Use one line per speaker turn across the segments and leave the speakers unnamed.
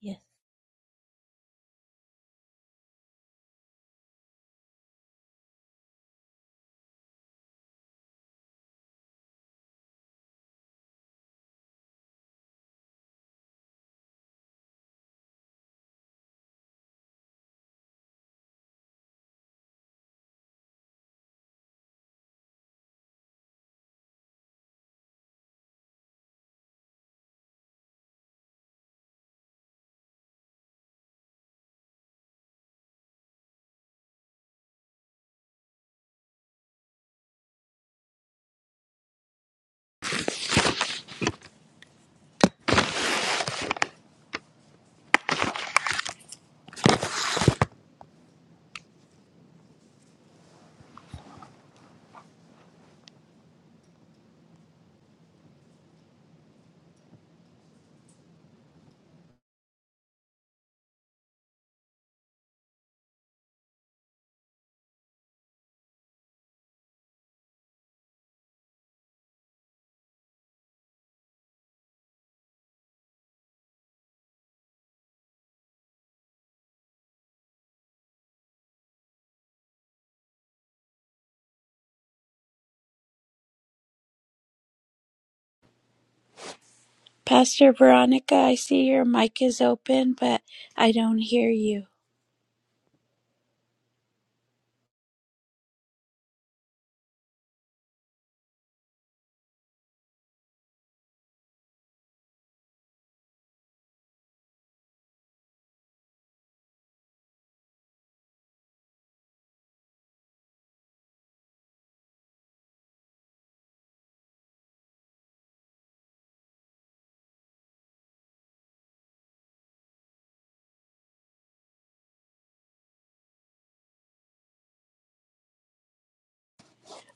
Yes. Pastor Veronica, I see your mic is open, but I don't hear you.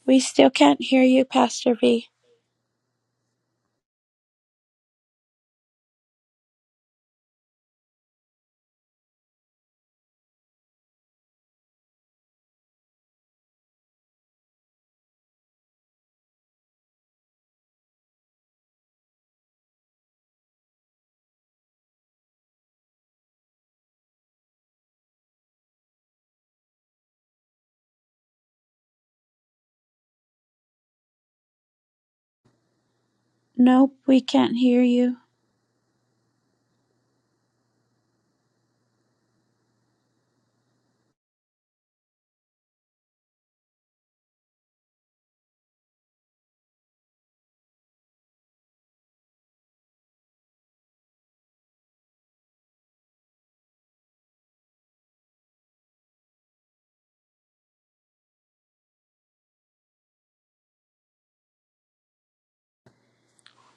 We still can't hear you, Pastor V. Nope, we can't hear you.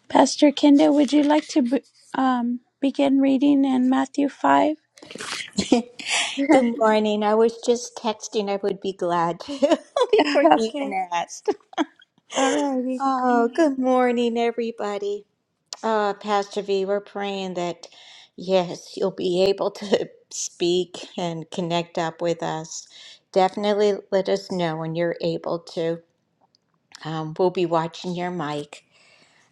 Pastor Kenda, would you like to b- um, begin reading in Matthew 5?
Good morning. I was just texting. I would be glad to before you even
okay,
asked.
alrighty.
Oh, good morning, everybody. Uh, Pastor V, we're praying that, yes, you'll be able to speak and connect up with us. Definitely let us know when you're able to. Um, we'll be watching your mic.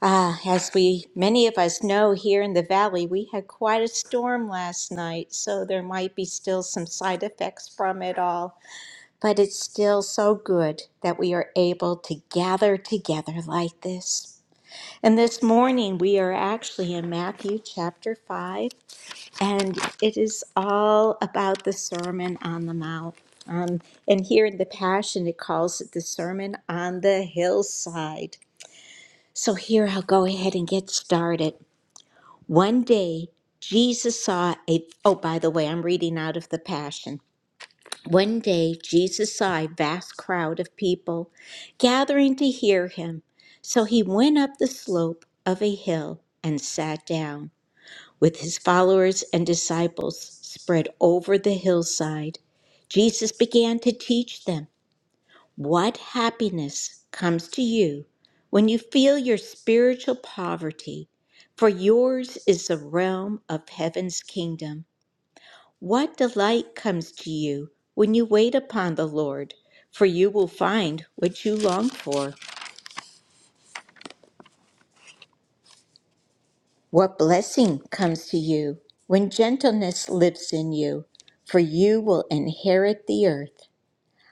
Uh, as we, many of us know here in the valley, we had quite a storm last night, so there might be still some side effects from it all. But it's still so good that we are able to gather together like this. And this morning we are actually in Matthew chapter 5, and it is all about the Sermon on the Mount. Um, and here in the Passion, it calls it the Sermon on the Hillside. So here I'll go ahead and get started. One day, Jesus saw a, oh, by the way, I'm reading out of the Passion. One day Jesus saw a vast crowd of people gathering to hear him, so he went up the slope of a hill and sat down, with his followers and disciples spread over the hillside. Jesus began to teach them what happiness comes to you when you feel your spiritual poverty, for yours is the realm of heaven's kingdom. What delight comes to you when you wait upon the Lord, for you will find what you long for. What blessing comes to you when gentleness lives in you, for you will inherit the earth.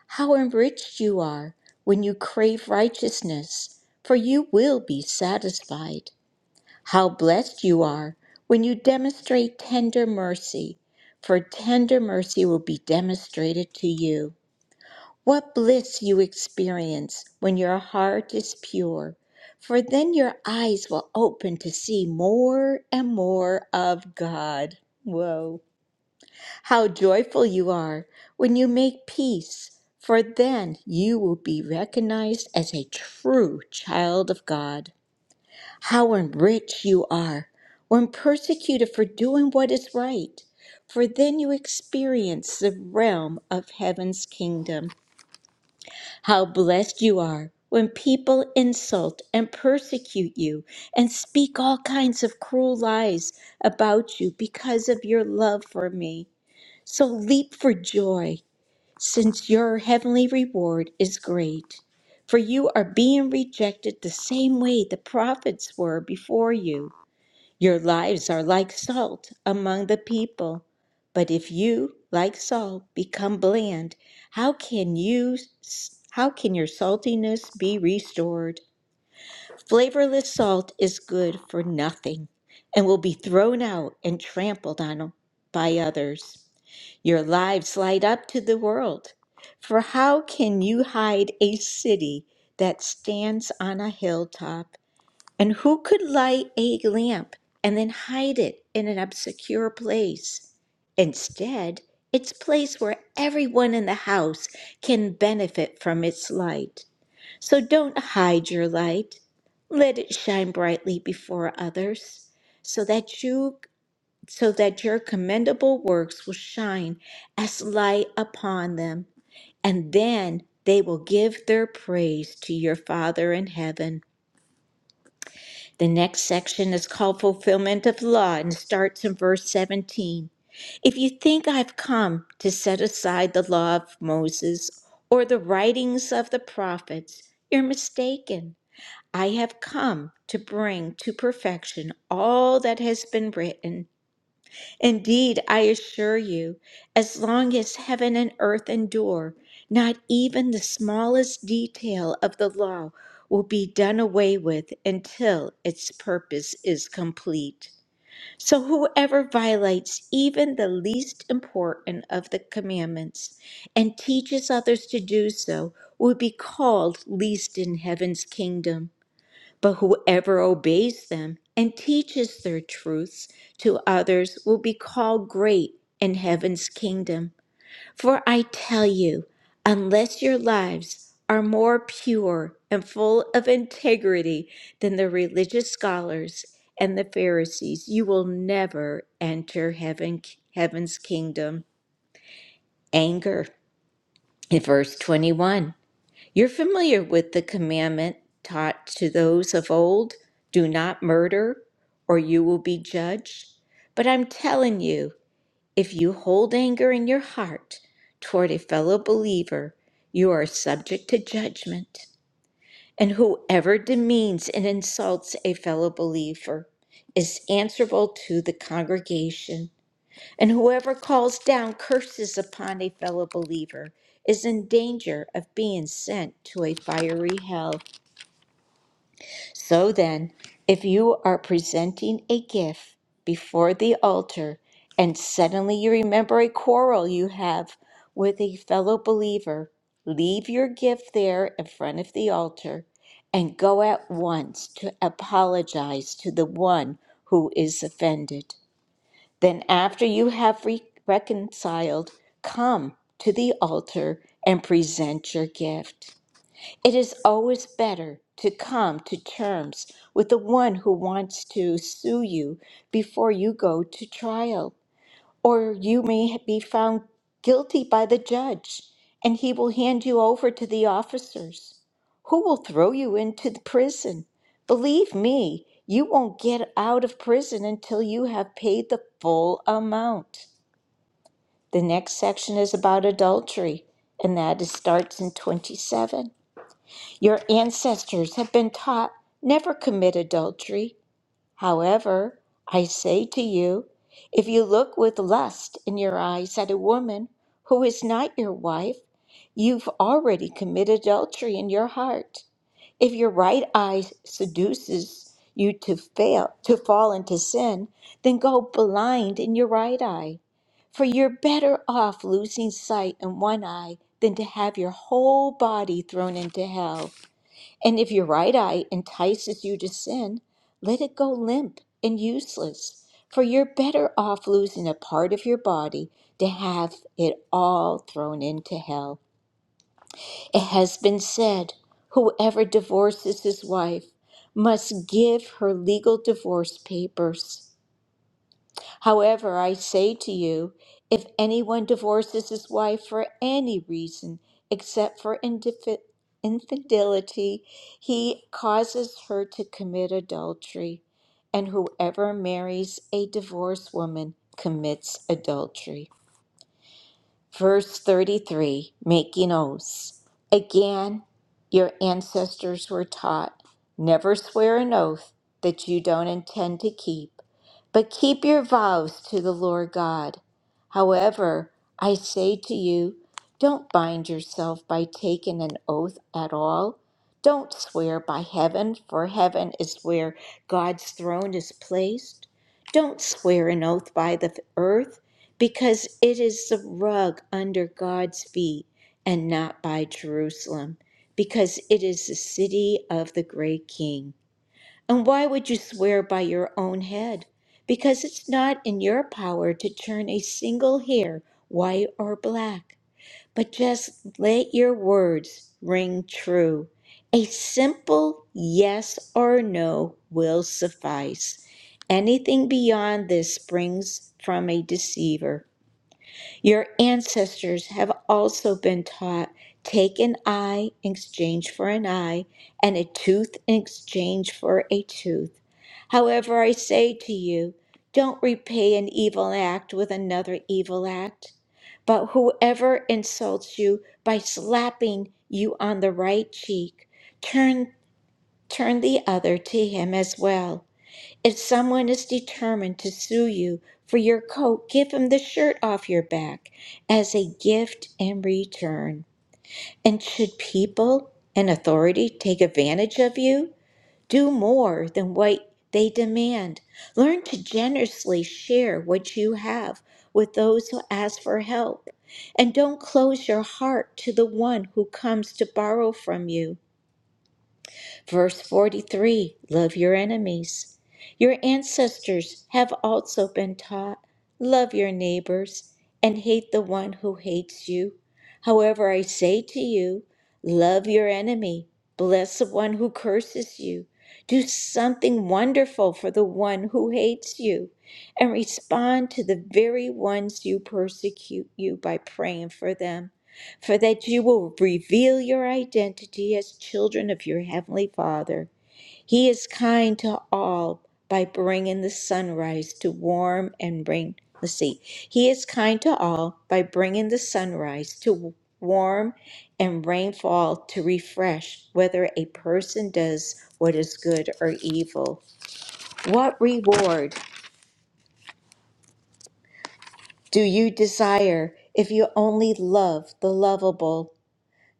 How enriched you are when you crave righteousness, for you will be satisfied. How blessed you are when you demonstrate tender mercy, for tender mercy will be demonstrated to you. What bliss you experience when your heart is pure, for then your eyes will open to see more and more of God. Whoa. How joyful you are when you make peace, for then you will be recognized as a true child of God. How enriched you are when persecuted for doing what is right, for then you experience the realm of heaven's kingdom. How blessed you are when people insult and persecute you and speak all kinds of cruel lies about you because of your love for me. So leap for joy, since your heavenly reward is great. For you are being rejected the same way the prophets were before you. Your lives are like salt among the people. But if you, like salt, become bland, how can you how can your saltiness be restored? Flavorless salt is good for nothing and will be thrown out and trampled on by others. Your lives light up to the world. For how can you hide a city that stands on a hilltop? And who could light a lamp and then hide it in an obscure place? Instead, it's placed where everyone in the house can benefit from its light. So don't hide your light. Let it shine brightly before others, so that you so that your commendable works will shine as light upon them, and then they will give their praise to your Father in heaven. The next section is called Fulfillment of Law and starts in verse 17. If you think I've come to set aside the law of Moses or the writings of the prophets, you're mistaken. I have come to bring to perfection all that has been written. Indeed, I assure you, as long as heaven and earth endure, not even the smallest detail of the law will be done away with until its purpose is complete. So, whoever violates even the least important of the commandments and teaches others to do so will be called least in heaven's kingdom. But whoever obeys them and teaches their truths to others will be called great in heaven's kingdom. For I tell you, unless your lives are more pure and full of integrity than the religious scholars and the Pharisees, you will never enter heaven, heaven's kingdom. Anger. In verse 21. You're familiar with the commandment taught to those of old do not murder, or you will be judged. But I'm telling you, if you hold anger in your heart toward a fellow believer, you are subject to judgment. And whoever demeans and insults a fellow believer is answerable to the congregation. And whoever calls down curses upon a fellow believer is in danger of being sent to a fiery hell. So then, if you are presenting a gift before the altar and suddenly you remember a quarrel you have with a fellow believer, leave your gift there in front of the altar and go at once to apologize to the one who is offended. Then, after you have re- reconciled, come to the altar and present your gift. It is always better to come to terms with the one who wants to sue you before you go to trial or you may be found guilty by the judge, and he will hand you over to the officers, who will throw you into the prison. Believe me, you won't get out of prison until you have paid the full amount. The next section is about adultery, and that is, starts in 27. Your ancestors have been taught never commit adultery. However, I say to you, if you look with lust in your eyes at a woman who is not your wife, you've already committed adultery in your heart. If your right eye seduces you to fail to fall into sin, then go blind in your right eye. For you're better off losing sight in one eye than to have your whole body thrown into hell. And if your right eye entices you to sin, let it go limp and useless, for you're better off losing a part of your body to have it all thrown into hell. It has been said, whoever divorces his wife must give her legal divorce papers. However, I say to you, if anyone divorces his wife for any reason except for indifi- infidelity, he causes her to commit adultery, and whoever marries a divorced woman commits adultery verse 33, making oaths. Again, your ancestors were taught never swear an oath that you don't intend to keep, but keep your vows to the Lord God. However, I say to you, don't bind yourself by taking an oath at all. Don't swear by heaven, for heaven is where God's throne is placed. Don't swear an oath by the earth because it is the rug under God's feet and not by Jerusalem, because it is the city of the great king. And why would you swear by your own head? Because it's not in your power to turn a single hair white or black. But just let your words ring true. A simple yes or no will suffice. Anything beyond this springs from a deceiver. Your ancestors have also been taught take an eye in exchange for an eye, and a tooth in exchange for a tooth. However, I say to you, don't repay an evil act with another evil act. But whoever insults you by slapping you on the right cheek, turn, turn the other to him as well. If someone is determined to sue you for your coat, give him the shirt off your back as a gift in return. And should people and authority take advantage of you, do more than what they demand. Learn to generously share what you have with those who ask for help. And don't close your heart to the one who comes to borrow from you. Verse 43 Love your enemies. Your ancestors have also been taught love your neighbors and hate the one who hates you. However, I say to you, love your enemy, bless the one who curses you, do something wonderful for the one who hates you, and respond to the very ones you persecute you by praying for them for that you will reveal your identity as children of your Heavenly Father. He is kind to all by bringing the sunrise to warm and bring, let's see, He is kind to all by bringing the sunrise to warm and rainfall to refresh whether a person does what is good or evil. What reward do you desire if you only love the lovable?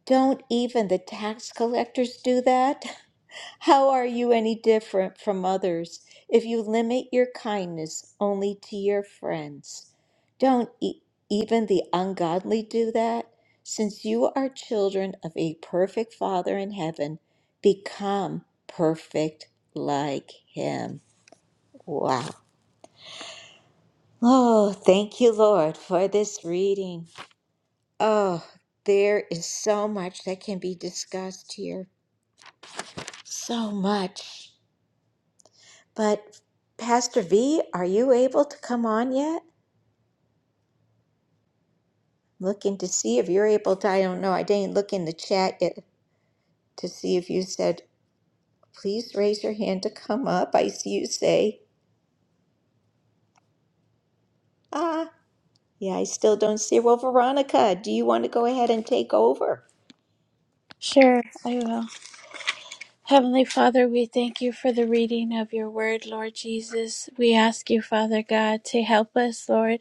Don't even the tax collectors do that? How are you any different from others if you limit your kindness only to your friends? Don't e- even the ungodly do that? Since you are children of a perfect Father in heaven, become perfect like him. Wow. Oh, thank you, Lord, for this reading. Oh, there is so much that can be discussed here. So much. But Pastor V, are you able to come on yet? Looking to see if you're able to. I don't know. I didn't look in the chat yet to see if you said, please raise your hand to come up. I see you say, ah, yeah, I still don't see. Well, Veronica, do you want to go ahead and take over?
Sure, I will. Heavenly Father, we thank you for the reading of your word, Lord Jesus. We ask you, Father God, to help us, Lord,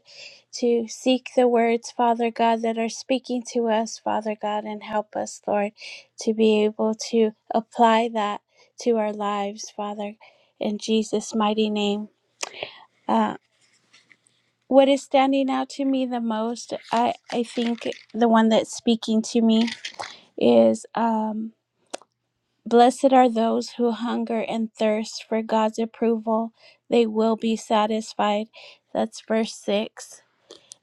to seek the words, Father God, that are speaking to us, Father God, and help us, Lord, to be able to apply that to our lives, Father, in Jesus' mighty name. Uh, what is standing out to me the most, I, I think the one that's speaking to me is. Um, Blessed are those who hunger and thirst for God's approval. They will be satisfied. That's verse 6.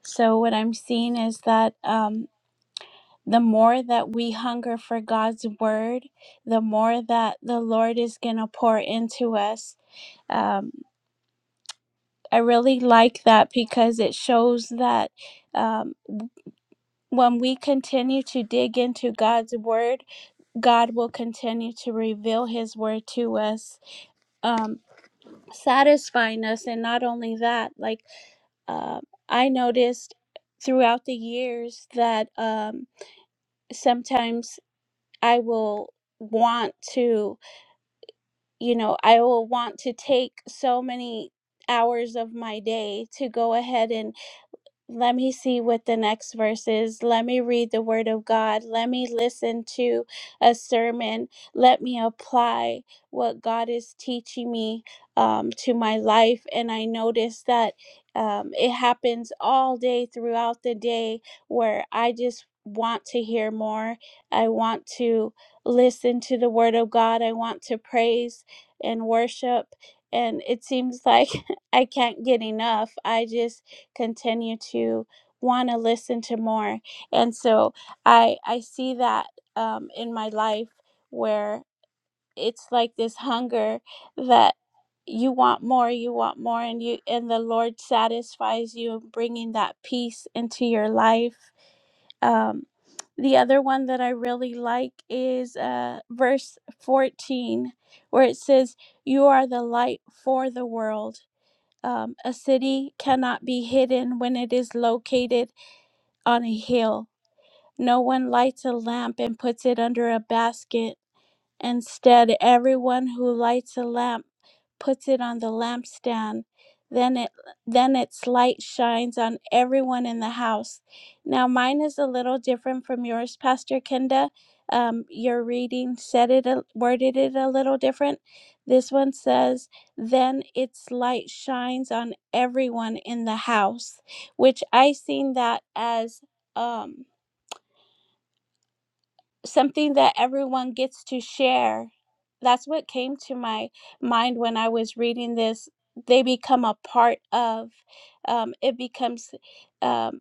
So, what I'm seeing is that um, the more that we hunger for God's word, the more that the Lord is going to pour into us. Um, I really like that because it shows that um, when we continue to dig into God's word, God will continue to reveal his word to us. Um, satisfying us and not only that like uh, i noticed throughout the years that um, sometimes i will want to you know i will want to take so many hours of my day to go ahead and let me see what the next verse is. Let me read the word of God. Let me listen to a sermon. Let me apply what God is teaching me um, to my life. And I notice that um, it happens all day throughout the day where I just want to hear more. I want to listen to the word of God. I want to praise and worship. And it seems like I can't get enough. I just continue to want to listen to more and so i i see that um in my life where it's like this hunger that you want more you want more and you and the lord satisfies you bringing that peace into your life um the other one that i really like is uh verse 14 where it says you are the light for the world um, a city cannot be hidden when it is located on a hill. No one lights a lamp and puts it under a basket Instead, everyone who lights a lamp puts it on the lampstand. Then it then its light shines on everyone in the house. Now mine is a little different from yours, Pastor Kenda. Um, your reading said it a, worded it a little different. This one says, "Then its light shines on everyone in the house," which I seen that as um something that everyone gets to share. That's what came to my mind when I was reading this. They become a part of, um, it becomes um,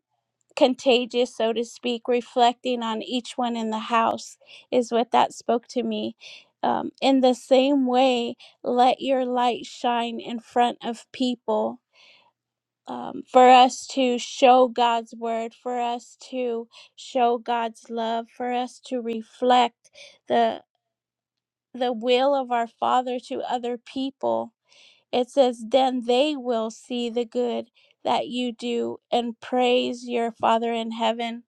contagious, so to speak, reflecting on each one in the house, is what that spoke to me. Um, in the same way, let your light shine in front of people um, for us to show God's word, for us to show God's love, for us to reflect the the will of our Father to other people. It says, Then they will see the good that you do and praise your Father in heaven.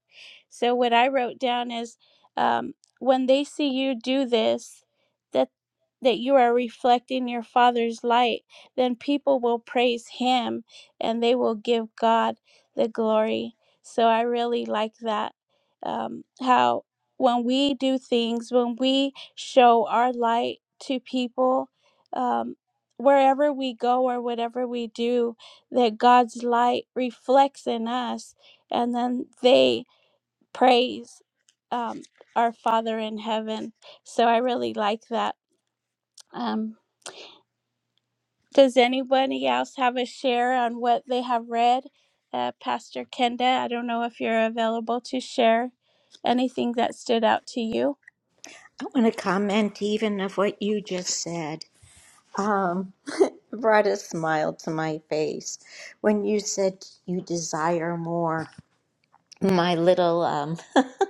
So, what I wrote down is, um, When they see you do this, that that you are reflecting your father's light, then people will praise him and they will give God the glory. So I really like that. Um, how when we do things, when we show our light to people, um, wherever we go or whatever we do, that God's light reflects in us, and then they praise um, our Father in heaven. So I really like that. Um, does anybody else have a share on what they have read? Uh, Pastor Kenda, I don't know if you're available to share anything that stood out to you.
I want to comment even of what you just said. Um, it brought a smile to my face when you said you desire more. My little um,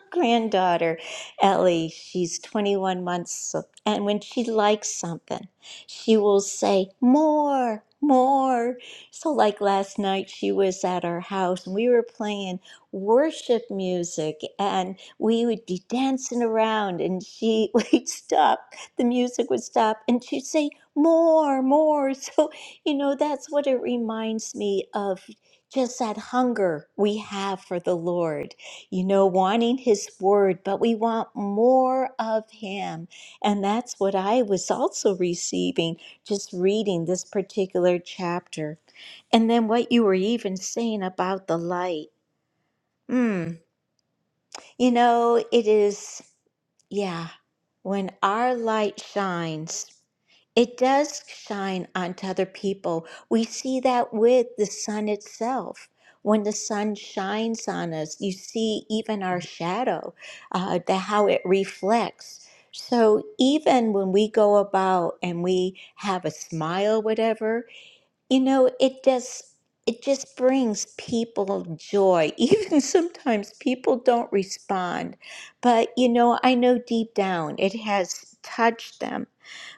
granddaughter, Ellie, she's 21 months, so- and when she likes something, she will say, More, more. So, like last night, she was at our house and we were playing worship music, and we would be dancing around, and she would stop, the music would stop, and she'd say, More, more. So, you know, that's what it reminds me of just that hunger we have for the Lord you know, wanting His Word, but we want more of Him. And that's what I was also receiving just reading this particular chapter. And then what you were even saying about the light. Mm, you know, it is. Yeah, when our light shines, it does shine onto other people. We see that with the sun itself. When the sun shines on us, you see even our shadow, uh, the, how it reflects. So even when we go about and we have a smile, whatever, you know, it does. it just brings people joy. Even sometimes people don't respond, but you know, I know deep down it has touched them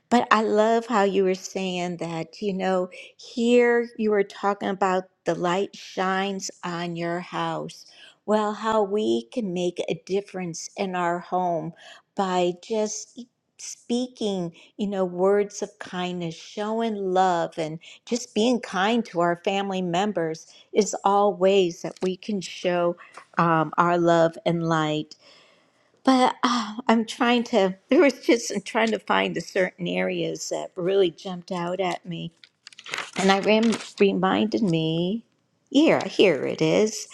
but I love how you were saying that, you know, here you were talking about the light shines on your house. Well, how we can make a difference in our home by just e, speaking, you know, words of kindness, showing love, and just being kind to our family members is all ways that we can show um, our love and light. But uh, I'm trying to, there was just, I'm trying to find the certain areas that really jumped out at me. And I rem- reminded me, here, here it is.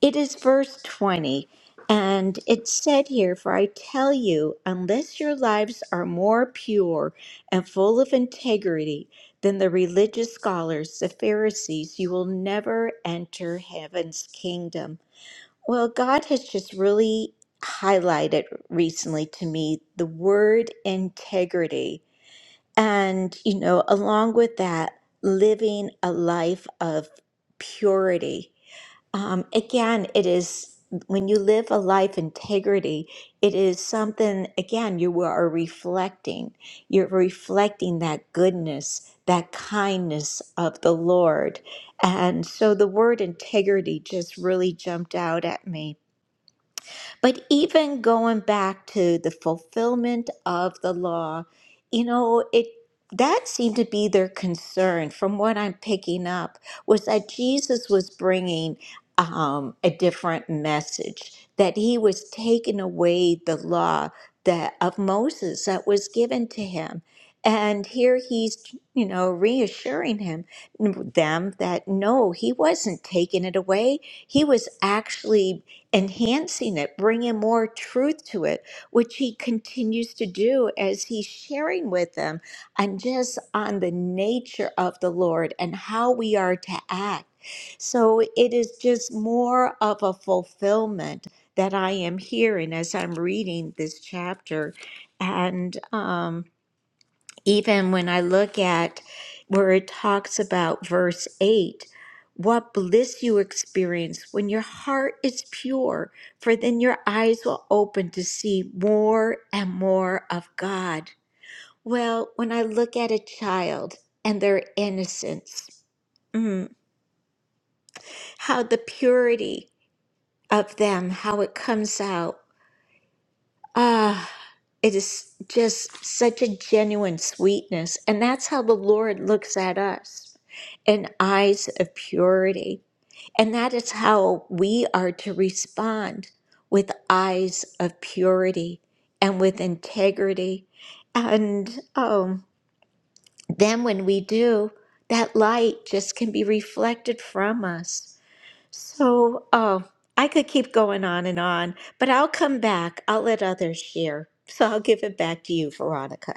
It is verse 20. And it said here, For I tell you, unless your lives are more pure and full of integrity than the religious scholars, the Pharisees, you will never enter heaven's kingdom. Well, God has just really highlighted recently to me the word integrity. And, you know, along with that, living a life of purity. Um, again, it is when you live a life integrity, it is something, again, you are reflecting. You're reflecting that goodness, that kindness of the Lord. And so the word integrity just really jumped out at me. But even going back to the fulfillment of the law, you know, it that seemed to be their concern from what I'm picking up was that Jesus was bringing um, a different message, that he was taking away the law that of Moses that was given to him. And here he's, you know, reassuring him, them that no, he wasn't taking it away. He was actually enhancing it, bringing more truth to it, which he continues to do as he's sharing with them and just on the nature of the Lord and how we are to act. So it is just more of a fulfillment that I am hearing as I'm reading this chapter. And um, even when I look at where it talks about verse 8, what bliss you experience when your heart is pure, for then your eyes will open to see more and more of God. Well, when I look at a child and their innocence, mm, how the purity of them, how it comes out. Ah, it is just such a genuine sweetness. And that's how the Lord looks at us in eyes of purity. And that is how we are to respond with eyes of purity and with integrity. And um, then when we do, that light just can be reflected from us. So, oh, I could keep going on and on, but I'll come back. I'll let others share. So I'll give it back to you, Veronica.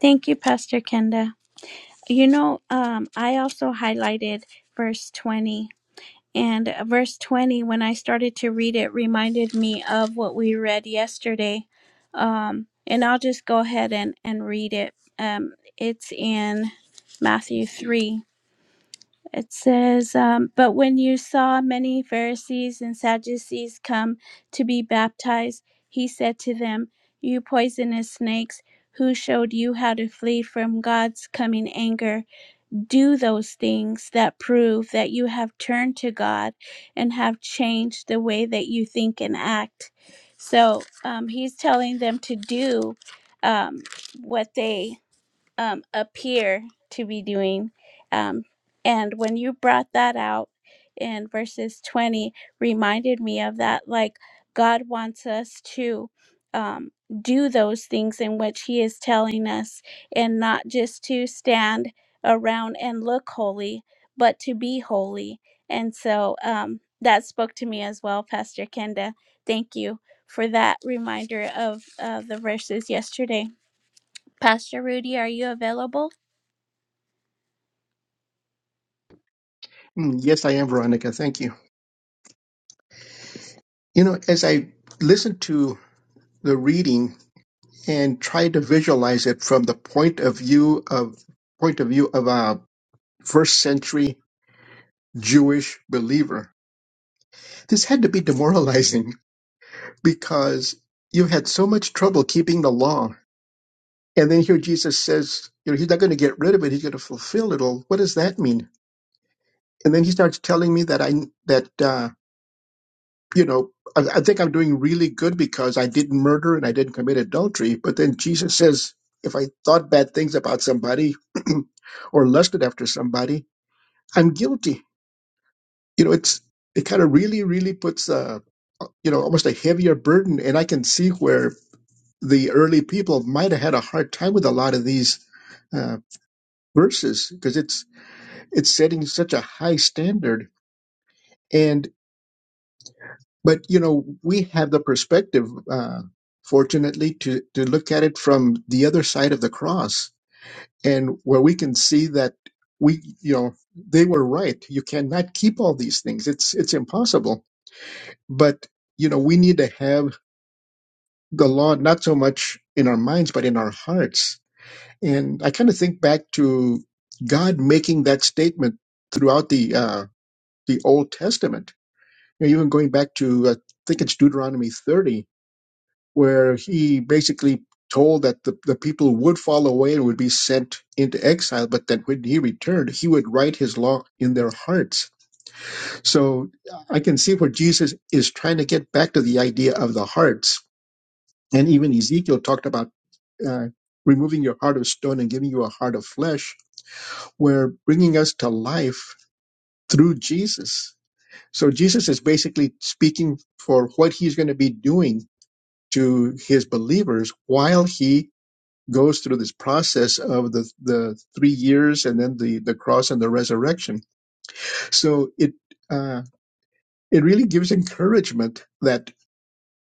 Thank you, Pastor Kenda. You know, um, I also highlighted verse 20 And uh, verse 20, when I started to read it, reminded me of what we read yesterday. Um, and I'll just go ahead and, and read it. Um, it's in Matthew 3. It says, um, But when you saw many Pharisees and Sadducees come to be baptized, he said to them, 'You poisonous snakes, who showed you how to flee from God's coming anger? do those things that prove that you have turned to God and have changed the way that you think and act. So um, he's telling them to do um, what they um, appear to be doing. Um, and when you brought that out in verses 20, reminded me of that. Like, God wants us to um, do those things in which He is telling us, and not just to stand around and look holy, but to be holy. And so um, that spoke to me as well, Pastor Kenda. Thank you for that reminder of uh, the verses yesterday. Pastor Rudy, are you available?
Mm, Yes, I am, Veronica. Thank you. You know, as I listened to the reading and tried to visualize it from the point of view of point of view of a first century Jewish believer, this had to be demoralizing because you had so much trouble keeping the law. And then here Jesus says, you know, he's not going to get rid of it. He's going to fulfill it all. What does that mean? And then he starts telling me that I that uh, you know, I, I think I'm doing really good because I didn't murder and I didn't commit adultery. But then Jesus says, if I thought bad things about somebody or lusted after somebody, I'm guilty. You know, it's it kind of really, really puts a, you know, almost a heavier burden. And I can see where the early people might have had a hard time with a lot of these uh, verses because it's it's setting such a high standard. But you know, we have the perspective, uh, fortunately, to to look at it from the other side of the cross, and where we can see that we, you know, they were right. You cannot keep all these things; it's it's impossible. But you know, we need to have the law not so much in our minds, but in our hearts. And I kind of think back to God making that statement throughout the uh, the Old Testament. You know, even going back to uh, I think it's Deuteronomy thirty where he basically told that the, the people would fall away and would be sent into exile, but that when he returned, he would write his law in their hearts. So uh, I can see where Jesus is trying to get back to the idea of the hearts. And even Ezekiel talked about uh, removing your heart of stone and giving you a heart of flesh, where bringing us to life through Jesus. So Jesus is basically speaking for what he's going to be doing to his believers while he goes through this process of the the three years and then the the cross and the resurrection. So it uh, it really gives encouragement that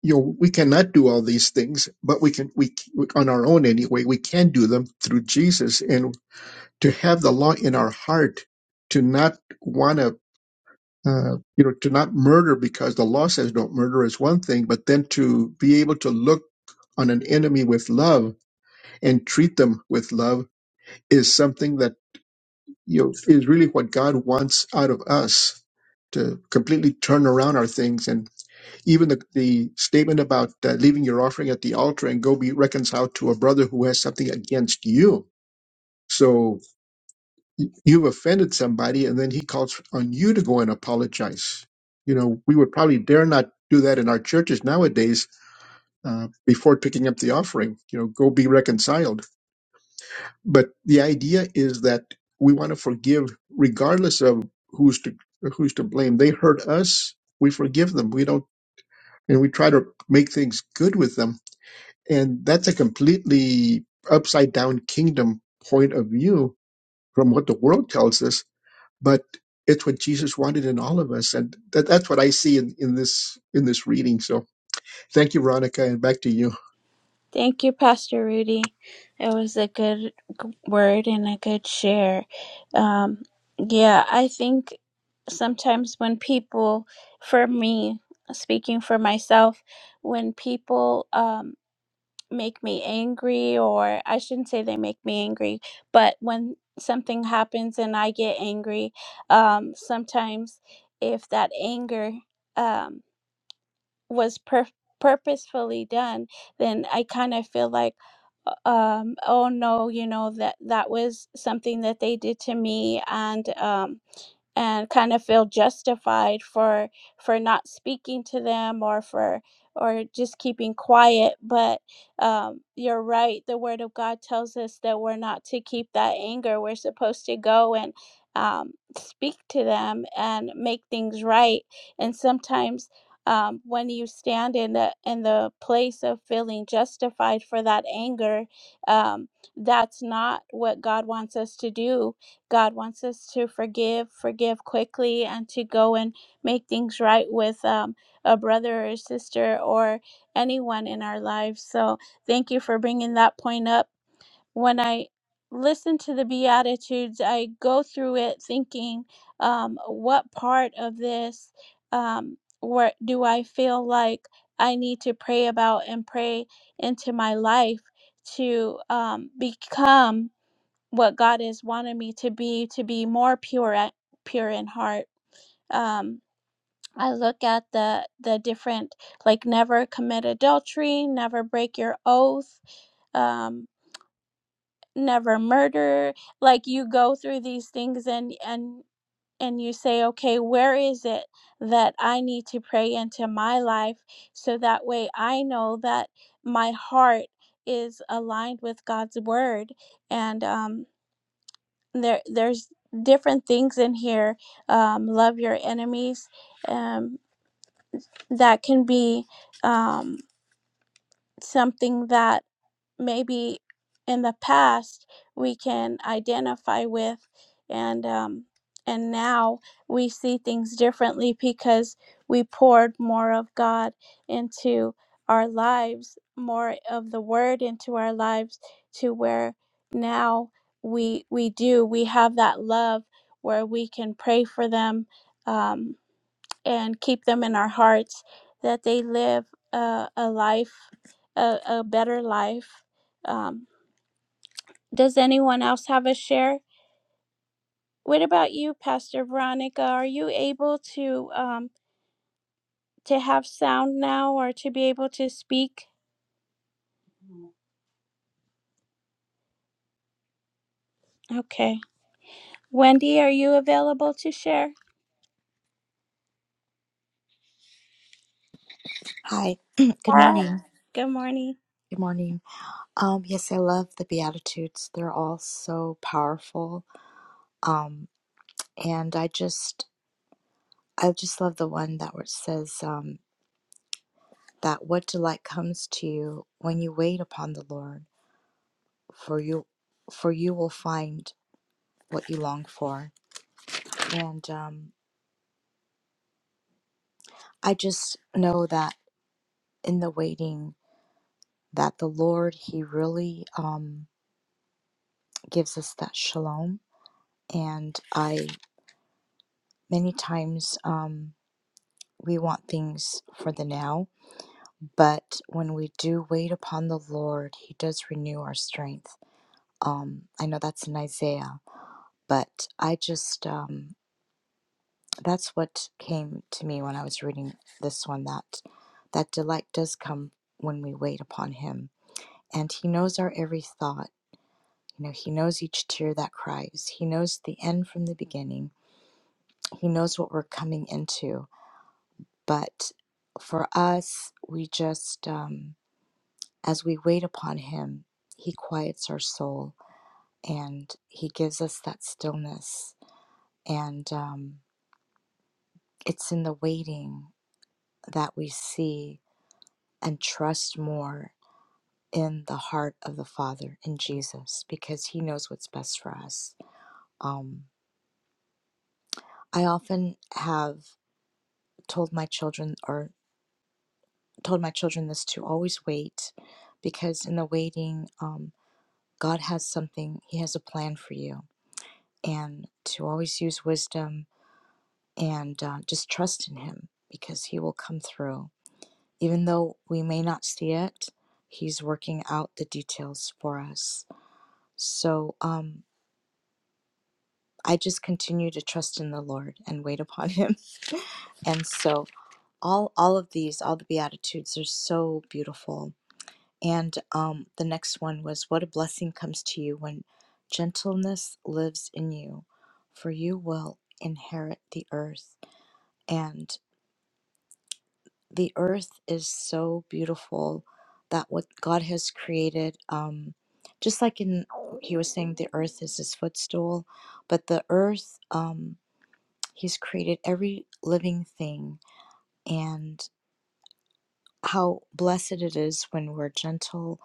you know we cannot do all these things, but we can we on our own anyway we can do them through Jesus and to have the law in our heart to not want to. Uh, you know, to not murder because the law says don't murder is one thing, but then to be able to look on an enemy with love and treat them with love is something that you know, is really what God wants out of us to completely turn around our things. And even the, the statement about uh, leaving your offering at the altar and go be reconciled to a brother who has something against you. So y- you've offended somebody, and then he calls on you to go and apologize. You know, we would probably dare not do that in our churches nowadays uh, before picking up the offering. You know, go be reconciled But the idea is that we want to forgive regardless of who's to who's to blame. They hurt us, we forgive them. We don't and we try to make things good with them. And that's a completely upside down kingdom point of view from what the world tells us. But it's what Jesus wanted in all of us. And that, that's what I see in, in this in this reading. So thank you, Veronica, and back to you.
Thank you, Pastor Rudy. It was a good g- word and a good share. Um, yeah, I think sometimes when people, for me, speaking for myself, when people um, make me angry, or I shouldn't say they make me angry, but when something happens and I get angry, um, sometimes if that anger, um, was per- purposefully done, then I kind of feel like, uh, um, oh no, you know that that was something that they did to me, and um, and kind of feel justified for for not speaking to them or for or just keeping quiet but um, you're right the word of god tells us that we're not to keep that anger we're supposed to go and um, speak to them and make things right and sometimes um, when you stand in the in the place of feeling justified for that anger um, that's not what god wants us to do God wants us to forgive, forgive quickly, and to go and make things right with um, a brother or sister or anyone in our lives. So, thank you for bringing that point up. When I listen to the Beatitudes, I go through it thinking, um, what part of this um, where do I feel like I need to pray about and pray into my life to um, become? what God has wanted me to be to be more pure at, pure in heart. Um, I look at the the different like never commit adultery, never break your oath, um, never murder. Like you go through these things and and and you say, okay, where is it that I need to pray into my life so that way I know that my heart is aligned with God's word and um there there's different things in here um, love your enemies um, that can be um, something that maybe in the past we can identify with and um, and now we see things differently because we poured more of God into our lives, more of the word into our lives to where now we we do we have that love where we can pray for them um, and keep them in our hearts that they live a, a life, a, a better life. Um, does anyone else have a share? What about you, Pastor Veronica? Are you able to um, to have sound now or to be able to speak? Okay. Wendy, are you available to share?
Hi. Good
Hi.
morning.
Good morning.
Good morning. Um, yes, I love the Beatitudes. They're all so powerful. Um, and I just, I just love the one that where it says um, that what delight comes to you when you wait upon the Lord, for you, for you will find what you long for. And um, I just know that in the waiting, that the Lord He really um, gives us that shalom. And I many times. Um, we want things for the now, but when we do wait upon the Lord, He does renew our strength. Um, I know that's in Isaiah, but I just um, that's what came to me when I was reading this one that that delight does come when we wait upon Him, and He knows our every thought. You know, He knows each tear that cries. He knows the end from the beginning. He knows what we're coming into. But for us, we just um, As we wait upon Him, He quiets our soul and He gives us that stillness. And um, it's in the waiting that we see and trust more in the heart of the Father, in Jesus, because He knows what's best for us. Um, I often have told my children, or told my children this to always wait, because in the waiting, um, God has something, He has a plan for you. And to always use wisdom and uh, just trust in Him because He will come through. Even though we may not see it, He's working out the details for us. So um, I just continue to trust in the Lord and wait upon Him. and so all all of these, all the beatitudes, are so beautiful. And um, the next one was, "What a blessing comes to you when gentleness lives in you, for you will inherit the earth." And the earth is so beautiful that what God has created, um, just like in, he was saying the earth is his footstool, but the earth, um, he's created every living thing and how blessed it is when we're gentle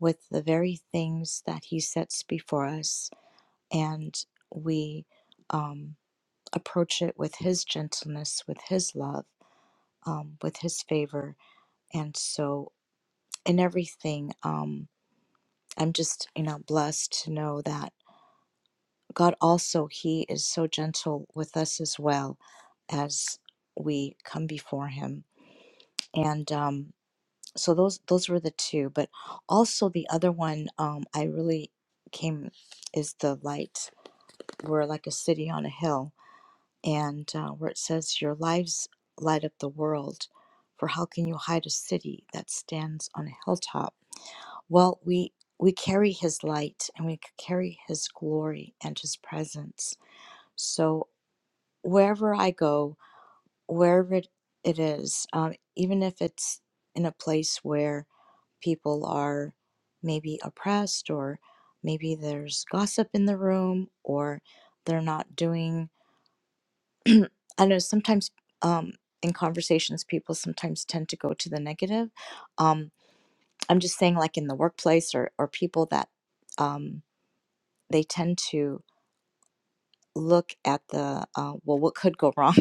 with the very things that he sets before us and we um, approach it with his gentleness, with his love, um, with his favor. And so In everything um i'm just you know blessed to know that god also he is so gentle with us as well as we come before him and um so those those were the two but also the other one um i really came is the light we're like a city on a hill and uh, where it says your lives light up the world for how can you hide a city that stands on a hilltop Well, we we carry his light and we c- carry his glory and his presence. So wherever I go, wherever it, it is, um, even if it's in a place where people are maybe oppressed or maybe there's gossip in the room or they're not doing, I know sometimes um, in conversations, people sometimes tend to go to the negative. Um, I'm just saying, like in the workplace or, or people that. Um, they tend to look at the uh, well what could go wrong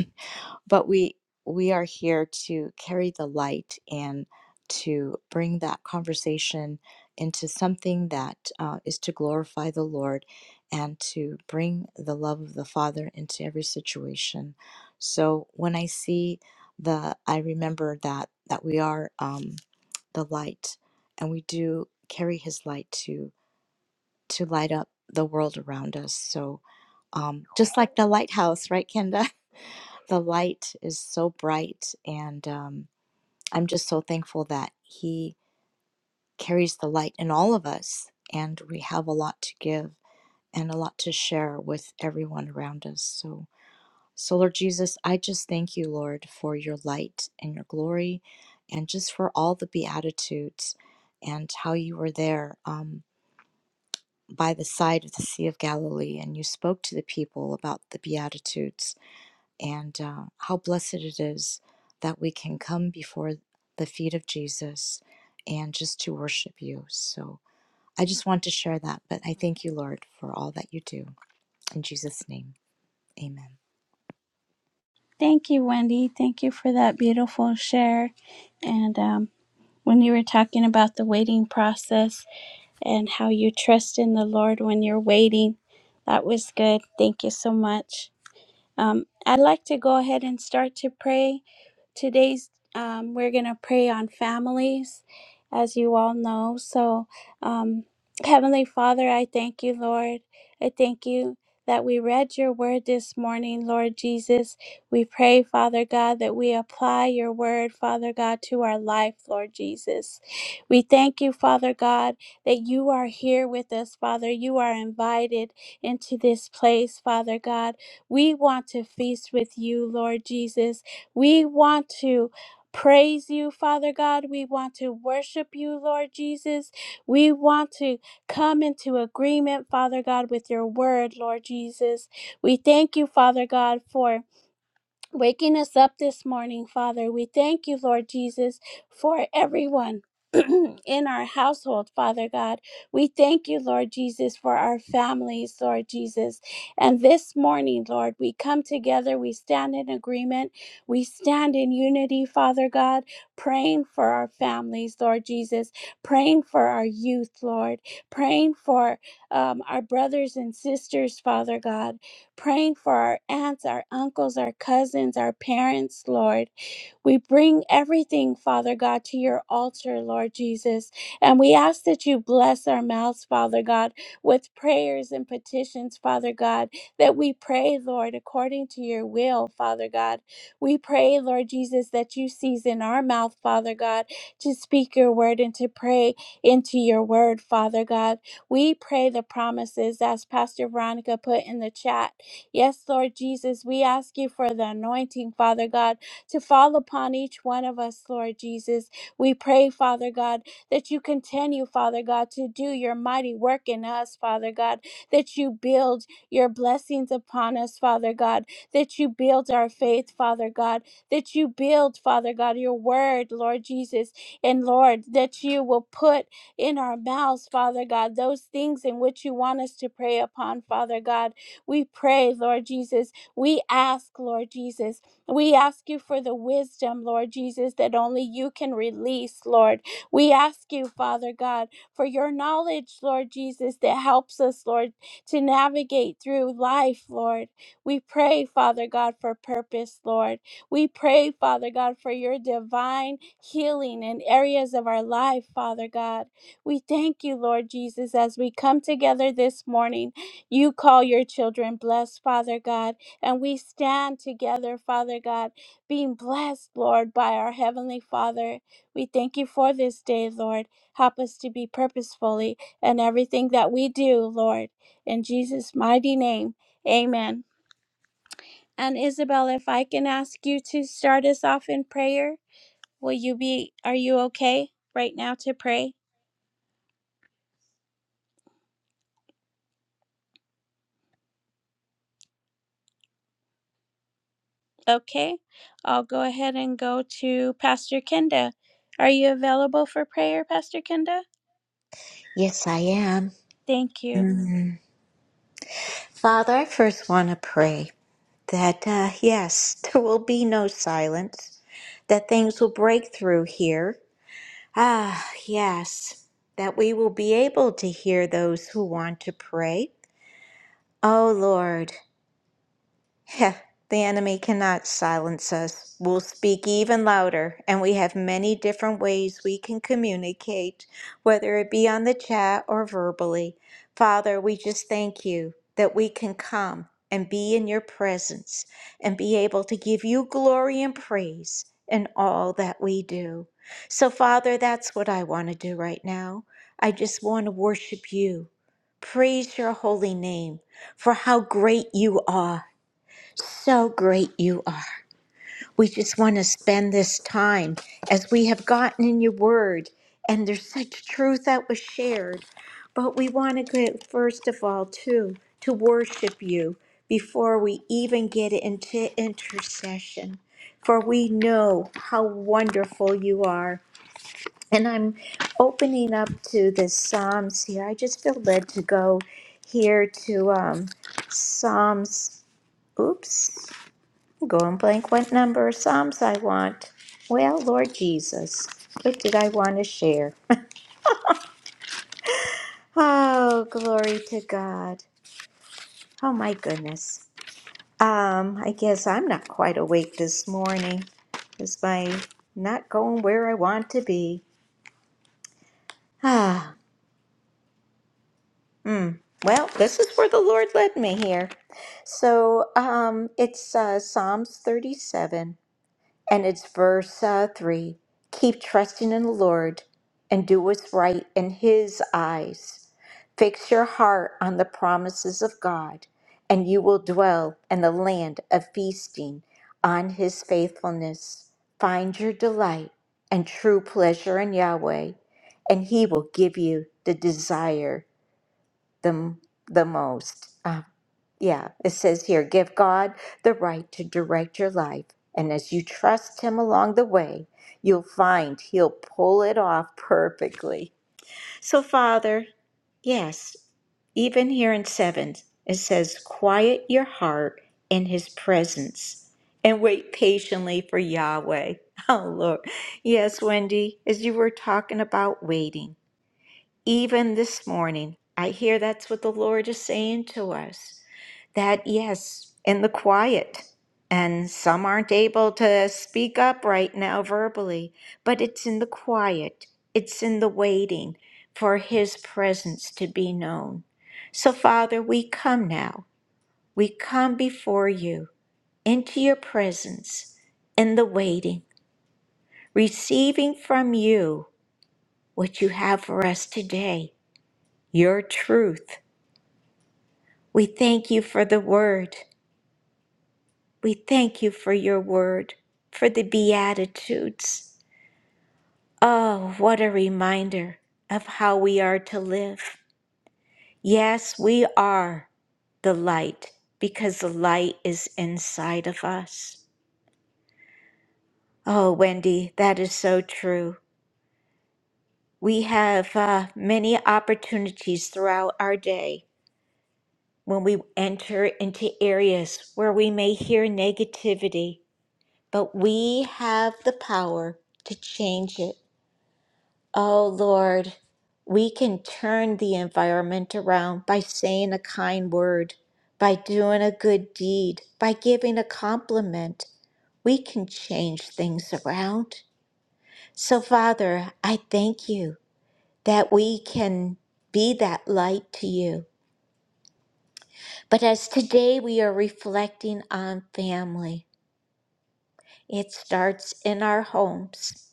but we we are here to carry the light and to bring that conversation into something that uh, is to glorify the lord and to bring the love of the father into every situation so when i see the i remember that that we are um, the light and we do carry his light to to light up the world around us so um, just like the lighthouse, right, Kenda? The light is so bright, and um, I'm just so thankful that He carries the light in all of us, and we have a lot to give and a lot to share with everyone around us. So, so Lord Jesus, I just thank you, Lord, for your light and your glory, and just for all the beatitudes and how you were there. Um, by the side of the Sea of Galilee, and you spoke to the people about the Beatitudes and uh, how blessed it is that we can come before the feet of Jesus and just to worship you. So I just want to share that, but I thank you, Lord, for all that you do. In Jesus' name, amen.
Thank you, Wendy. Thank you for that beautiful share. And um, when you were talking about the waiting process, and how you trust in the Lord when you're waiting. That was good. Thank you so much. Um, I'd like to go ahead and start to pray today's um, we're going to pray on families as you all know so um, heavenly father i thank you lord i thank you that we read your word this morning lord jesus we pray father god that we apply your word father god to our life lord jesus we thank you father god that you are here with us father you are invited into this place father god we want to feast with you lord jesus we want to praise you, Father God. We want to worship you, Lord Jesus. We want to come into agreement, Father God, with your word, Lord Jesus. We thank you, Father God, for waking us up this morning, Father. We thank you, Lord Jesus, for everyone. In our household, Father God, we thank you, Lord Jesus, for our families, Lord Jesus. And this morning, Lord, we come together, we stand in agreement, we stand in unity, Father God, praying for our families, Lord Jesus, praying for our youth, Lord, praying for um, our brothers and sisters, Father God, praying for our aunts, our uncles, our cousins, our parents, Lord. We bring everything, Father God, to your altar, Lord Jesus. And we ask that you bless our mouths, Father God, with prayers and petitions, Father God, that we pray, Lord, according to your will, Father God. We pray, Lord Jesus, that you season our mouth, Father God, to speak your word and to pray into your word, Father God. We pray the promises as Pastor Veronica put in the chat. Yes, Lord Jesus, we ask you for the anointing, Father God to fall upon each one of us, Lord Jesus. We pray, Father God, that you continue, Father God, to do your mighty work in us, Father God, that you build your blessings upon us, Father God, that you build our faith, Father God, that you build, Father God, your word, Lord Jesus, and Lord, that you will put in our mouths, Father God, those things in which you want us to pray upon, Father God. We pray, Lord Jesus. We ask, Lord Jesus, we ask you for the wisdom, Lord Jesus, that only you can release, Lord. We ask you, Father God, for your knowledge, Lord Jesus, that helps us, Lord, to navigate through life, Lord. We pray, Father God, for purpose, Lord. We pray, Father God, for your divine healing in areas of our life, Father God. We thank you, Lord Jesus, as we come together this morning. You call your children blessed, Father God. And we stand together, Father God, being blessed, Lord, by our Heavenly Father. We thank you for this day, Lord. Help us to be purposefully in everything that we do, Lord. In Jesus' mighty name, amen. And Isabel, if I can ask you to start us off in prayer, will you be, are you okay right now to pray? Okay. I'll go ahead and go to Pastor Kenda. Are you available for prayer, Pastor Kenda?
Yes, I am.
Thank you.
Father, I first want to pray that, uh, yes, there will be no silence, that things will break through here. Ah, yes, that we will be able to hear those who want to pray. Oh, Lord. Heh, the enemy cannot silence us. We'll speak even louder, and we have many different ways we can communicate, whether it be on the chat or verbally. Father, we just thank you that we can come and be in your presence and be able to give you glory and praise in all that we do. So, Father, that's what I want to do right now. I just want to worship you, praise your holy name for how great you are so great you are. We just want to spend this time as we have gotten in your word, and there's such truth that was shared. But we want to get, first of all, too, to worship you before we even get into intercession, for we know how wonderful you are. And I'm opening up to the Psalms here. I just feel led to go here to um, Psalms. Oops. Go and blank what number of Psalms I want. Well, Lord Jesus, what did I want to share? Oh, glory to God. Oh my goodness. Um, I guess I'm not quite awake this morning. Is my not going where I want to be? Ah, hmm. Well, this is where the Lord led me here. So, um, it's uh, Psalms 37. And it's verse uh, 3 keep trusting in the Lord and do what's right in His eyes. Fix your heart on the promises of God, and you will dwell in the land of feasting on His faithfulness. Find your delight and true pleasure in Yahweh, and He will give you the desire the, the most. Yeah, it says here give God the right to direct your life. And as you trust Him along the way, you'll find He'll pull it off perfectly. So, Father, yes, even here in seven, it says, quiet your heart in His presence and wait patiently for Yahweh. Oh, Lord. Yes, Wendy, as you were talking about waiting. Even this morning, I hear that's what the Lord is saying to us that yes, in the quiet. And some aren't able to speak up right now verbally, but it's in the quiet, it's in the waiting for His presence to be known. So, Father, we come now, we come before you into your presence in the waiting, receiving from you what you have for us today your truth. We thank you for the word. We thank you for your word, for the Beatitudes. Oh, what a reminder of how we are to live. Yes, we are the light because the light is inside of us. Oh, Wendy, that is so true. We have uh, many opportunities throughout our day when we enter into areas where we may hear negativity but we have the power to change it. Oh Lord, we can turn the environment around by saying a kind word, by doing a good deed, by giving a compliment. We can change things around. So, Father, I thank you that we can be that light to you. But as today we are reflecting on family, it starts in our homes.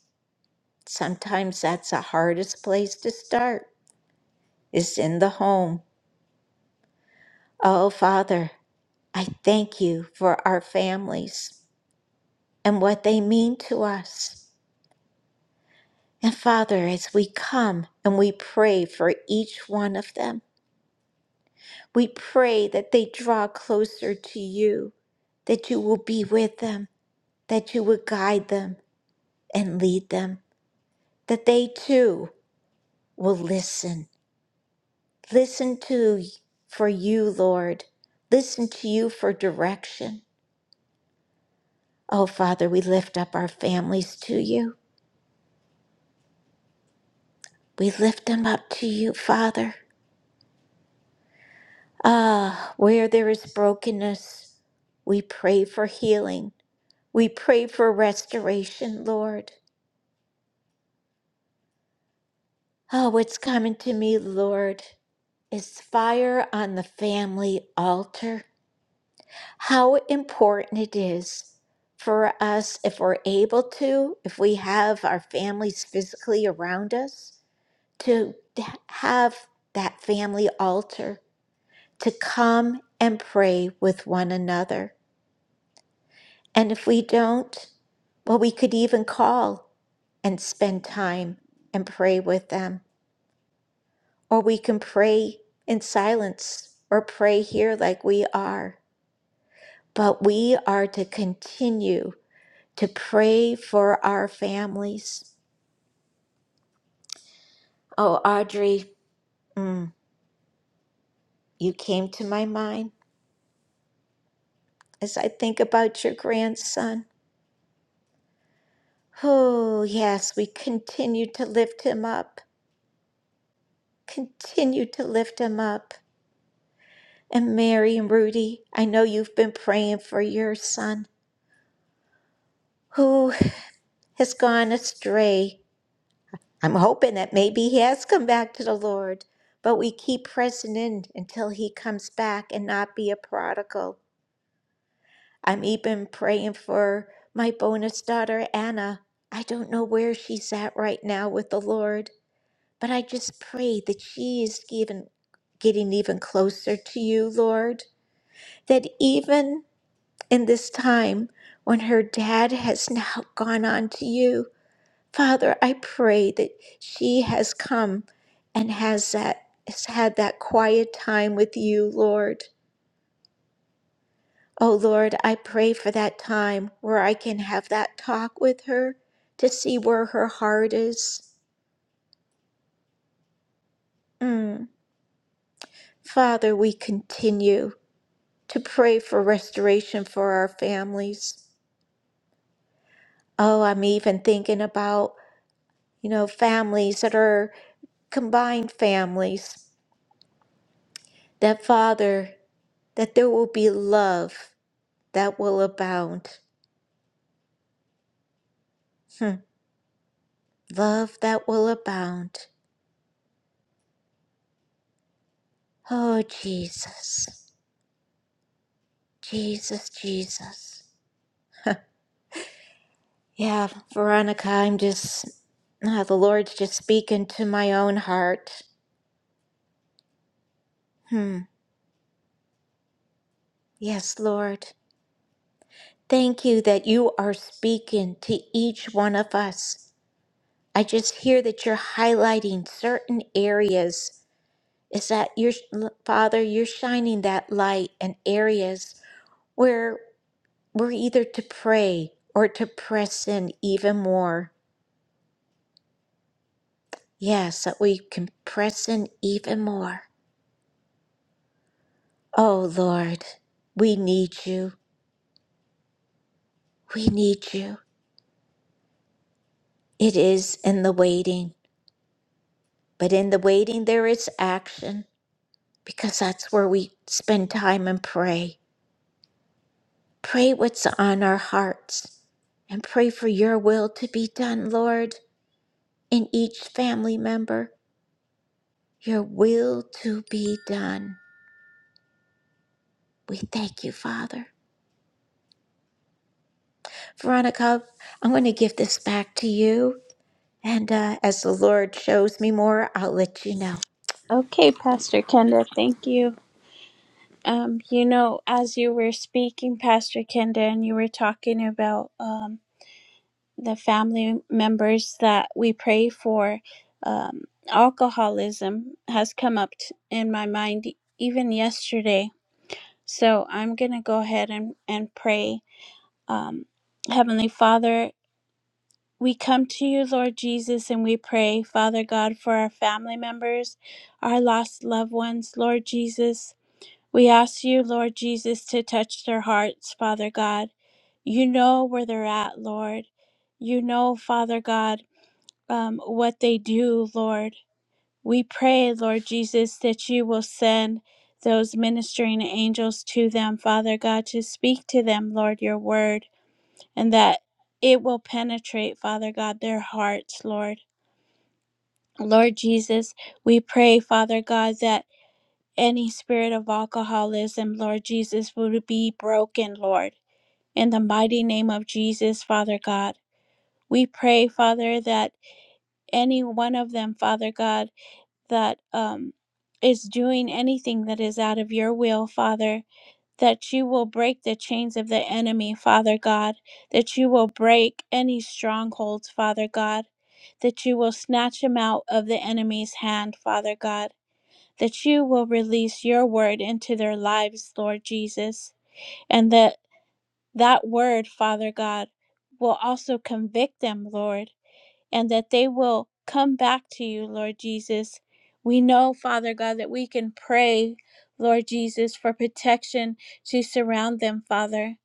Sometimes that's the hardest place to start, is in the home. Oh, Father, I thank you for our families and what they mean to us. And Father, as we come and we pray for each one of them, we pray that they draw closer to you, that you will be with them, that you will guide them and lead them, that they too will listen Listen to for you, Lord. Listen to you for direction. Oh, Father, we lift up our families to you. We lift them up to you, Father. Ah, where there is brokenness, we pray for healing. We pray for restoration, Lord. Oh, what's coming to me, Lord, is fire on the family altar. how important it is for us if we're able to, if we have our families physically around us, to have that family altar, to come and pray with one another. And if we don't, well, we could even call and spend time and pray with them, or we can pray in silence or pray here like we are. But we are to continue to pray for our families. Oh, Audrey, mm, you came to my mind as I think about your grandson. Oh, yes, we continue to lift him up, continue to lift him up. And Mary and Rudy, I know you've been praying for your son who has gone astray. I'm hoping that maybe he has come back to the Lord, but we keep pressing in until he comes back and not be a prodigal. I'm even praying for my bonus daughter, Anna. I don't know where she's at right now with the Lord, but I just pray that she is even getting even closer to you, Lord. That even in this time when her dad has now gone on to you, Father, I pray that she has come and has that has had that quiet time with you, Lord. Oh Lord, I pray for that time where I can have that talk with her to see where her heart is. Mm. Father, we continue to pray for restoration for our families. Oh, I'm even thinking about, you know, families that are combined families. That Father, that there will be love that will abound. Hmm. Love that will abound. Oh, Jesus, Jesus, Jesus. Yeah, Veronica, I'm just, ah, the Lord's just speaking to my own heart. Hmm. Yes, Lord. Thank you that you are speaking to each one of us. I just hear that you're highlighting certain areas. Is that your Father? You're shining that light in areas where we're either to pray or to press in even more. Yes, that we can press in even more. Oh Lord, we need you. We need you. It is in the waiting, but in the waiting there is action because that's where we spend time and pray. Pray what's on our hearts and pray for your will to be done, Lord, in each family member. Your will to be done. We thank you, Father. Veronica, I'm going to give this back to you. And uh, as the Lord shows me more, I'll let you know.
Okay, Pastor Kenda, thank you. Um, you know, as you were speaking, Pastor Kenda, and you were talking about um, the family members that we pray for, um, alcoholism has come up t- in my mind even yesterday. So I'm going to go ahead and, and pray. Um, Heavenly Father, we come to you, Lord Jesus, and we pray, Father God, for our family members, our lost loved ones, Lord Jesus. We ask you, Lord Jesus, to touch their hearts, Father God. You know where they're at, Lord. You know, Father God, um, what they do, Lord. We pray, Lord Jesus, that you will send those ministering angels to them, Father God, to speak to them, Lord, your word, and that it will penetrate, Father God, their hearts, Lord. Lord Jesus, we pray, Father God, that. Any spirit of alcoholism, Lord Jesus, would be broken, Lord. In the mighty name of Jesus, Father God, we pray, Father, that any one of them, Father God, that um, is doing anything that is out of your will, Father, that you will break the chains of the enemy, Father God, that you will break any strongholds, Father God, that you will snatch them out of the enemy's hand, Father God that you will release your word into their lives, Lord Jesus, and that that word, Father God, will also convict them, Lord, and that they will come back to you, Lord Jesus. We know, Father God, that we can pray, Lord Jesus, for protection to surround them, Father.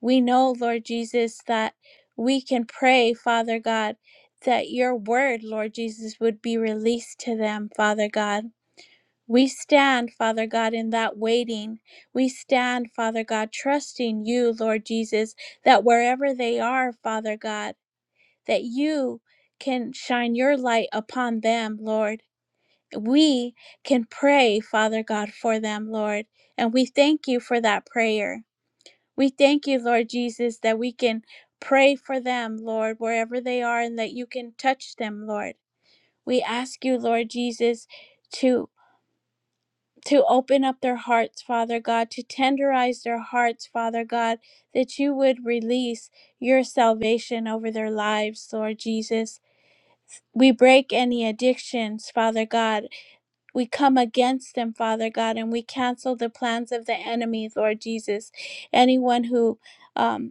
We know, Lord Jesus, that we can pray, Father God, that your word, Lord Jesus, would be released to them, Father God. We stand, Father God, in that waiting. We stand, Father God, trusting you, Lord Jesus, that wherever they are, Father God, that you can shine your light upon them, Lord. We can pray, Father God, for them, Lord. And we thank you for that prayer. We thank you, Lord Jesus, that we can pray for them, Lord, wherever they are, and that you can touch them, Lord. We ask you, Lord Jesus, to to open up their hearts, Father God, to tenderize their hearts, Father God, that you would release your salvation over their lives, Lord Jesus. We break any addictions, Father God. We come against them, Father God, and we cancel the plans of the enemy, Lord Jesus. Anyone who um,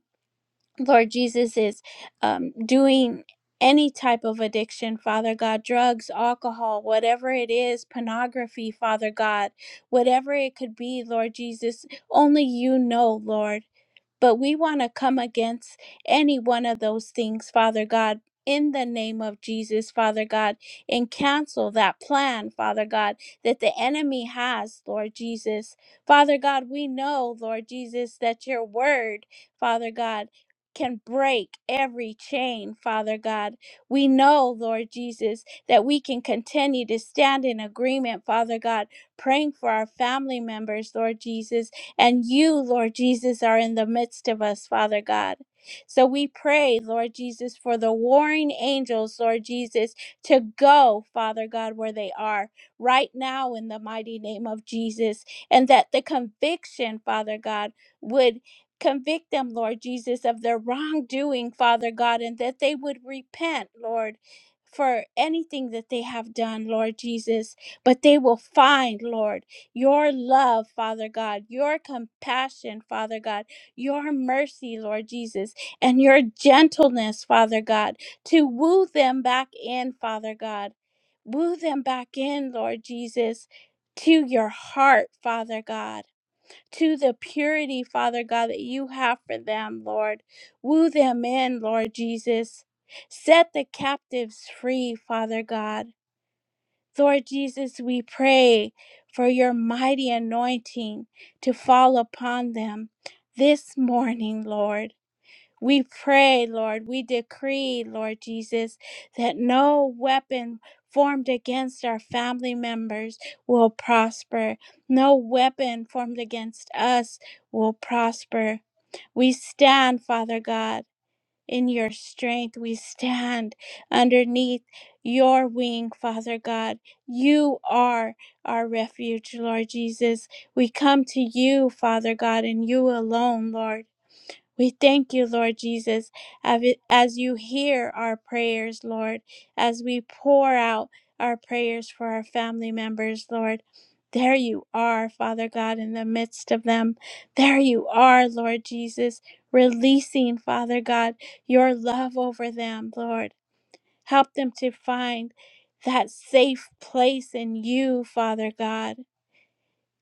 Lord Jesus is um, doing any type of addiction, Father God, drugs, alcohol, whatever it is, pornography, Father God, whatever it could be, Lord Jesus, only you know, Lord. But we want to come against any one of those things, Father God. In the name of Jesus, Father God, and cancel that plan, Father God, that the enemy has, Lord Jesus. Father God, we know, Lord Jesus, that your word, Father God, can break every chain, Father God. We know, Lord Jesus, that we can continue to stand in agreement, Father God, praying for our family members, Lord Jesus, and you, Lord Jesus, are in the midst of us, Father God. So we pray, Lord Jesus, for the warring angels, Lord Jesus, to go, Father God, where they are right now in the mighty name of Jesus. And that the conviction, Father God, would convict them, Lord Jesus, of their wrongdoing, Father God, and that they would repent, Lord. For anything that they have done, Lord Jesus, but they will find, Lord your love, Father God, your compassion, Father God, your mercy, Lord Jesus, and your gentleness, Father God, to woo them back in, Father God. Woo them back in, Lord Jesus, to your heart, Father God, to the purity, Father God, that you have for them, Lord. Woo them in, Lord Jesus. Set the captives free, Father God. Lord Jesus, we pray for your mighty anointing to fall upon them this morning, Lord. We pray, Lord, we decree, Lord Jesus, that no weapon formed against our family members will prosper. No weapon formed against us will prosper. We stand, Father God in your strength. We stand underneath your wing, Father God. You are our refuge, Lord Jesus. We come to you, Father God, and you alone, Lord. We thank you, Lord Jesus, av- as you hear our prayers, Lord, as we pour out our prayers for our family members, Lord. There you are, Father God, in the midst of them. There you are, Lord Jesus, releasing, Father God, your love over them, Lord. Help them to find that safe place in you, Father God.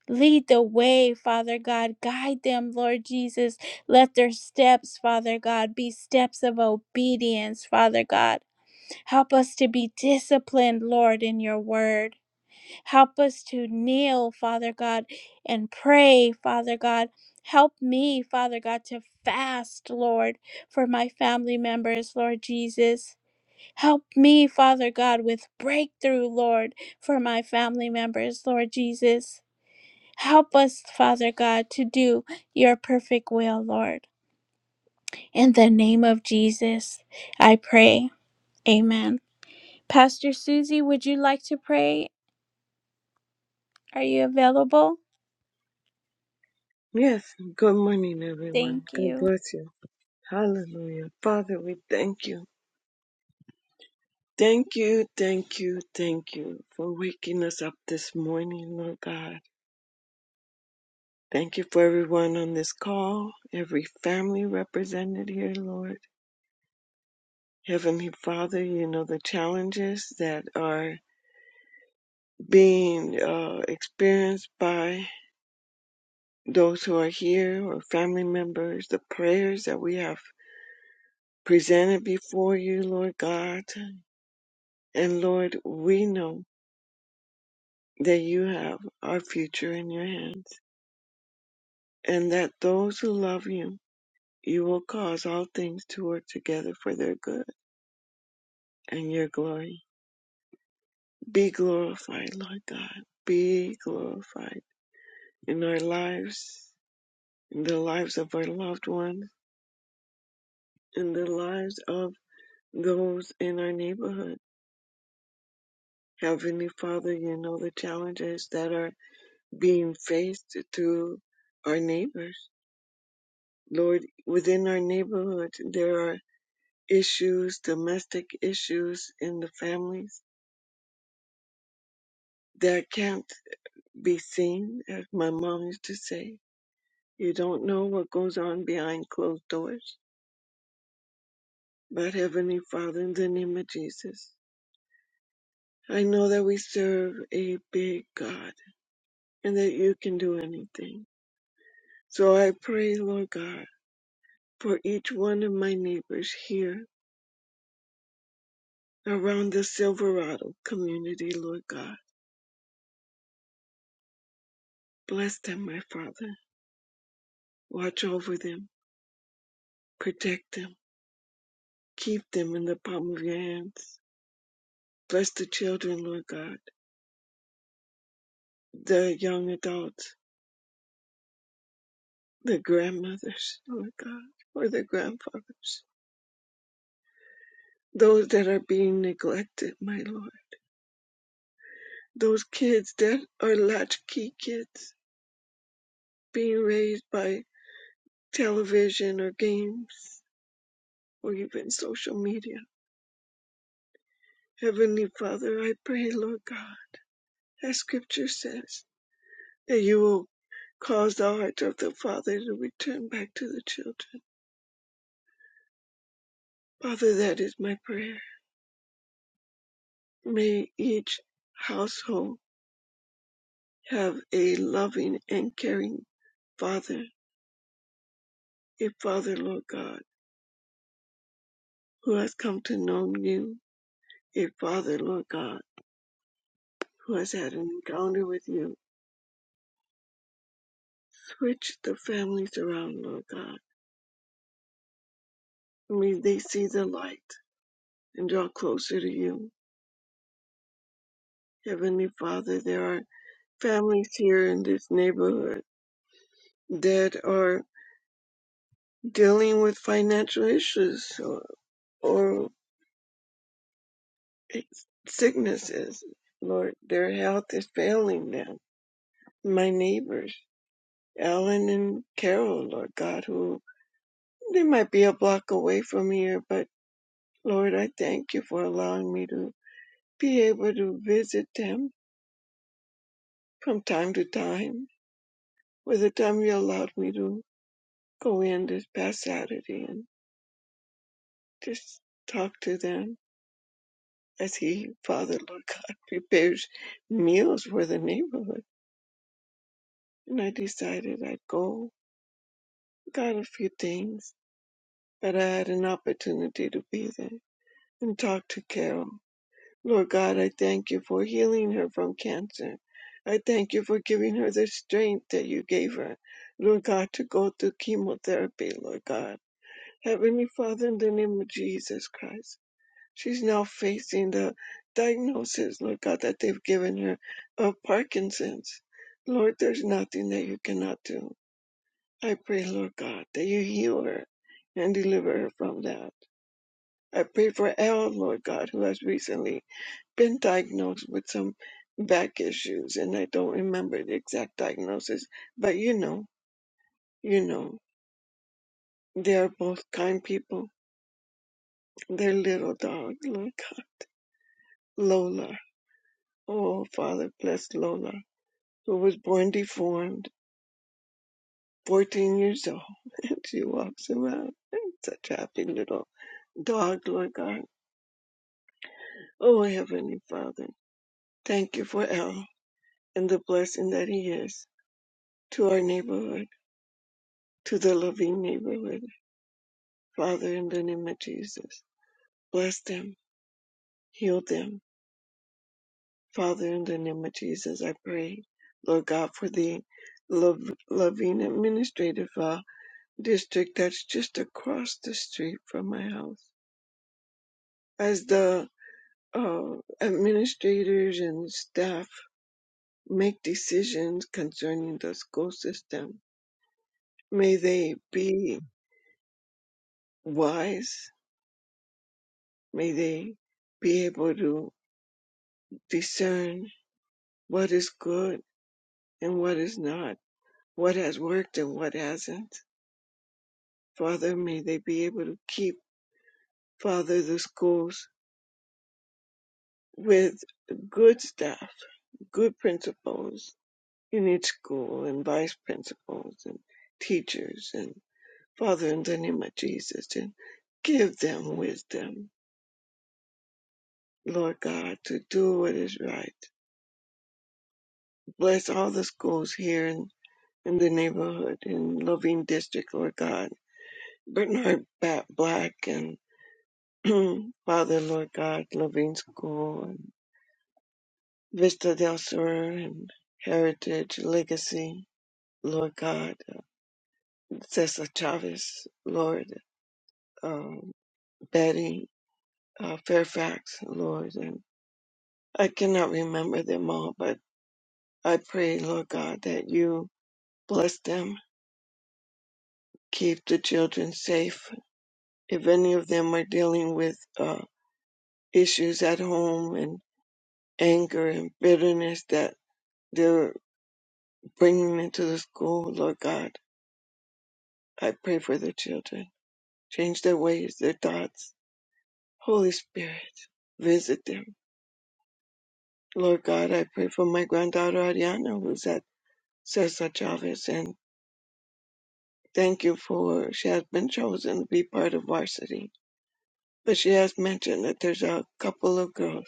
Lead the way, Father God. Guide them, Lord Jesus. Let their steps, Father God, be steps of obedience, Father God. Help us to be disciplined, Lord, in your word. Help us to kneel, Father God, and pray, Father God. Help me, Father God, to fast, Lord, for my family members, Lord Jesus. Help me, Father God, with breakthrough, Lord, for my family members, Lord Jesus. Help us, Father God, to do your perfect will, Lord. In the name of Jesus, I pray. Amen. Pastor Susie, would you like to pray? Are you available?
Yes, good morning, everyone.
Thank
God
you.
bless you. Hallelujah. Father, we thank you. Thank you, thank you, thank you for waking us up this morning, Lord God. Thank you for everyone on this call, every family represented here, Lord. Heavenly Father, you know the challenges that are being uh, experienced by those who are here or family members, the prayers that we have presented before you, Lord God. And Lord, we know that you have our future in your hands, and that those who love you, you will cause all things to work together for their good and your glory. Be glorified, Lord God. Be glorified in our lives, in the lives of our loved ones, in the lives of those in our neighborhood. Heavenly Father, you know the challenges that are being faced through our neighbors Lord, within our neighborhood, there are issues, domestic issues in the families that can't be seen, as my mom used to say. You don't know what goes on behind closed doors. But Heavenly Father, in the name of Jesus, I know that we serve a big God and that you can do anything. So I pray, Lord God, for each one of my neighbors here around the Silverado community, Lord God. Bless them, my Father Watch over them, protect them, keep them in the palm of your hands. Bless the children, Lord God, the young adults, the grandmothers, Lord God, or the grandfathers, those that are being neglected, my Lord, those kids that are latchkey kids being raised by television or games or even social media. Heavenly Father, I pray, Lord God, as scripture says, that you will Cause the heart of the father to return back to the children. Father, that is my prayer. May each household have a loving and caring father, a father, Lord God, who has come to know you, a father, Lord God, who has had an encounter with you. Switch the families around, Lord God. May they see the light and draw closer to you. Heavenly Father, there are families here in this neighborhood that are dealing with financial issues or, or sicknesses. Lord, their health is failing them. My neighbors, Alan and Carol, Lord God, who they might be a block away from here, but Lord, I thank you for allowing me to be able to visit them from time to time. For the time you allowed me to go in this past Saturday and just talk to them as he, Father, Lord God, prepares meals for the neighborhood. And I decided I'd go, got a few things, but I had an opportunity to be there and talk to Carol. Lord God, I thank you for healing her from cancer. I thank you for giving her the strength that you gave her, Lord God, to go through chemotherapy, Lord God. Heavenly Father, in the name of Jesus Christ. She's now facing the diagnosis, Lord God, that they've given her of Parkinson's. Lord, there's nothing that you cannot do. I pray, Lord God, that you heal her and deliver her from that. I pray for Elle, Lord God, who has recently been diagnosed with some back issues, and I don't remember the exact diagnosis, but you know, you know. They are both kind people. Their little dog, Lord God. Lola. Oh, Father, bless Lola. who was born deformed, 14 years old, and she walks around. Such a happy little dog, Lord God. Oh, Heavenly Father, thank you for El and the blessing that he is to our neighborhood, to the loving neighborhood. Father, in the name of Jesus, bless them, heal them. Father, in the name of Jesus, I pray, Lord God, for the love, loving administrative uh, district that's just across the street from my house. As the uh, administrators and staff make decisions concerning the school system. May they be wise. May they be able to discern what is good and what is not, what has worked and what hasn't. Father, may they be able to keep, Father, the schools with good staff, good principals in each school and vice principals and teachers and. Father, in the name of Jesus, and give them wisdom, Lord God, to do what is right. Bless all the schools here in, in the neighborhood, in Loving District, Lord God. Bernard Bat Black and Father, Lord God, Loving School, and Vista del Sur, and Heritage Legacy, Lord God, uh, Cesar Chavez, Lord, um, Betty uh, Fairfax, Lord, and I cannot remember them all, but I pray, Lord God, that you bless them, keep the children safe. If any of them are dealing with uh, issues at home and anger and bitterness that they're bringing into the school, Lord God, I pray for the children. Change their ways, their thoughts. Holy Spirit, visit them. Lord God, I pray for my granddaughter Ariana, who's at Cesar Chavez, and thank you for she has been chosen to be part of varsity. But she has mentioned that there's a couple of girls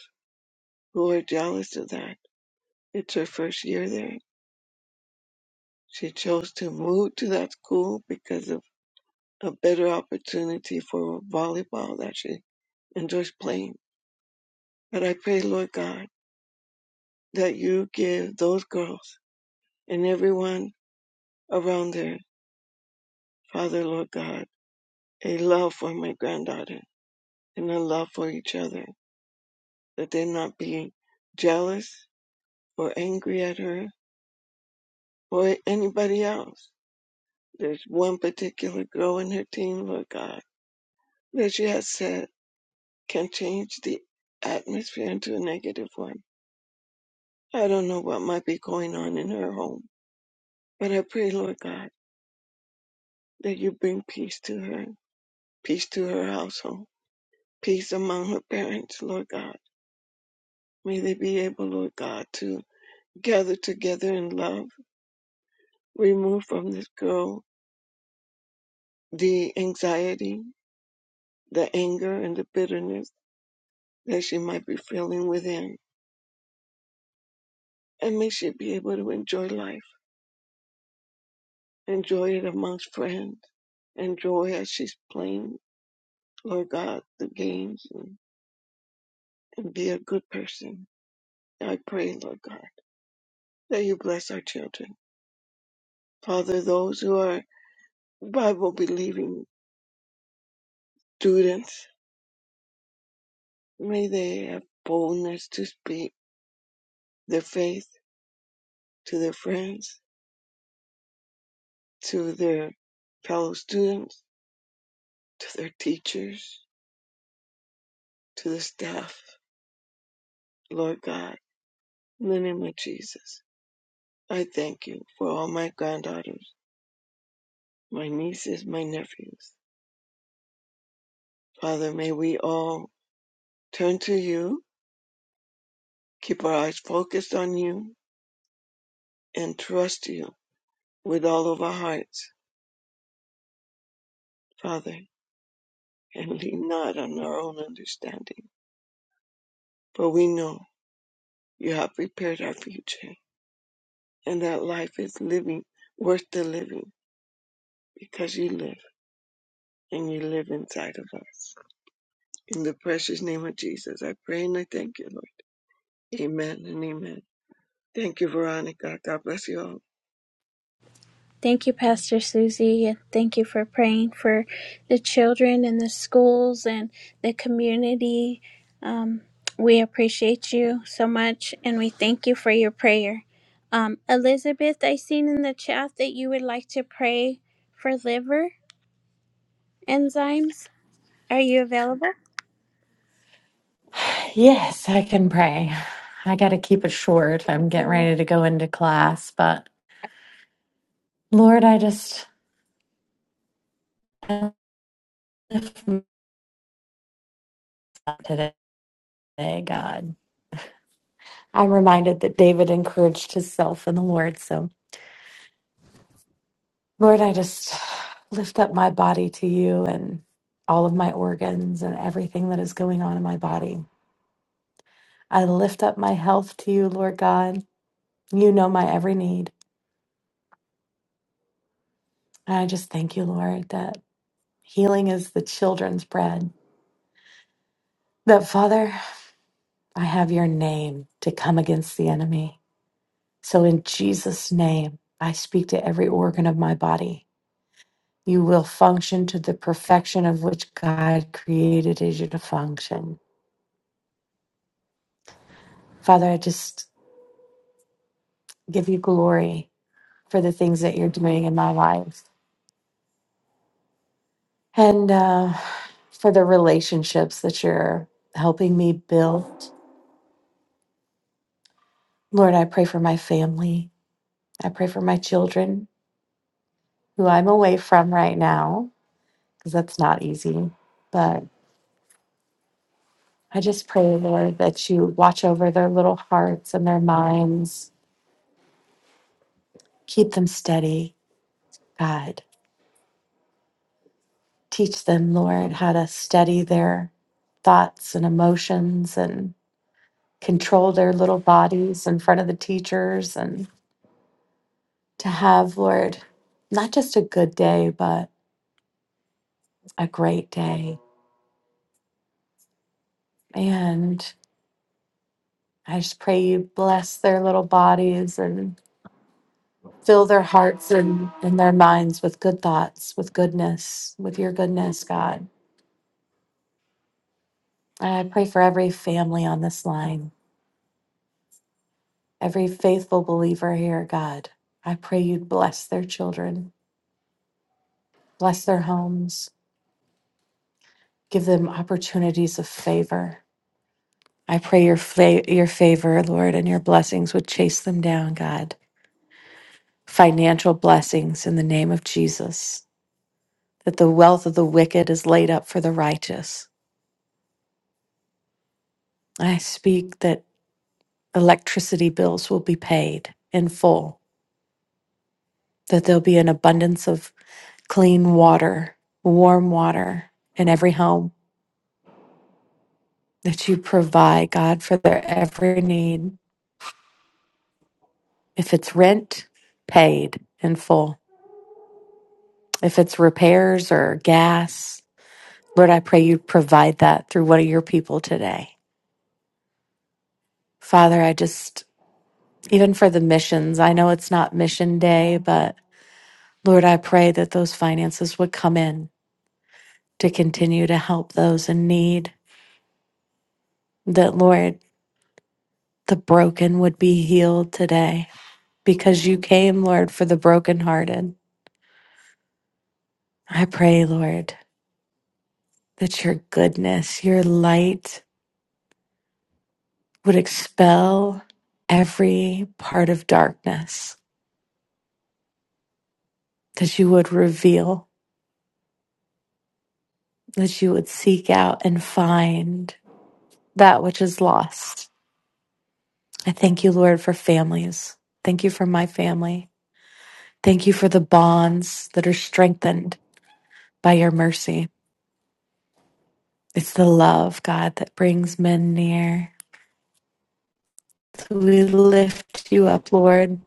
who are jealous of that. It's her first year there. She chose to move to that school because of a better opportunity for volleyball that she enjoys playing. But I pray, Lord God, that you give those girls and everyone around there, Father, Lord God, a love for my granddaughter and a love for each other, that they not be jealous or angry at her or anybody else There's one particular girl in her team, Lord God, that you have said can change the atmosphere into a negative one. I don't know what might be going on in her home, but I pray, Lord God, that you bring peace to her, peace to her household, peace among her parents, Lord God. May they be able, Lord God, to gather together in love, remove from this girl the anxiety, the anger, and the bitterness that she might be feeling within. and may she be able to enjoy life, enjoy it amongst friends, enjoy as she's playing, Lord God, the games, and, and be a good person. I pray, Lord God, that you bless our children. Father, those who are Bible believing students, may they have boldness to speak their faith to their friends, to their fellow students, to their teachers, to the staff, Lord God, in the name of Jesus. I thank you for all my granddaughters, my nieces, my nephews. Father, may we all turn to you, keep our eyes focused on you, and trust you with all of our hearts, Father, and lean not on our own understanding. For we know you have prepared our future, and that life is living, worth the living, because you live, and you live inside of us. In the precious name of Jesus, I pray and I thank you, Lord. Amen and amen. Thank you, Veronica. God bless you all.
Thank you, Pastor Susie, and thank you for praying for the children and the schools and the community. Um, we appreciate you so much, and we thank you for your prayer. Um, Elizabeth, I seen in the chat that you would like to pray for liver enzymes. Are you available?
Yes, I can pray. I got to keep it short. I'm getting ready to go into class, but Lord, I just I lift myself today, God. I'm reminded that David encouraged himself in the Lord. So, Lord, I just lift up my body to you and all of my organs and everything that is going on in my body. I lift up my health to you, Lord God. You know my every need. And I just thank you, Lord, that healing is the children's bread. That, Father, I have your name to come against the enemy. So, in Jesus' name, I speak to every organ of my body. You will function to the perfection of which God created you to function. Father, I just give you glory for the things that you're doing in my life and uh, for the relationships that you're helping me build. Lord, I pray for my family. I pray for my children who I'm away from right now because that's not easy. but. I just pray, Lord, that you watch over their little hearts and their minds. Keep them steady, God. Teach them, Lord, how to steady their thoughts and emotions and control their little bodies in front of the teachers and to have, Lord, not just a good day, but a great day. And I just pray you bless their little bodies and fill their hearts and, and their minds with good thoughts, with goodness, with your goodness, God I pray for every family on this line, every faithful believer here, God. I pray you would bless their children, bless their homes, give them opportunities of favor. I pray your, fa- your favor, Lord, and your blessings would chase them down, God. Financial blessings in the name of Jesus, that the wealth of the wicked is laid up for the righteous. I speak that electricity bills will be paid in full, that there'll be an abundance of clean water, warm water in every home that you provide, God, for their every need. If it's rent, paid in full. If it's repairs or gas, Lord, I pray you provide that through one of your people today. Father, I just, even for the missions, I know it's not mission day, but Lord, I pray that those finances would come in to continue to help those in need, that, Lord, the broken would be healed today because you came, Lord, for the brokenhearted. I pray, Lord, that your goodness, your light would expel every part of darkness, that you would reveal, that you would seek out and find that which is lost. I thank you, Lord, for families. Thank you for my family. Thank you for the bonds that are strengthened by your mercy. It's the love, God, that brings men near. So we lift you up, Lord.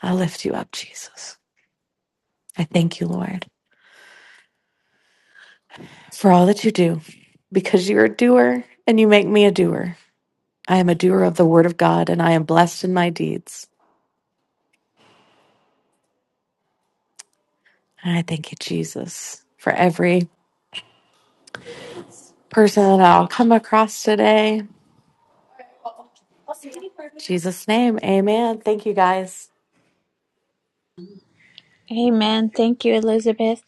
I lift you up, Jesus. I thank you, Lord, for all that you do, because you're a doer and you make me a doer. I am a doer of the word of God and I am blessed in my deeds. And I thank you, Jesus, for every person that I'll come across today. In Jesus' name, amen. Thank you, guys.
Amen. Thank you, Elizabeth.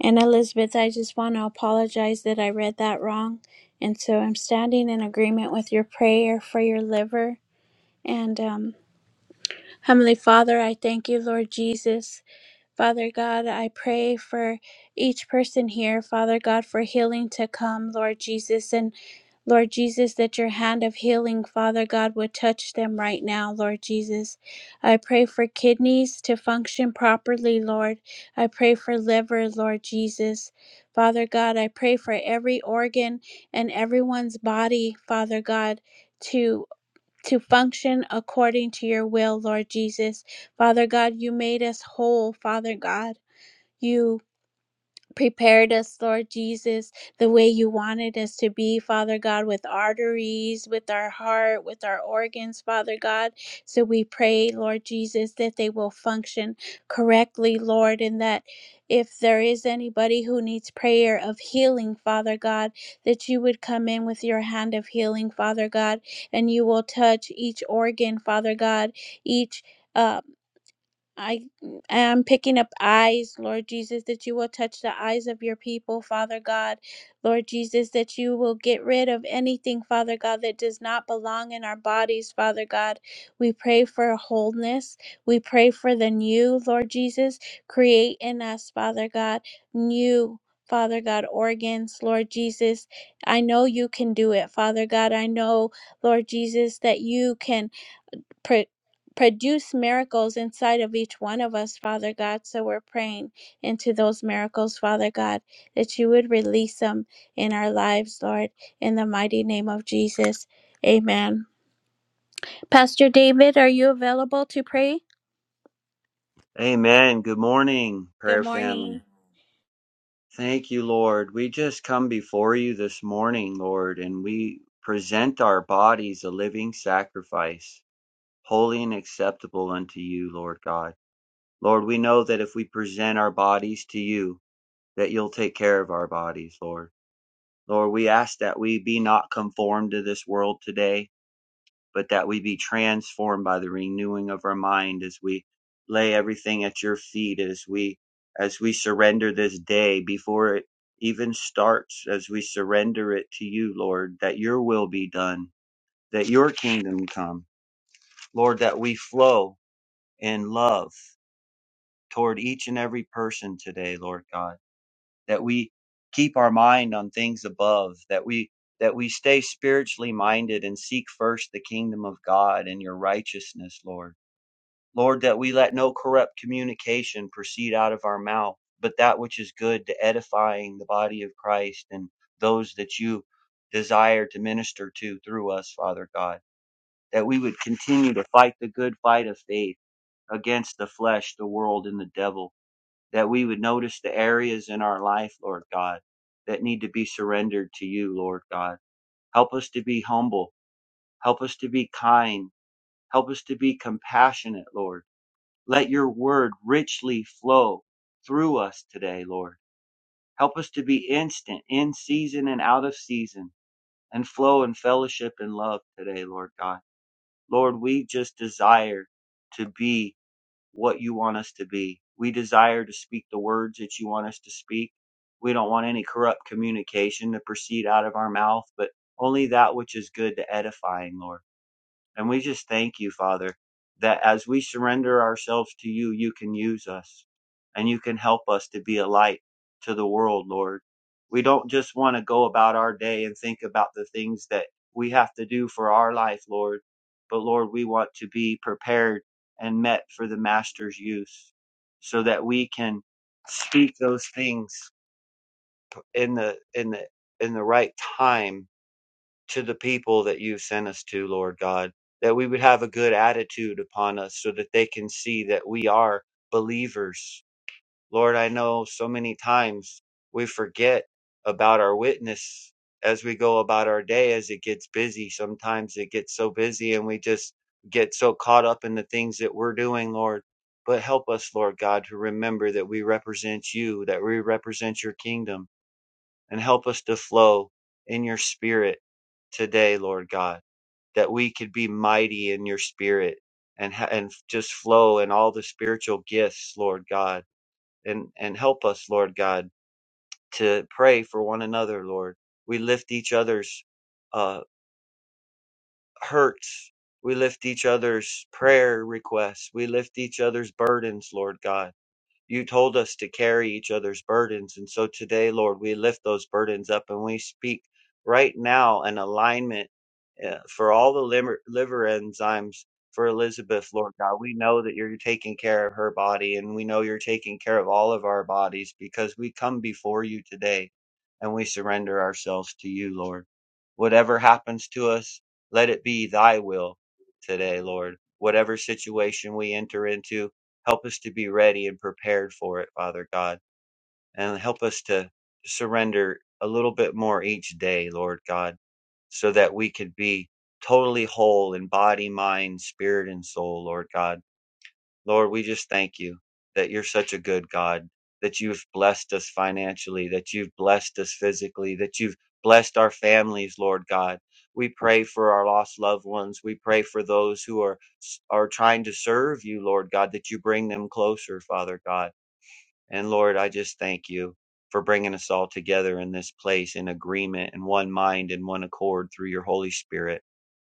And Elizabeth, I just want to apologize that I read that wrong. And so I'm standing in agreement with your prayer for your liver And um, Heavenly Father, I thank you, Lord Jesus. Father God, I pray for each person here, Father God, for healing to come, Lord Jesus. And Lord Jesus, that your hand of healing, Father God, would touch them right now, Lord Jesus. I pray for kidneys to function properly, Lord. I pray for liver, Lord Jesus. Father God, I pray for every organ and everyone's body, Father God to function according to your will, Lord Jesus. Father God, you made us whole, Father God. You prepared us, Lord Jesus, the way you wanted us to be, Father God, with arteries, with our heart, with our organs, Father God. So we pray, Lord Jesus, that they will function correctly, Lord, and that if there is anybody who needs prayer of healing, Father God, that you would come in with your hand of healing, Father God, and you will touch each organ, Father God, each. uh, I am picking up eyes, Lord Jesus, that you will touch the eyes of your people, Father God. Lord Jesus, that you will get rid of anything, Father God, that does not belong in our bodies, Father God. We pray for wholeness. We pray for the new, Lord Jesus. Create in us, Father God, new. Father God, organs, Lord Jesus, I know you can do it, Father God. I know, Lord Jesus, that you can pr- produce miracles inside of each one of us, Father God. So we're praying into those miracles, Father God, that you would release them in our lives, Lord, in the mighty name of Jesus. Amen. Pastor David, are you available to pray?
Amen. Good morning,
Good
prayer family.
morning.
Thank you, Lord. We just come before you this morning, Lord, and we present our bodies a living sacrifice, holy and acceptable unto you, Lord God. Lord, we know that if we present our bodies to you, that you'll take care of our bodies, Lord. Lord, we ask that we be not conformed to this world today, but that we be transformed by the renewing of our mind as we lay everything at your feet as we as we surrender this day before it even starts as we surrender it to you lord that your will be done that your kingdom come lord that we flow in love toward each and every person today lord god that we keep our mind on things above that we that we stay spiritually minded and seek first the kingdom of god and your righteousness lord Lord, that we let no corrupt communication proceed out of our mouth, but that which is good to edifying the body of Christ and those that you desire to minister to through us, Father God. That we would continue to fight the good fight of faith against the flesh, the world, and the devil. That we would notice the areas in our life, Lord God, that need to be surrendered to you, Lord God. Help us to be humble. Help us to be kind. Help us to be compassionate, Lord let your word richly flow through us today, Lord. Help us to be instant, in season and out of season, and flow in fellowship and love today, Lord God. Lord, we just desire to be what you want us to be. We desire to speak the words that you want us to speak. We don't want any corrupt communication to proceed out of our mouth, but only that which is good to edifying, Lord. And we just thank you, Father, that as we surrender ourselves to you, you can use us and you can help us to be a light to the world, Lord. We don't just want to go about our day and think about the things that we have to do for our life, Lord, but Lord, we want to be prepared and met for the Master's use so that we can speak those things in the in the in the right time to the people that you sent us to, Lord God, that we would have a good attitude upon us so that they can see that we are believers. Lord, I know so many times we forget about our witness as we go about our day, as it gets busy. Sometimes it gets so busy and we just get so caught up in the things that we're doing, Lord. But help us, Lord God, to remember that we represent you, that we represent your kingdom and help us to flow in your spirit today, Lord God, that we could be mighty in your spirit and ha- and just flow in all the spiritual gifts, Lord God, and and help us, Lord God, to pray for one another, Lord. We lift each other's uh, hurts. We lift each other's prayer requests. We lift each other's burdens, Lord God you told us to carry each other's burdens. And so today, Lord, we lift those burdens up and we speak right now an alignment uh, for all the liver, liver enzymes for Elizabeth, Lord God. We know that you're taking care of her body and we know you're taking care of all of our bodies because we come before you today and we surrender ourselves to you, Lord. Whatever happens to us, let it be thy will today, Lord. Whatever situation we enter into, Help us to be ready and prepared for it, Father God, and help us to surrender a little bit more each day, Lord God, so that we could be totally whole in body, mind, spirit, and soul, Lord God. Lord, we just thank you that you're such a good God, that you've blessed us financially, that you've blessed us physically, that you've blessed our families, Lord God. We pray for our lost loved ones. We pray for those who are are trying to serve you, Lord God, that you bring them closer, Father God. And Lord, I just thank you for bringing us all together in this place in agreement in one mind in one accord through your Holy Spirit.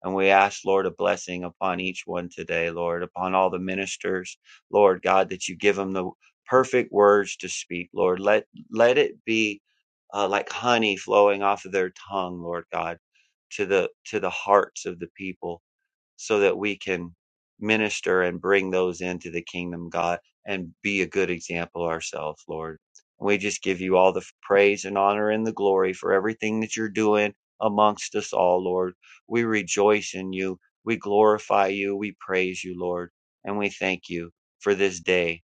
And we ask, Lord, a blessing upon each one today, Lord, upon all the ministers, Lord God, that you give them the perfect words to speak, Lord. Let let it be uh, like honey flowing off of their tongue, Lord God, to the to the hearts of the people so that we can minister and bring those into the kingdom, God, and be a good example ourselves, Lord. We just give you all the praise and honor and the glory for everything that you're doing amongst us all, Lord. We rejoice in you. We glorify you. We praise you, Lord. And we thank you for this day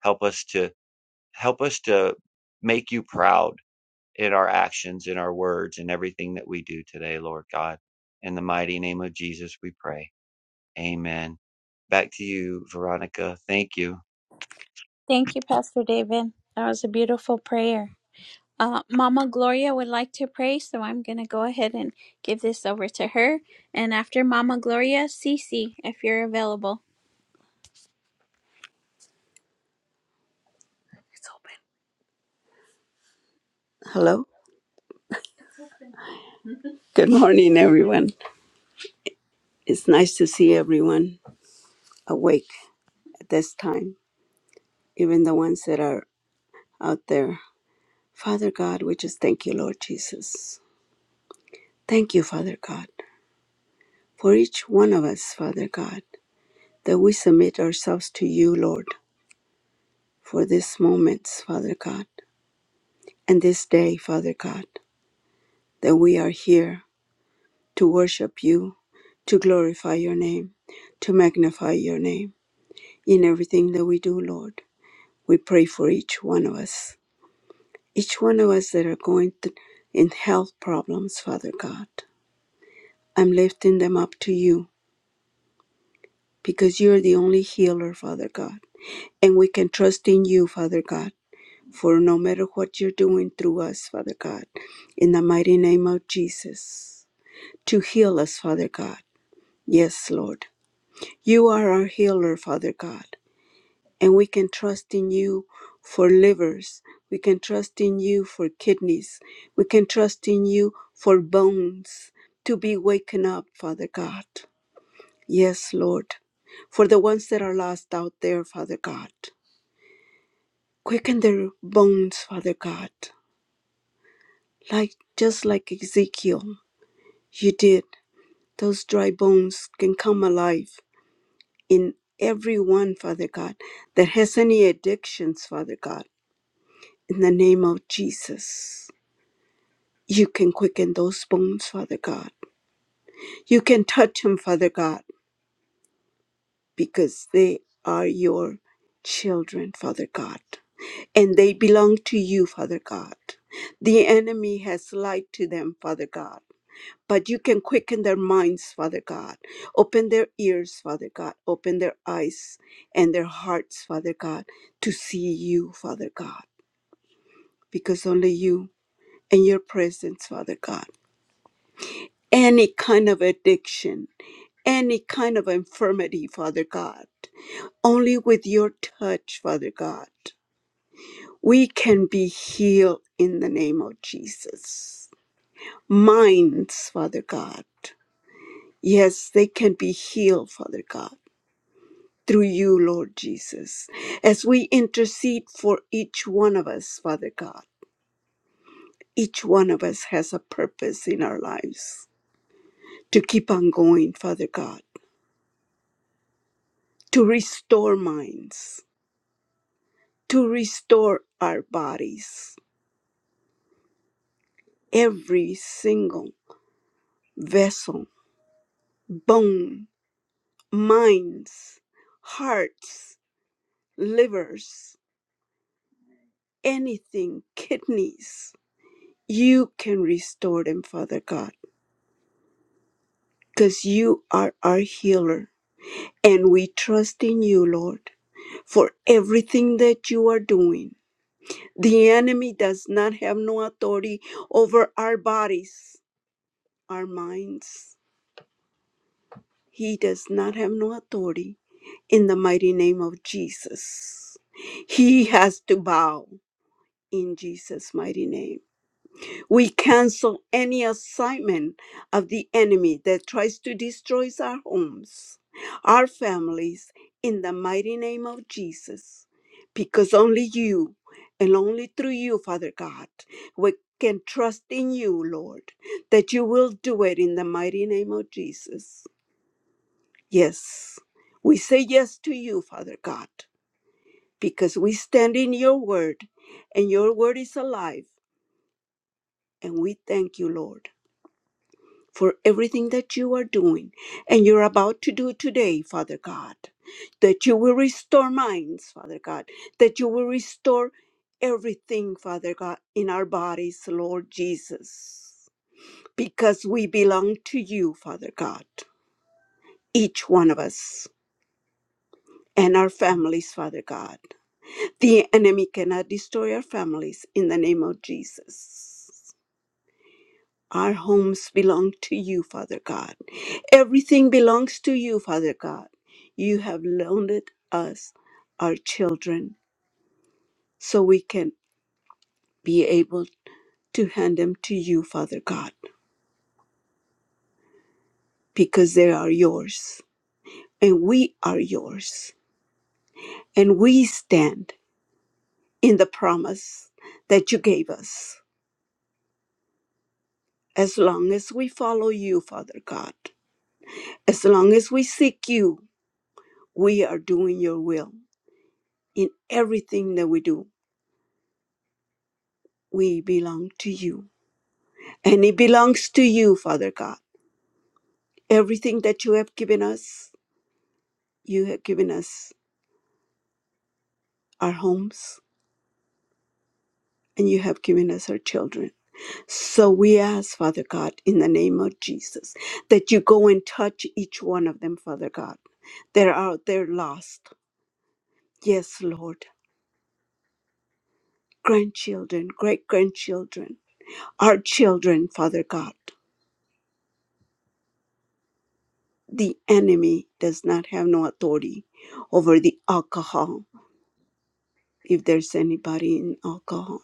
help us to help us to make you proud in our actions in our words in everything that we do today lord god in the mighty name of jesus we pray Amen. Back to you, Veronica. Thank you.
Thank you, Pastor David. That was a beautiful prayer. Uh, Mama Gloria would like to pray, so I'm going to go ahead and give this over to her. And after Mama Gloria, Cece, if you're available. It's open. Hello? Good morning, everyone. It's nice to see everyone awake at this time, even the ones that are out there. Father God, we just thank you, Lord Jesus. Thank you, Father God, for each one of us, Father God, that we submit ourselves to you, Lord, for this moment, Father God, and this day, Father God, that we are here to worship you, to glorify your name, to magnify your name in everything that we do, Lord. we pray for each one of us, each one of us that are going th- in health problems, Father God. I'm lifting them up to you because you're the only healer, Father God. And we can trust in you, Father God, for no matter what you're doing through us, Father God, in the mighty name of Jesus, to heal us, Father God. Yes, Lord. You are our healer, Father God. and we can trust in you for livers. We can trust in you for kidneys. We can trust in you for bones to be waken up, Father God. Yes, Lord. For the ones that are lost out there, Father God. Quicken their bones, Father God. Like just like Ezekiel, you did. Those dry bones can come alive in everyone, Father God, that has any addictions, Father God. In the name of Jesus. You can quicken those bones, Father God. You can touch them, Father God, because they are your children, Father God, and they belong to you, Father God. The enemy has lied to them, Father God. But you can quicken their minds, Father God. Open their ears, Father God. Open their eyes and their hearts, Father God, to see you, Father God. Because only you and your presence, Father God. Any kind of addiction any kind of infirmity, Father God. Only with your touch, Father God, we can be healed in the name of Jesus. Minds, Father God. Yes, they can be healed, Father God, through you, Lord Jesus. As we intercede for each one of us, Father God, each one of us has a purpose in our lives to keep on going, Father God, to restore minds, to restore our bodies every single vessel, bone, minds, hearts, livers, anything, kidneys. You can restore them, Father God, because you are our healer. And we trust in you, Lord, for everything that you are doing. The enemy does not have no authority over our bodies, our minds. He does not have no authority in the mighty name of Jesus. He has to bow in Jesus' mighty name. We cancel any assignment of the enemy that tries to destroy our homes, our families, in the mighty name of Jesus. Because only you and only through you, Father God, we can trust in you, Lord, that you will do it in the mighty name of Jesus. Yes. We say yes to you, Father God because we stand in your word and your word is alive. And we thank you, Lord, for everything that you are doing and you're about to do today, Father God, that you will restore minds, Father God, that you will restore everything, Father God, in our bodies, Lord Jesus, because we belong to you, Father God, each one of us. And our families, Father God. The enemy cannot destroy our families in the name of Jesus. Our homes belong to you, Father God. Everything belongs to you, Father God. You have loaned us our children so we can be able to hand them to you, Father God, because they are yours and we are yours. And we stand in the promise that you gave us. As long as we follow you, Father God, as long as we seek you, we are doing your will in everything that we do we belong to you. And it belongs to you, Father God. Everything that you have given us, you have given us our homes and you have given us our children. So we ask, Father God, in the name of Jesus, that you go and touch each one of them, Father God. They're out there lost. Yes, Lord. Grandchildren, great grandchildren, our children, Father God. The enemy does not have no authority over the alcohol if there's anybody in alcohol,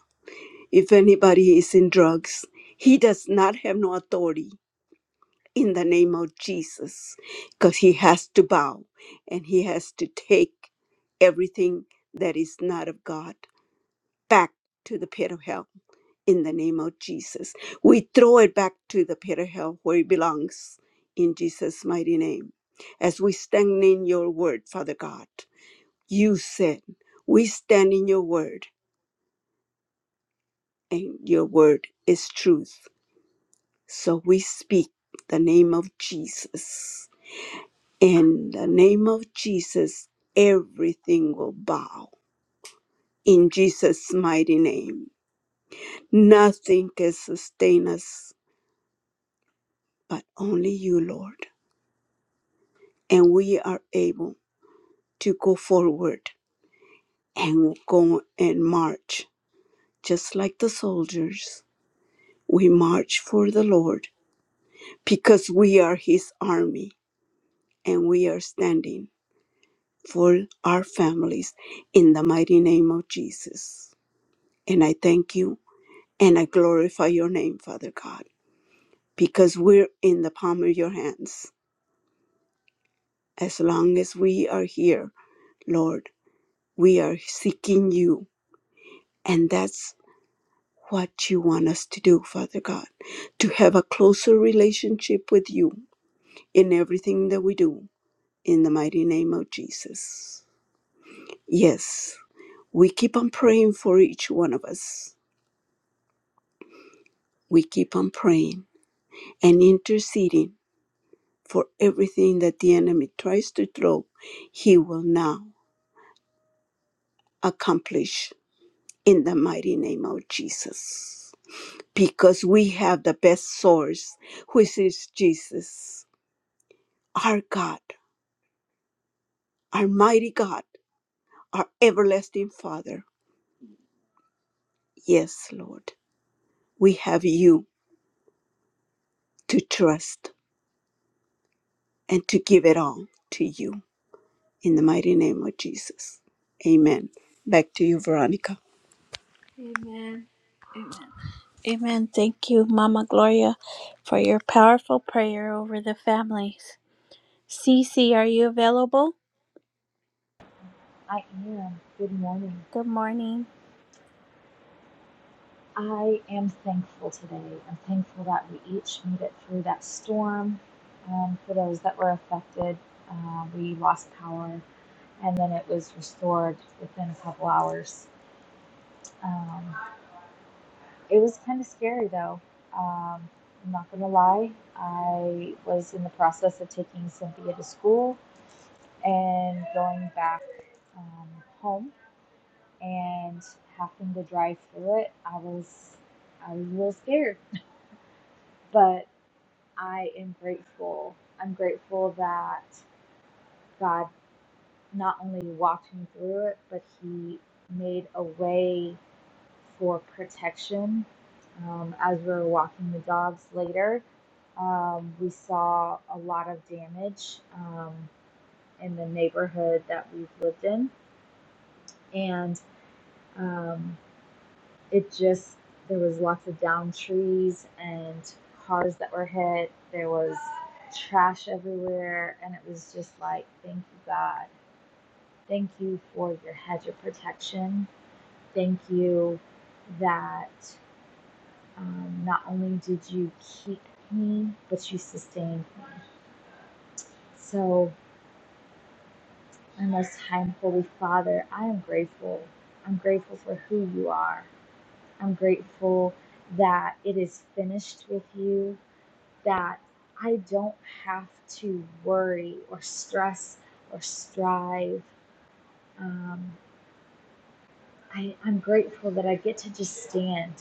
if anybody is in drugs, he does not have no authority in the name of Jesus because he has to bow and he has to take everything that is not of God back to the pit of hell in the name of Jesus. We throw it back to the pit of hell where it belongs in Jesus' mighty name. As we stand in your word, Father God, you said, we stand in your word and your word is truth. So we speak the name of Jesus. In the name of Jesus, everything will bow. In Jesus' mighty name, nothing can sustain us but only you, Lord. And we are able to go forward and go and march, just like the soldiers. We march for the Lord because we are His army and we are standing for our families in the mighty name of Jesus. And I thank you and I glorify your name, Father God, because we're in the palm of your hands. As long as we are here, Lord, we are seeking you. And that's what you want us to do, Father God, to have a closer relationship with you in everything that we do, in the mighty name of Jesus. Yes, we keep on praying for each one of us. We keep on praying and interceding for everything that the enemy tries to throw, he will now accomplish in the mighty name of Jesus. Because we have the best source, which is Jesus, our God, our mighty God, our everlasting Father. Yes, Lord, we have you to trust and to give it all to you in the mighty name of Jesus. Amen. Back to you, Veronica. Amen. Thank you, Mama Gloria, for your powerful prayer over the families. Cece, are you available?
I am. Good morning.
Good morning.
I am thankful today. I'm thankful that we each made it through that storm. Um, for those that were affected, uh, we lost power and then it was restored within a couple hours. Um, it was kind of scary though. Um, I'm not going to lie. I was in the process of taking Cynthia to school and going back um, home and having to drive through it, I was I was real scared. But I am grateful. I'm grateful that God not only walked me through it, but He made a way for protection. Um, as we were walking the dogs later, um, we saw a lot of damage um, in the neighborhood that we've lived in, and um, it just there was lots of downed trees and cars that were hit there was trash everywhere and it was just like thank you god thank you for your hedge of protection thank you that um, not only did you keep me but you sustained me so my most high holy father i am grateful i'm grateful for who you are i'm grateful that it is finished with you that I don't have to worry or stress or strive. Um, I, I'm grateful that I get to just stand,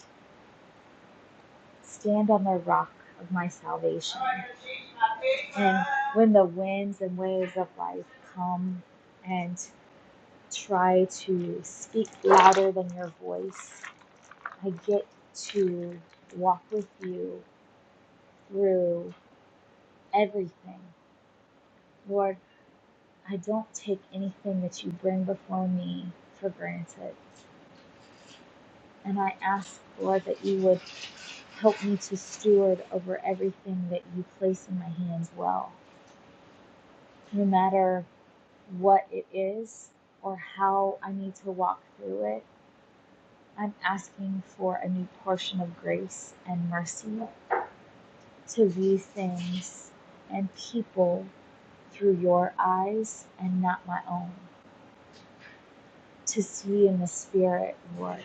stand on the rock of my salvation. And when the winds and waves of life come and try to speak louder than your voice, I get to walk with you through everything. Lord, I don't take anything that you bring before me for granted. And I ask, Lord, that you would help me to steward over everything that you place in my hands well, no matter what it is or how I need to walk through it. I'm asking for a new portion of grace and mercy to view things and people through your eyes and not my own, to see in the spirit, Lord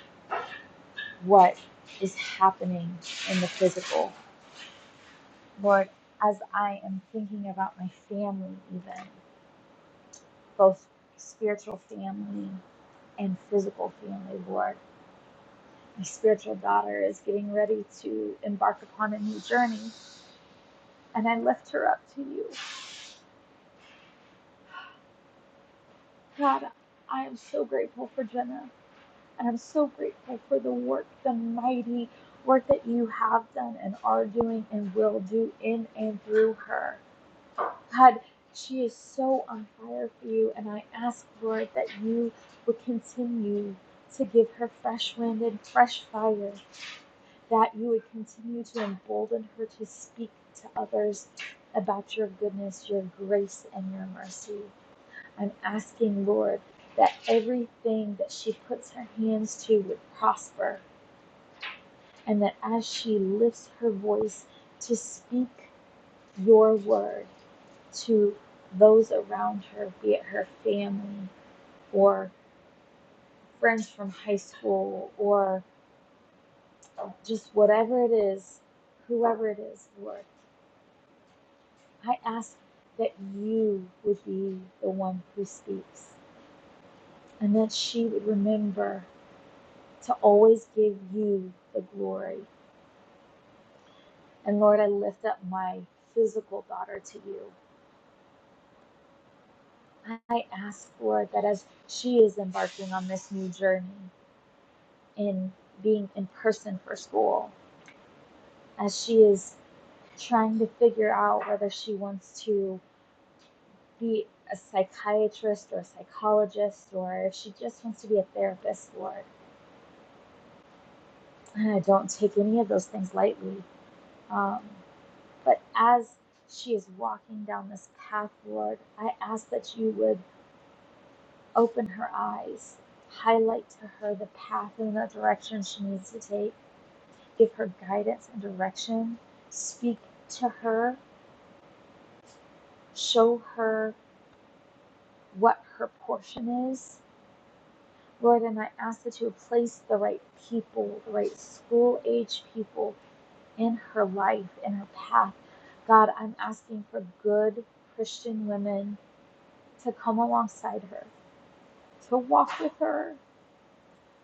what is happening in the physical. Lord, as I am thinking about my family, even both spiritual family and physical family, Lord, my spiritual daughter is getting ready to embark upon a new journey, and I lift her up to you. God, I am so grateful for Jenna, and I'm so grateful for the work, the mighty work that you have done and are doing and will do in and through her. God, she is so on fire for you, and I ask, Lord, that you would continue to give her fresh wind and fresh fire, that you would continue to embolden her to speak to others about your goodness, your grace, and your mercy. I'm asking, Lord, that everything that she puts her hands to would prosper, and that as she lifts her voice to speak your word, to those around her, be it her family or friends from high school or just whatever it is, whoever it is, Lord, I ask that you would be the one who speaks and that she would remember to always give you the glory. And Lord, I lift up my physical daughter to you. I ask, Lord, that as she is embarking on this new journey in being in person for school, as she is trying to figure out whether she wants to be a psychiatrist or a psychologist or if she just wants to be a therapist, Lord. And I don't take any of those things lightly. Um, but as she is walking down this path, Lord, I ask that you would open her eyes, highlight to her the path and the direction she needs to take, give her guidance and direction, speak to her, show her what her portion is. Lord, and I ask that you would place the right people, the right school age people in her life, in her path. God, I'm asking for good Christian women to come alongside her, to walk with her,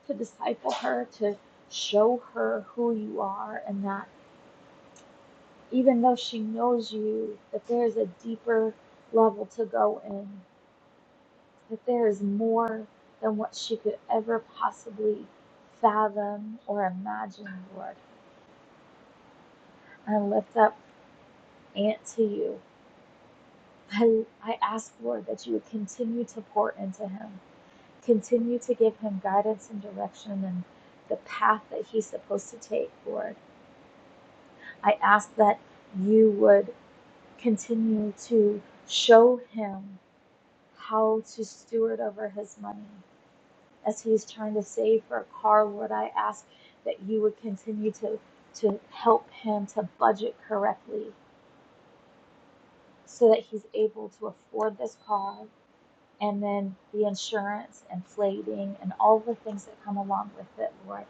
to disciple her, to show her who you are, and that even though she knows you, that there is a deeper level to go in. that there is more than what she could ever possibly fathom or imagine, Lord. I lift up Aunt to you. I, I ask, Lord, that you would continue to pour into him, continue to give him guidance and direction and the path that he's supposed to take, Lord. I ask that you would continue to show him how to steward over his money, as he's trying to save for a car, Lord, I ask that you would continue to, to help him to budget correctly so that he's able to afford this car and then the insurance and plating and all the things that come along with it, Lord.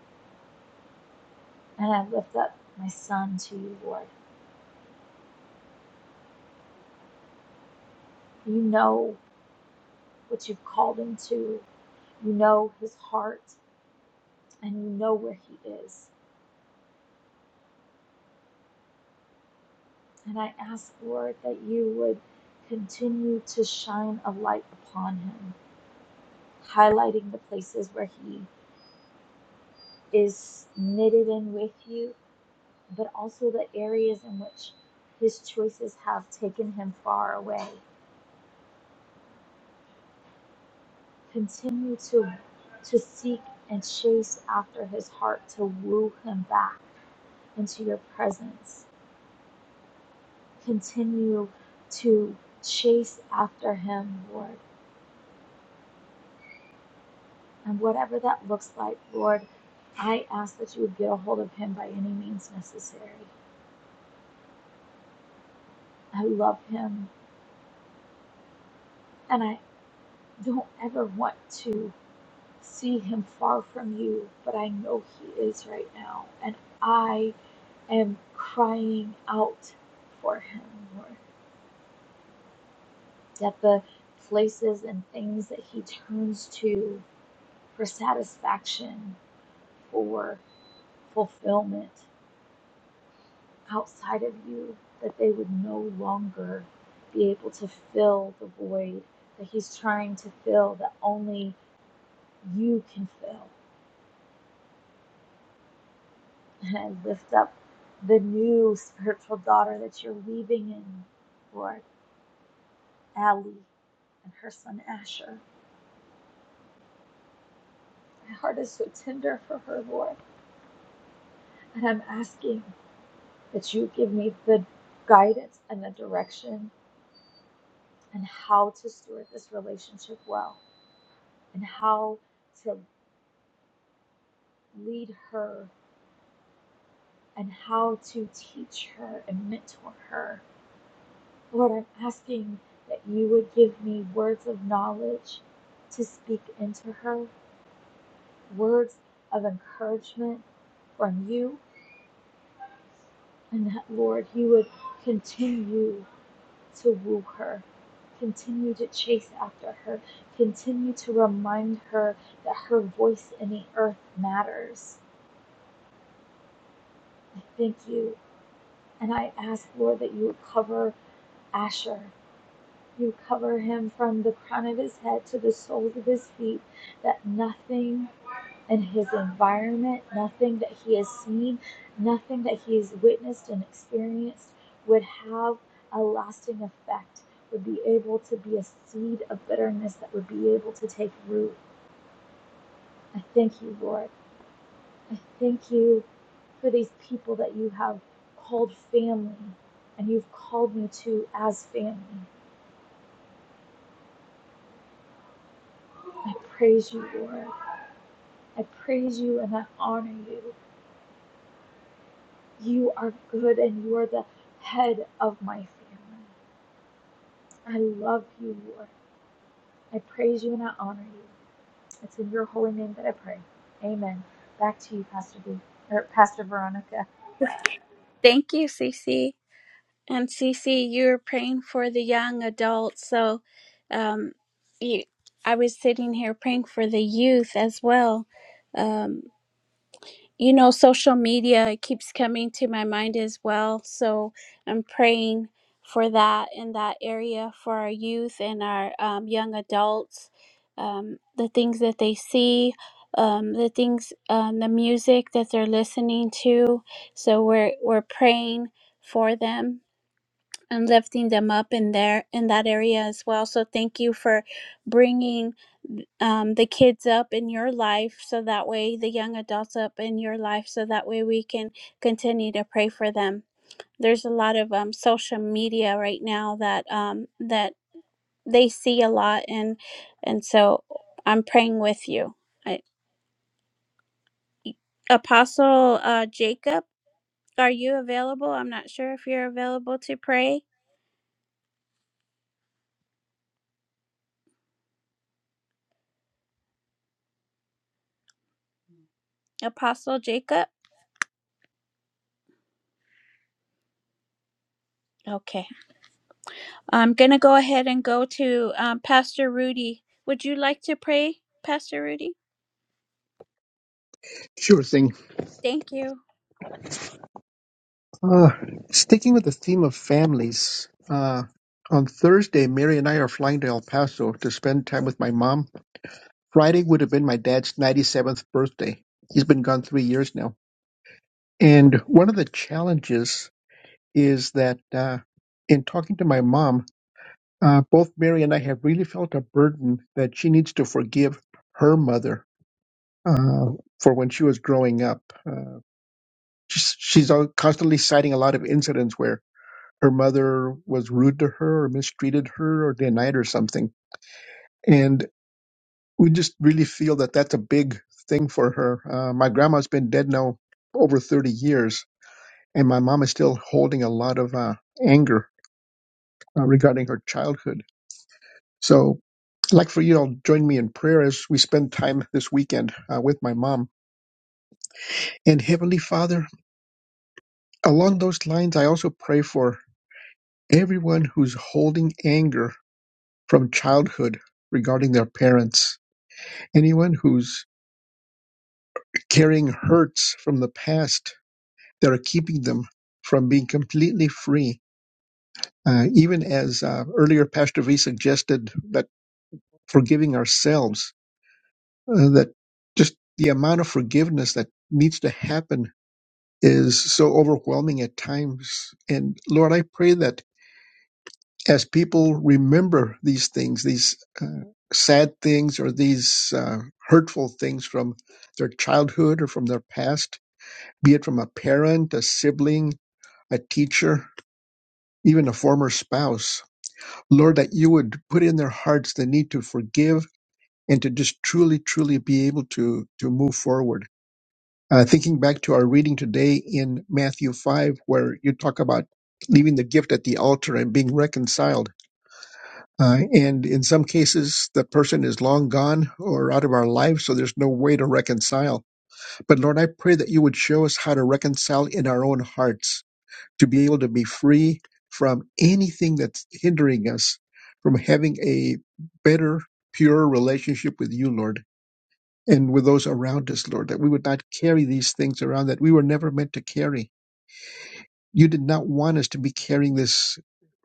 And I lift up my son to you, Lord. You know what you've called him to, you know his heart, and you know where he is. And I ask, Lord, that you would continue to shine a light upon him highlighting the places where He is knitted in with you, but also the areas in which His choices have taken Him far away. Continue to, to seek and chase after His heart to woo Him back into your presence. Continue to chase after Him, Lord. And whatever that looks like, Lord, I ask that you would get a hold of Him by any means necessary. I love Him. and I. don't ever want to see him far from you, but I know he is right now. And I am crying out for him, Lord, that the places and things that he turns to for satisfaction, for fulfillment outside of you, that they would no longer be able to fill the void that he's trying to fill, that only you can fill. and lift up the new spiritual daughter that you're weaving in, Lord, Allie and her son Asher. My heart is so tender for her, Lord, and I'm asking that you give me the guidance and the direction and how to steward this relationship well and how to lead her and how to teach her and mentor her. Lord, I'm asking that you would give me words of knowledge to speak into her words of encouragement from you, and that, Lord, you would continue to woo her, continue to chase after her, continue to remind her that her voice in the earth matters. I thank you. And I ask, Lord, that you would cover Asher. You cover him from the crown of his head to the soles of his feet, that nothing in his environment, nothing that he has seen, nothing that he has witnessed and experienced would have a lasting effect, would be able to be a seed of bitterness that would be able to take root. I thank you, Lord. I thank you for these people that you have called family and you've called me to as family. I praise you, Lord. I praise you and I honor you. You are good and you are the head of my family. I love you, Lord. I praise you and I honor you. It's in your holy name that I pray. Amen. Back to you, Pastor B, or Pastor Veronica.
Thank you, Cece. And Cece, you were praying for the young adults. So um, you, I was sitting here praying for the youth as well. Um, you know, social media keeps coming to my mind as well. So I'm praying for that in that area for our youth and our um, young adults. Um, the things that they see, um, the things, um, the music that they're listening to. So we're we're praying for them and lifting them up in there in that area as well. So thank you for bringing um, the kids up in your life, so that way the young adults up in your life, so that way we can continue to pray for them. There's a lot of um, social media right now that um, that they see a lot, and and so I'm praying with you. I, Apostle uh, Jacob, are you available? I'm not sure if you're available to pray. Apostle Jacob. Okay. I'm going to go ahead and go to um, Pastor Rudy. Would you like to pray, Pastor Rudy?
Sure thing.
Thank you.
Uh, sticking with the theme of families, uh, on Thursday, Mary and I are flying to El Paso to spend time with my mom. Friday would have been my dad's 97th birthday. He's been gone three years now. And one of the challenges is that uh, in talking to my mom, uh, both Mary and I have really felt a burden that she needs to forgive her mother uh, for when she was growing up. Uh, she's, she's al- constantly citing a lot of incidents where her mother was rude to her or mistreated her or denied her something. And we just really feel that that's a big thing for her. Uh, my grandma's been dead now over 30 years, and my mom is still holding a lot of uh, anger uh, regarding her childhood. So I'd like for you all to join me in prayer as we spend time this weekend uh, with my mom. And Heavenly Father, along those lines, I also pray for everyone who's holding anger from childhood regarding their parents anyone who's carrying hurts from the past that are keeping them from being completely free. Uh, even as uh, earlier Pastor V suggested that forgiving ourselves, uh, that just the amount of forgiveness that needs to happen is so overwhelming at times. And Lord, I pray that as people remember these things, these uh, sad things or these uh, hurtful things from their childhood or from their past, be it from a parent, a sibling, a teacher, even a former spouse. Lord, that you would put in their hearts the need to forgive and to just truly, truly be able to, to move forward. Uh, thinking back to our reading today in Matthew 5, where you talk about leaving the gift at the altar and being reconciled. Uh, and in some cases, the person is long gone or out of our lives, so there's no way to reconcile. But Lord, I pray that you would show us how to reconcile in our own hearts to be able to be free from anything that's hindering us from having a better, pure relationship with you, Lord, and with those around us, Lord, that we would not carry these things around that we were never meant to carry. You did not want us to be carrying this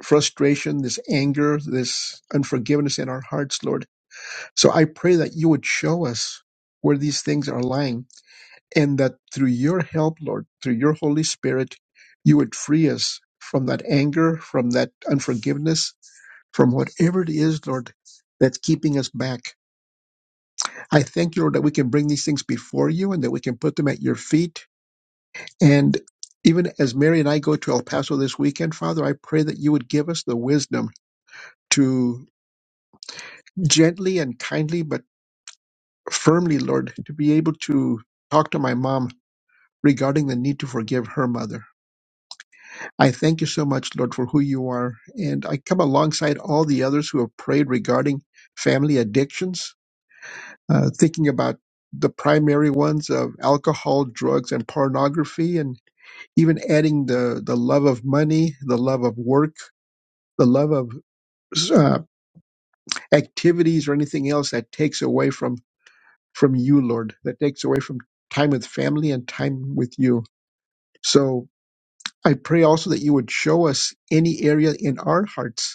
frustration, this anger, this unforgiveness in our hearts, Lord. So I pray that you would show us where these things are lying and that through your help, Lord, through your Holy Spirit, you would free us from that anger, from that unforgiveness, from whatever it is, Lord, that's keeping us back. I thank you, Lord, that we can bring these things before you and that we can put them at your feet. And even as Mary and I go to El Paso this weekend, Father, I pray that you would give us the wisdom to gently and kindly, but firmly, Lord, to be able to talk to my mom regarding the need to forgive her mother. I thank you so much, Lord, for who you are. And I come alongside all the others who have prayed regarding family addictions, uh, thinking about the primary ones of alcohol, drugs, and pornography, and even adding the, the love of money, the love of work, the love of uh, activities, or anything else that takes away from, from you, Lord, that takes away from time with family and time with you. So I pray also that you would show us any area in our hearts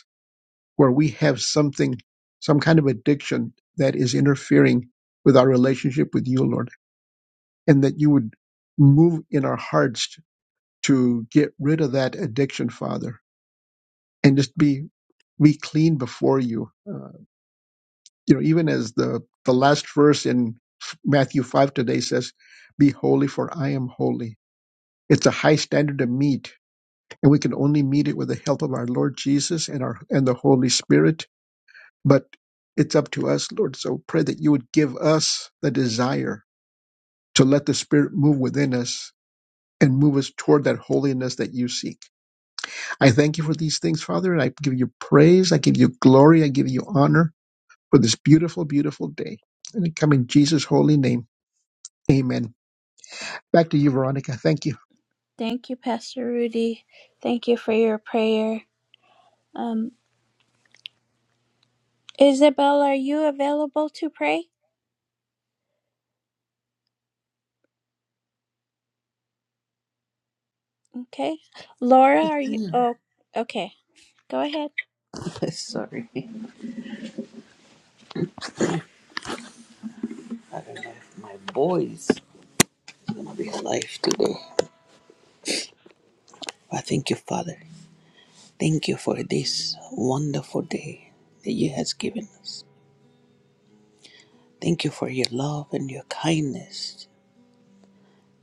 where we have something, some kind of addiction that is interfering with our relationship with you, Lord, and that you would move in our hearts to get rid of that addiction, Father, and just be be clean before you. Uh, you know, even as the the last verse in Matthew five today says, "Be holy, for I am holy." It's a high standard to meet, and we can only meet it with the help of our Lord Jesus and our and the Holy Spirit But it's up to us, Lord. So pray that you would give us the desire to let the Spirit move within us and move us toward that holiness that you seek. I thank you for these things, Father, and I give you praise. I give you glory. I give you honor for this beautiful, beautiful day. And it come in Jesus' holy name. Amen. Back to you, Veronica. Thank you.
Thank you, Pastor Rudy. Thank you for your prayer. Um, Isabel, are you available to pray? Okay. Laura, are you? Oh, okay. Go ahead.
Sorry, I don't know if my voice is gonna be alive today. I thank you, Father. Thank you for this wonderful day that you has given us. Thank you for your love and your kindness.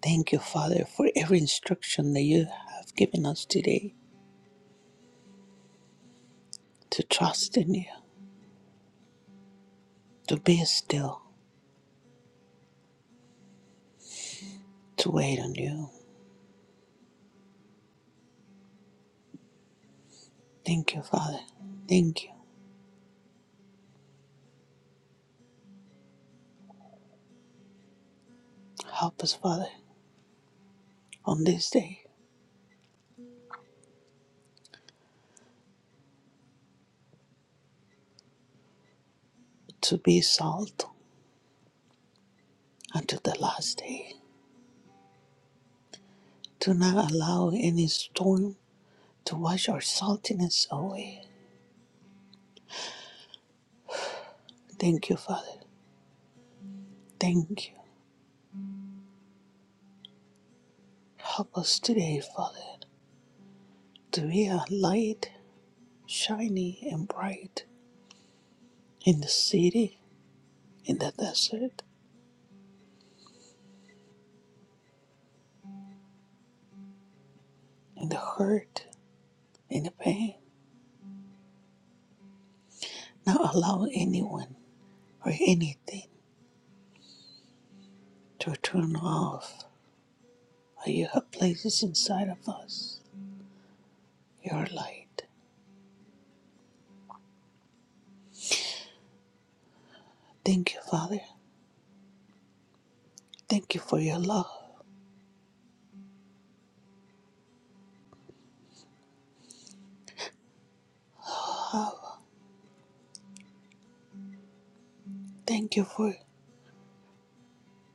Thank you, Father, for every instruction that you have given us today to trust in you, to be still, to wait on you. Thank you, Father. Thank you. Help us, Father, on this day to be salt until the last day. Do not allow any storm to wash our saltiness away. Thank you, Father. Thank you. Help us today, Father, to be a light, shiny and bright in the city, in the desert, in the hurt, in the pain. Not allow anyone or anything to turn off what you have places inside of us, your light. Thank you, Father. Thank you for your love. Thank you for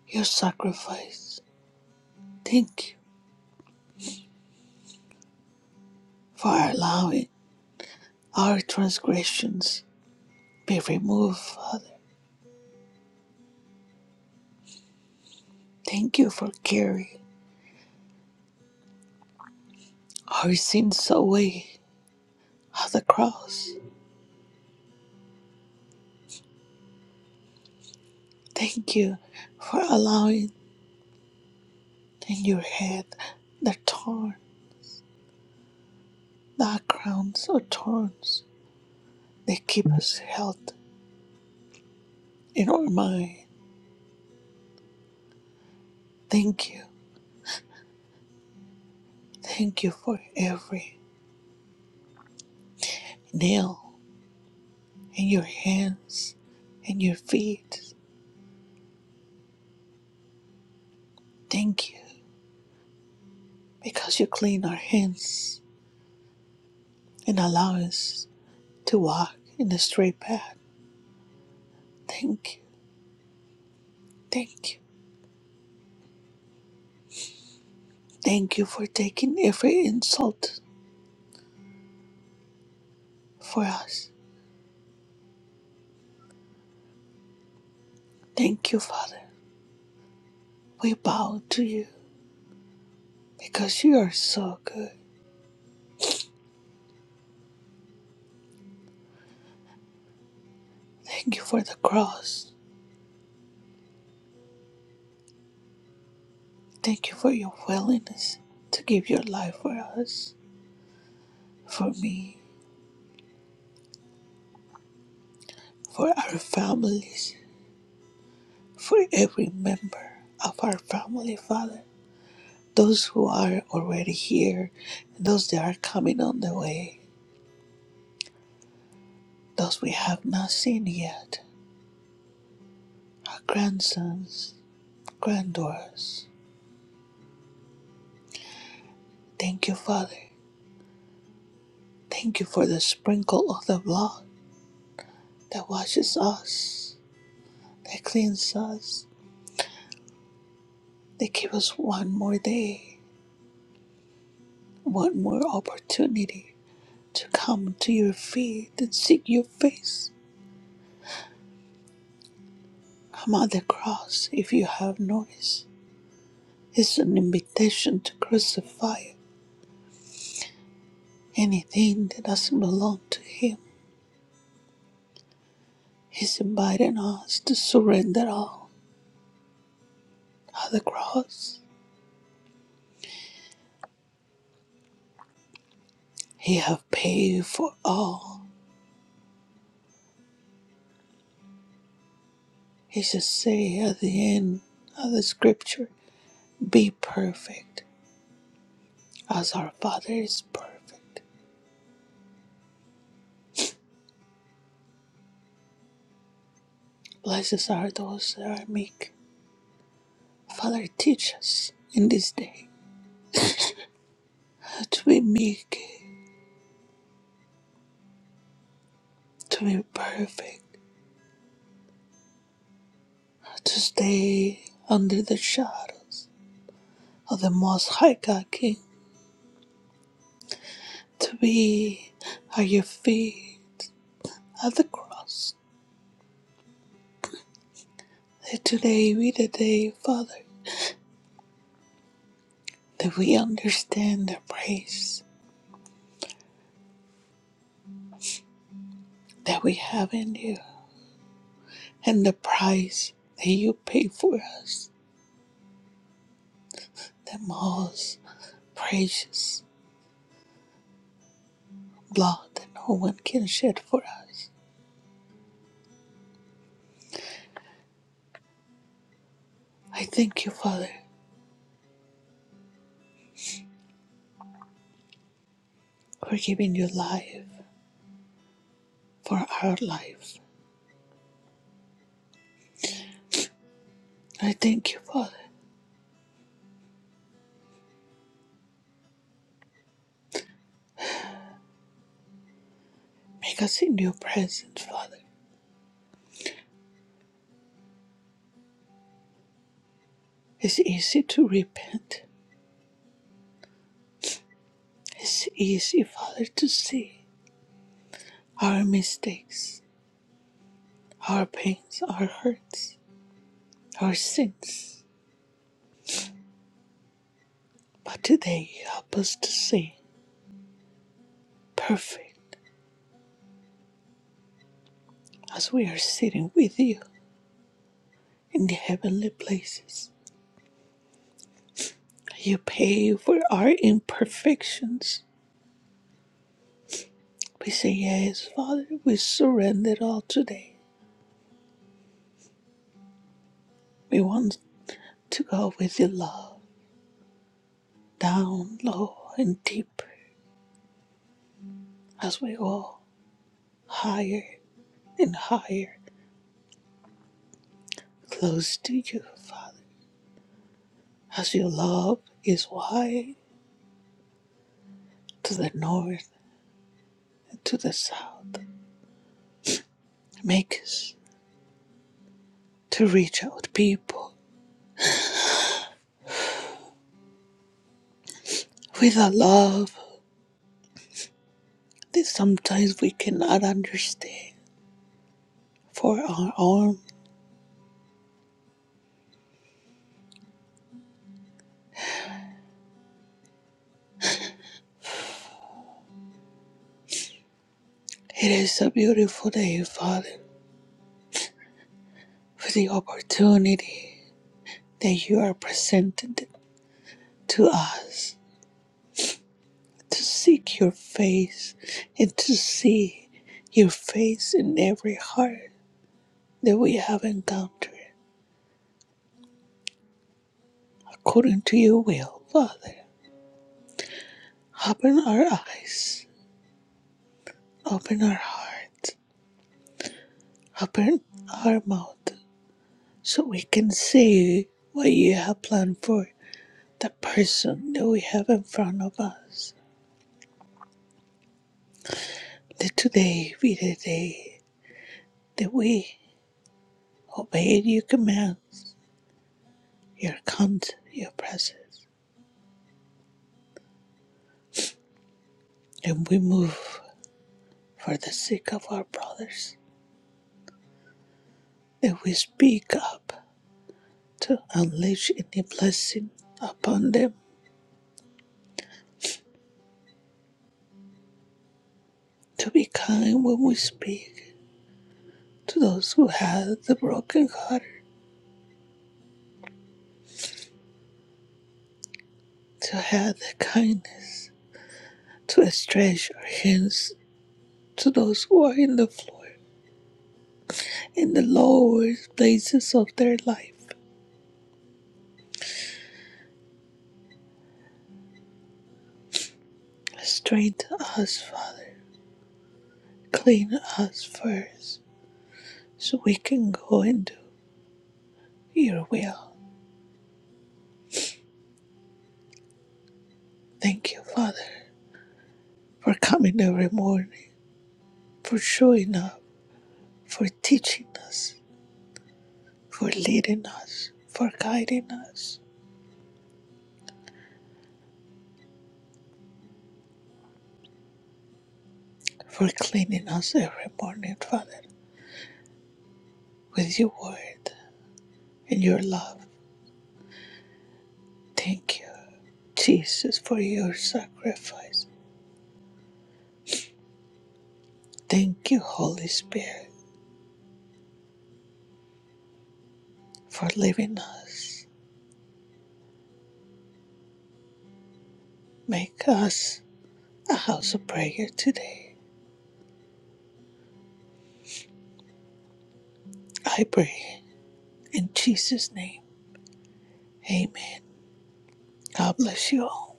your sacrifice. Thank you for allowing our transgressions be removed, Father. Thank you for carrying our sins away at the cross. Thank you for allowing in your head the thorn, the crowns of thorns that keep us held in our mind. Thank you. Thank you for every nail in your hands and your feet. Thank you because you clean our hands and allow us to walk in the straight path. Thank you, thank you, thank you for taking every insult for us. Thank you, Father. We bow to you because you are so good. Thank you for the cross. Thank you for your willingness to give your life for us, for me, for our families, for every member of our family, Father. Those who are already here, those that are coming on the way. those we have not seen yet, our grandsons, granddaughters. Thank you, Father. Thank you for the sprinkle of the blood that washes us, that cleans us, that gives us one more day, one more opportunity to come to your feet and seek your face. Come on the cross if you have noticed. It's an invitation to crucify anything that doesn't belong to Him He's inviting us to surrender all at the cross. He have paid for all. He should say at the end of the scripture, Be perfect as our Father is perfect. Blessed are those that are meek. Father, teach us in this day how to be meek, to be perfect, to stay under the shadows of the Most High God King, to be at your feet at the cross That today be the day, Father, that we understand the praise that we have in you and the price that you pay for us, the most precious blood that no one can shed for us. I thank you, Father, for giving your life for our life. I thank you, Father. Make us in your presence, Father. It's easy to repent. It's easy, Father, to see our mistakes, our pains, our hurts. our sins. But today help us to sing perfect as we are sitting with you in the heavenly places. You pay for our imperfections. We say, Yes, Father, we surrender it all today. We want to go with your love down low and deep as we go higher and higher, close to you, Father, as your love is wide to the north and to the south Make us to reach out people with a love that sometimes we cannot understand for our own. It is a beautiful day, Father, for the opportunity that you are presented to us to seek your face and to see your face in every heart that we have encountered according to your will, Father. Open our eyes, open our hearts, open our mouth so we can see what you have planned for the person that we have in front of us. Let today be the day that we obey your commands, your count, your presence, and we move for the sake of our brothers, that we speak up to unleash any blessing upon them, to be kind when we speak to those who have the broken heart, to have the kindness to stretch our hands to those who are in the floor, in the lowest places of their life. Strengthen us, Father. Clean us first, so we can go and do your will. Thank you, Father, for coming every morning, for showing up, for teaching us, for leading us, for guiding us, for cleaning us every morning, Father, with your word and your love. Thank you, Jesus, for your sacrifice. Thank you, Holy Spirit, for leaving us. Make us a house of prayer today. I pray in Jesus' name. Amen. God bless you all.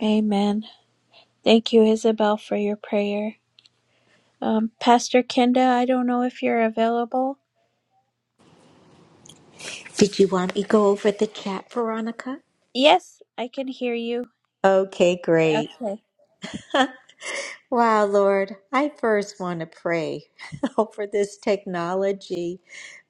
Amen. Thank you, Isabel, for your prayer. Um, Pastor Kenda, I don't know if you're available.
Did you want me to go over the chat, Veronica?
Yes, I can hear you.
Okay, great.
Okay.
Wow, Lord, I first want to pray over this technology.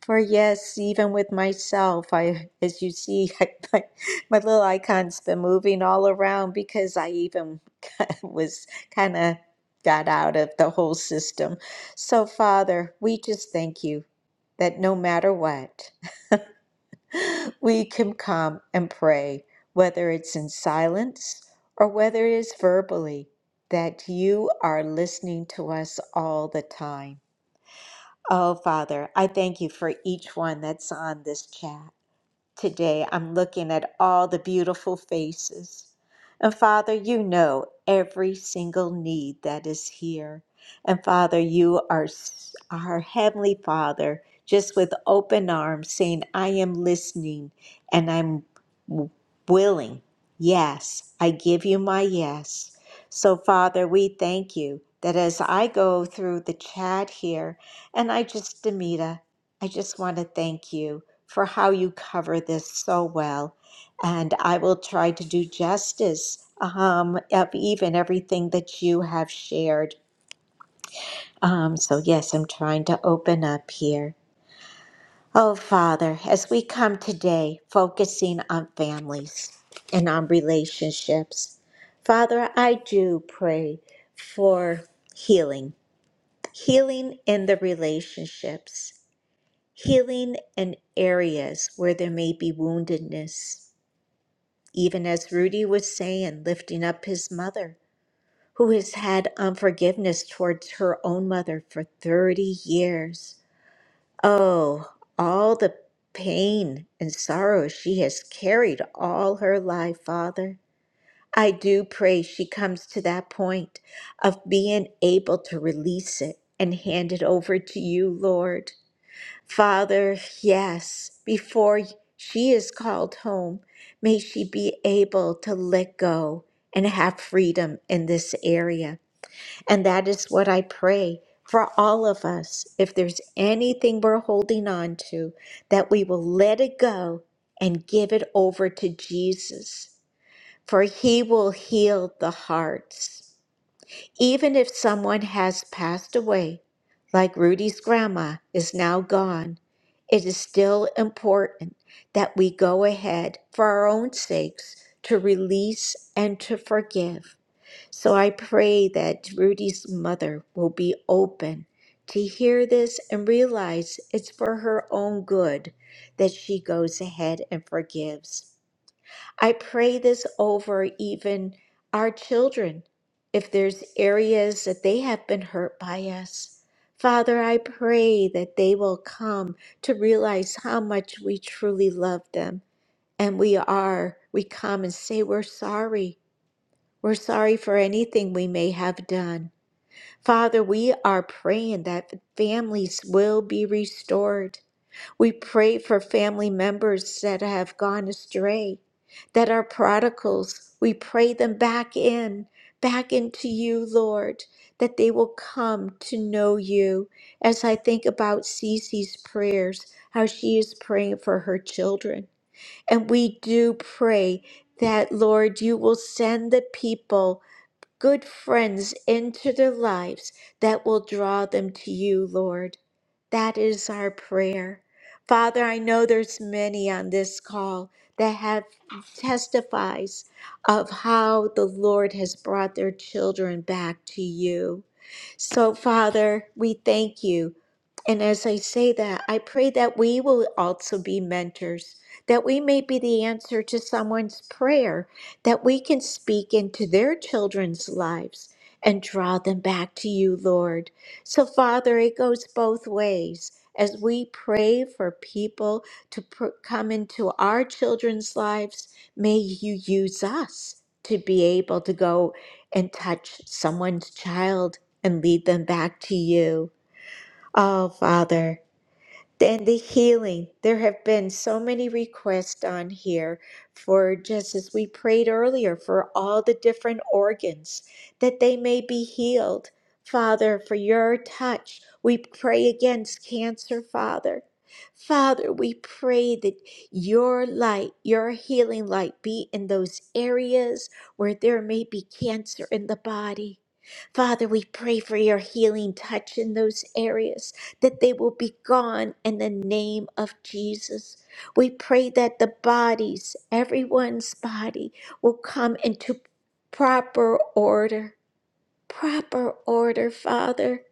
For yes, even with myself, I, as you see, I, my, my little icon's been moving all around because I even was kind of got out of the whole system. So, Father, we just thank you that no matter what. we can come and pray, whether it's in silence or whether it is verbally, that you are listening to us all the time. Oh, Father, I thank you for each one that's on this chat. Today, I'm looking at all the beautiful faces. And Father, you know every single need that is here. And Father, you are s- our Heavenly Father, just with open arms, saying, I am listening and I'm w- willing. Yes, I give you my yes. So, Father, we thank you that as I go through the chat here, and I just, Demita, I just want to thank you for how you cover this so well. And I will try to do justice um, of even everything that you have shared. Um, so, yes, I'm trying to open up here. Oh, Father, as we come today focusing on families and on relationships, Father, I do pray for healing, healing in the relationships, healing in areas where there may be woundedness even as Rudy was saying, lifting up his mother, who has had unforgiveness towards her own mother for 30 years. Oh, all the pain and sorrow she has carried all her life, Father. I do pray she comes to that point of being able to release it and hand it over to you, Lord. Father, yes, before she is called home, may she be able to let go and have freedom in this area. And that is what I pray for all of us. If there's anything we're holding on to, that we will let it go and give it over to Jesus, for he will heal the hearts. Even if someone has passed away, like Rudy's grandma is now gone, it is still important that we go ahead for our own sakes to release and to forgive. So I pray that Rudy's mother will be open to hear this and realize it's for her own good that she goes ahead and forgives. I pray this over even our children. If there's areas that they have been hurt by us, Father, I pray that they will come to realize how much we truly love them. And we are, we come and say, We're sorry. We're sorry for anything we may have done. Father, we are praying that families will be restored. We pray for family members that have gone astray, that are prodigals. We pray them back in, back into you, Lord, that they will come to know you. As I think about Cece's prayers, how she is praying for her children. And we do pray that, Lord, you will send the people good friends into their lives that will draw them to you, Lord. That is our prayer. Father, I know there's many on this call that have testifies of how the Lord has brought their children back to you. So, Father, we thank you. And as I say that, I pray that we will also be mentors, that we may be the answer to someone's prayer that we can speak into their children's lives and draw them back to you, Lord. So, Father, it goes both ways. As we pray for people to pr- come into our children's lives, may you use us to be able to go and touch someone's child and lead them back to you. Oh, Father. And the healing, there have been so many requests on here for just as we prayed earlier for all the different organs that they may be healed. Father, for your touch, we pray against cancer, Father. Father, we pray that your light, your healing light, be in those areas where there may be cancer in the body. Father, we pray for your healing touch in those areas that they will be gone in the name of Jesus. We pray that the bodies, everyone's body, will come into proper order. Proper order, Father.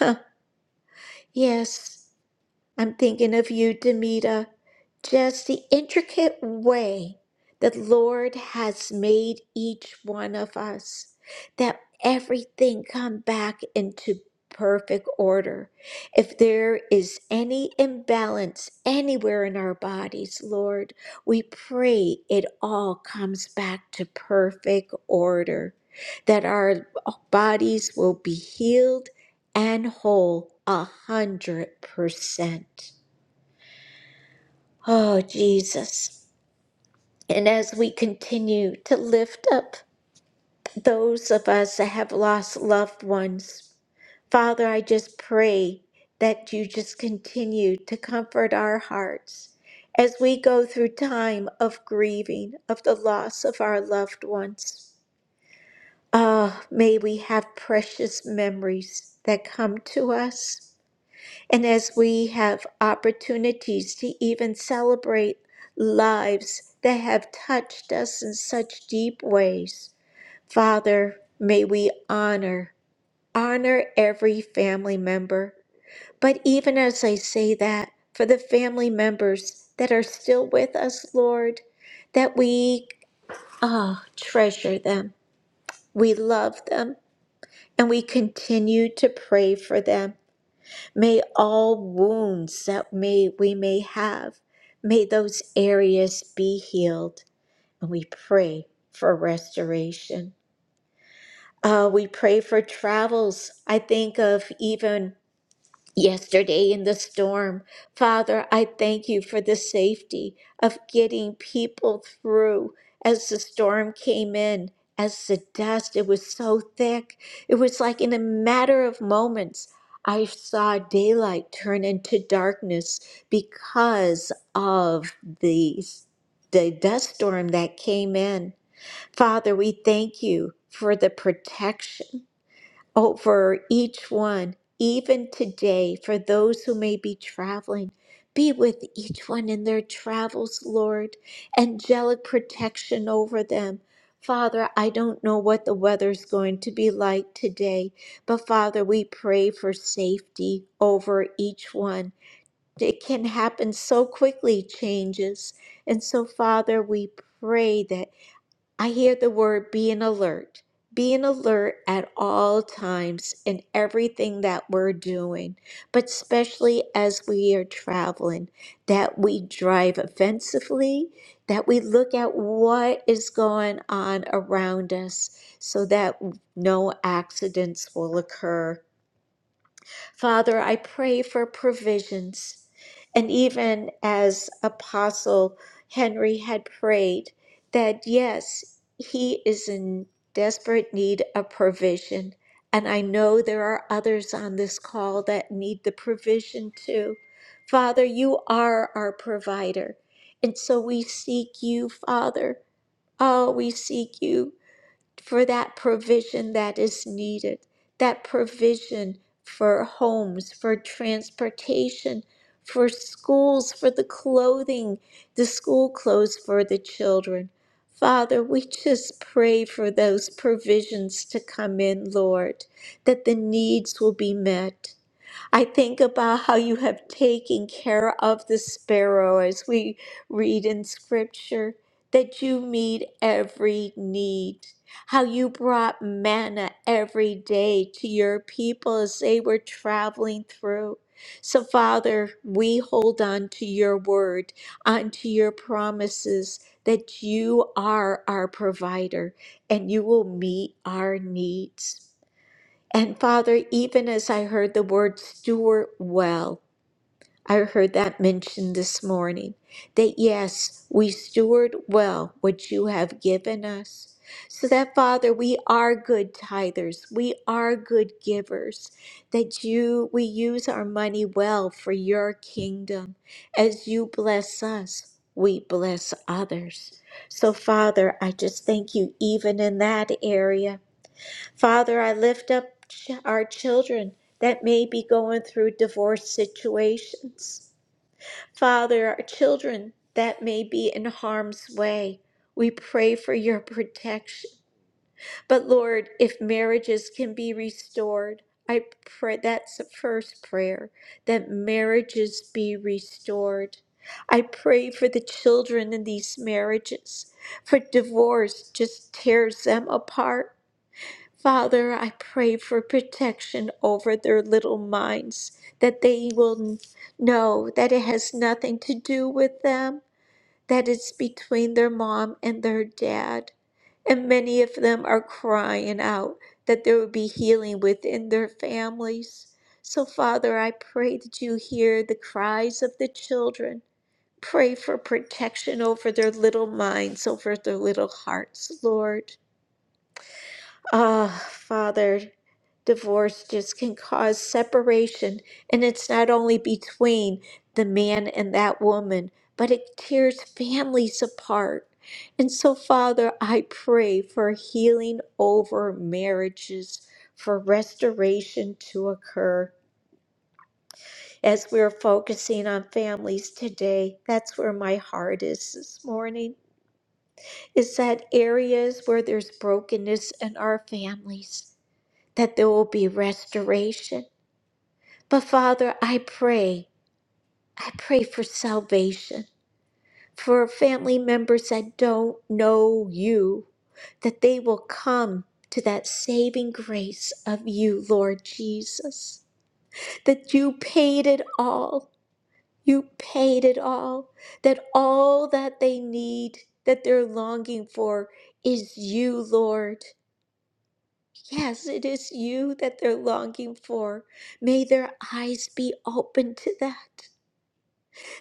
Yes. I'm thinking of you, Demita. Just the intricate way the Lord has made each one of us, that everything come back into perfect order. If there is any imbalance anywhere in our bodies, Lord, we pray it all comes back to perfect order, that our bodies will be healed and whole a hundred percent. Oh, Jesus. And as we continue to lift up those of us that have lost loved ones, Father, I just pray that you just continue to comfort our hearts as we go through time of grieving of the loss of our loved ones. Ah, may we have precious memories that come to us. And as we have opportunities to even celebrate lives that have touched us in such deep ways, Father, may we honor, honor every family member. But even as I say that, for the family members that are still with us, Lord, that we ah treasure them, we love them, and we continue to pray for them. May all wounds that may we may have, may those areas be healed. And we pray for restoration. Uh, we pray for travels. I think of even yesterday in the storm. Father, I thank you for the safety of getting people through as the storm came in. As the dust, it was so thick. It was like in a matter of moments, I saw daylight turn into darkness because of the, the dust storm that came in. Father, we thank you for the protection over each one, even today, for those who may be traveling. Be with each one in their travels, Lord. Angelic protection over them. Father, I don't know what the weather's going to be like today, but Father, we pray for safety over each one. It can happen so quickly, changes. And so, Father, we pray that. I hear the word being alert, being alert at all times in everything that we're doing, but especially as we are traveling, that we drive offensively, that we look at what is going on around us so that no accidents will occur. Father, I pray for provisions. And even as Apostle Henry had prayed, that yes, he is in desperate need of provision. And I know there are others on this call that need the provision too. Father, you are our provider. And so we seek you, Father. Oh, we seek you for that provision that is needed, that provision for homes, for transportation, for schools, for the clothing, the school clothes for the children. Father, we just pray for those provisions to come in, Lord, that the needs will be met. I think about how you have taken care of the sparrow as we read in scripture, that you meet every need, how you brought manna every day to your people as they were traveling through. So, Father, we hold on to your word, onto your promises that you are our provider and you will meet our needs. And Father, even as I heard the word steward well, I heard that mentioned this morning that yes, we steward well what you have given us. So that, Father, we are good tithers, we are good givers, that you, we use our money well for your kingdom. As you bless us, we bless others. So, Father, I just thank you even in that area Father, I lift up ch- our children that may be going through divorce situations. Father, our children that may be in harm's way, we pray for your protection. But Lord, if marriages can be restored, I pray that's the first prayer that marriages be restored. I pray for the children in these marriages, for divorce just tears them apart. Father, I pray for protection over their little minds, that they will know that it has nothing to do with them, that it's between their mom and their dad. And many of them are crying out that there would be healing within their families. So, Father, I pray that you hear the cries of the children. Pray for protection over their little minds, over their little hearts, Lord. Ah, Father. Divorce just can cause separation, and it's not only between the man and that woman, but it tears families apart. And so, Father, I pray for healing over marriages, for restoration to occur. As we're focusing on families today, that's where my heart is this morning, is that areas where there's brokenness in our families, that there will be restoration But Father, I pray, I pray for salvation for family members that don't know you, that they will come to that saving grace of you, Lord Jesus, that you paid it all. You paid it all, that all that they need, that they're longing for, is you, Lord. Yes, it is you that they're longing for. May their eyes be open to that.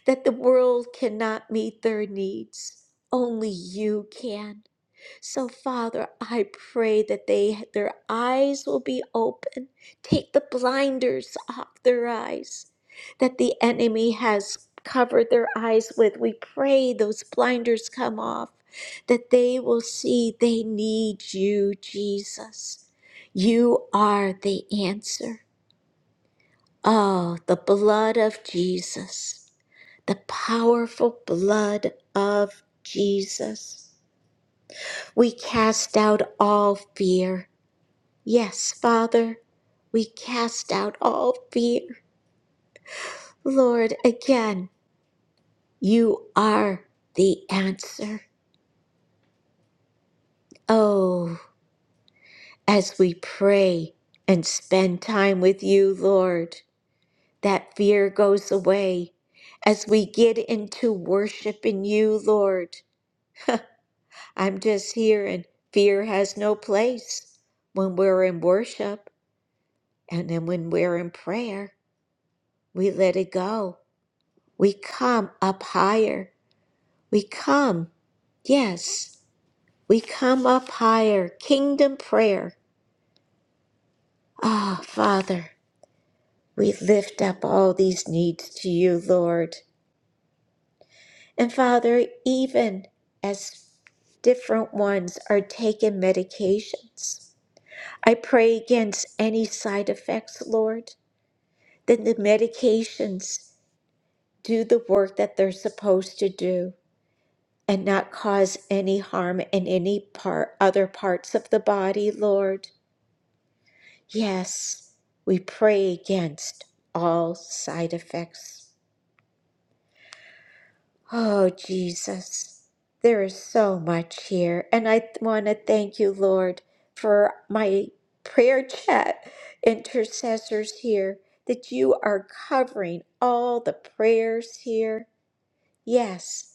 that the world cannot meet their needs. Only you can. So, Father, I pray that they their eyes will be open. Take the blinders off their eyes that the enemy has covered their eyes with. We pray those blinders come off, that they will see they need you, Jesus. You are the answer. Oh, the blood of Jesus, the powerful blood of Jesus. We cast out all fear. Yes, Father, we cast out all fear. Lord, again, you are the answer. Oh, as we pray and spend time with you, Lord, that fear goes away. As we get into worship in you, Lord, I'm just here, and fear has no place. When we're in worship and then when we're in prayer, we let it go. We come up higher. We come, yes, we come up higher. Kingdom prayer. Ah, Father, we lift up all these needs to you, Lord. And Father, even as different ones are taking medications, I pray against any side effects, Lord. then the medications do the work that they're supposed to do and not cause any harm in any part other parts of the body lord yes we pray against all side effects oh jesus there is so much here and i want to thank you lord for my prayer chat intercessors here that you are covering all the prayers here Yes.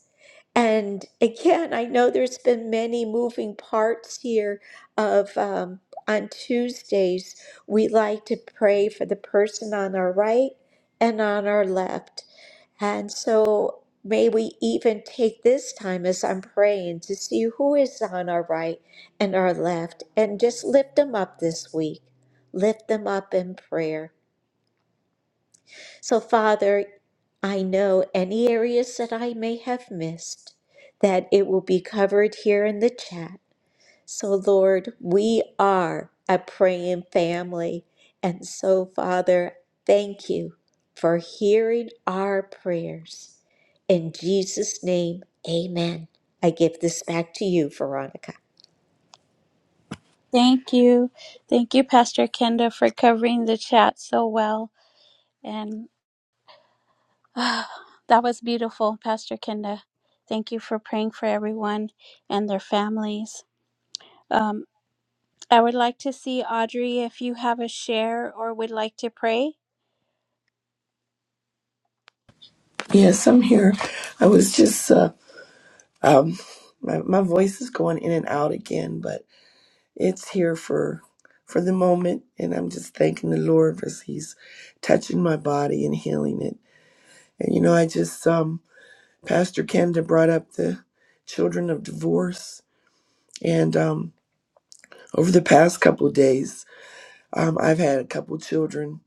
And again, I know there's been many moving parts here of um, on Tuesdays, we like to pray for the person on our right and on our left. And so may we even take this time as I'm praying to see who is on our right and our left and just lift them up this week. Lift them up in prayer. So, Father, I know any areas that I may have missed, that it will be covered here in the chat. So, Lord, we are a praying family. And so, Father, thank you for hearing our prayers. In Jesus' name, amen. I give this back to you, Veronica.
Thank you. Thank you, Pastor Kenda, for covering the chat so well. And ah, that was beautiful, Pastor Kenda. Thank you for praying for everyone and their families. Um, I would like to see Audrey if you have a share or would like to pray.
Yes, I'm here. I was just uh, um, my my voice is going in and out again, but it's here for for the moment, and I'm just thanking the Lord as He's touching my body and healing it. And you know, I just um, Pastor Kenda brought up the children of divorce, and um, over the past couple of days, um, I've had a couple children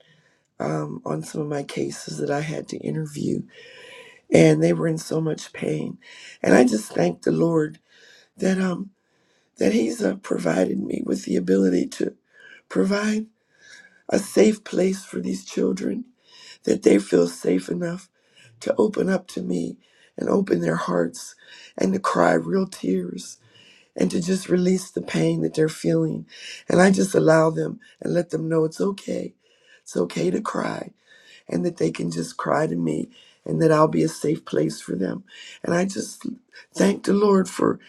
um, on some of my cases that I had to interview, and they were in so much pain, and I just thank the Lord that um that he's uh, provided me with the ability to provide a safe place for these children that they feel safe enough to open up to me and open their hearts and to cry real tears and to just release the pain that they're feeling and i just allow them and let them know it's okay it's okay to cry and that they can just cry to me and that I'll be a safe place for them. And I just thank the Lord for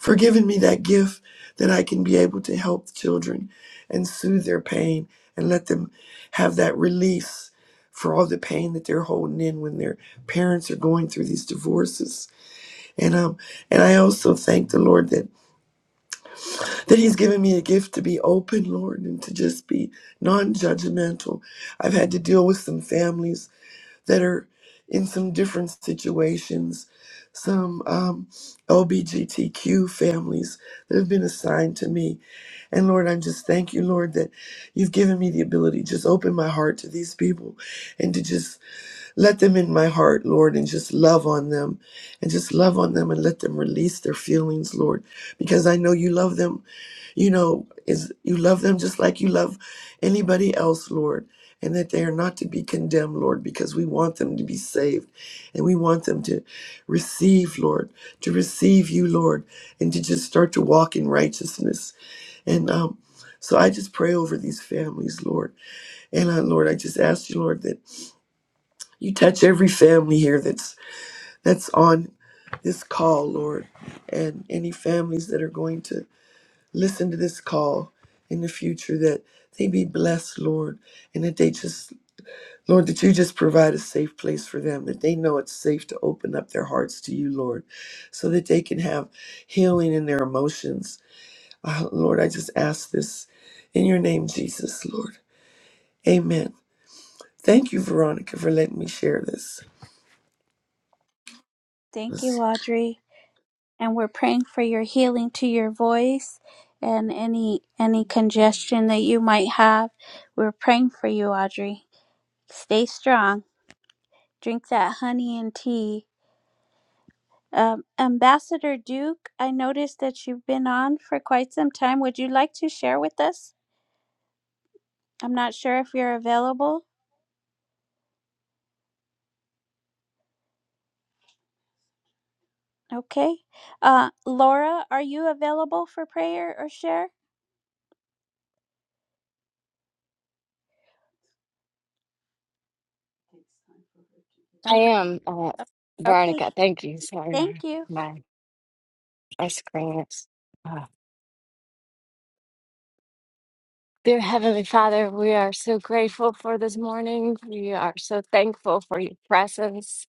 for giving me that gift that I can be able to help children and soothe their pain and let them have that release for all the pain that they're holding in when their parents are going through these divorces. And um and I also thank the Lord that that he's given me a gift to be open, Lord, and to just be non-judgmental. I've had to deal with some families that are in some different situations, some um, LBGTQ families that have been assigned to me. And Lord, I just thank you, Lord, that you've given me the ability to just open my heart to these people and to just let them in my heart, Lord, and just love on them and just love on them and let them release their feelings, Lord, because I know you love them. You know, is you love them just like you love anybody else, Lord, and that they are not to be condemned, Lord, because we want them to be saved and we want them to receive, Lord, to receive you, Lord, and to just start to walk in righteousness. And um, so I just pray over these families, Lord. And uh, Lord, I just ask you, Lord, that. You touch every family here that's that's on this call, Lord, and any families that are going to listen to this call in the future that they be blessed, Lord, and that they just Lord, that you just provide a safe place for them, that they know it's safe to open up their hearts to you, Lord, so that they can have healing in their emotions. Uh, Lord, I just ask this in your name, Jesus, Lord. Amen. Thank you, Veronica, for letting me share this.
Thank you, Audrey. And we're praying for your healing to your voice and any any congestion that you might have. We're praying for you, Audrey. Stay strong. Drink that honey and tea Um, Ambassador Duke, I noticed that you've been on for quite some time. Would you like to share with us? I'm not sure if you're available. Okay. Uh, Laura, are you available for prayer or share?
I
Uh,
am, uh,
okay.
Veronica. Thank you. Sorry,
Thank you.
my my screen is. Uh, dear Heavenly Father, we are so grateful for this morning. We are so thankful for your presence.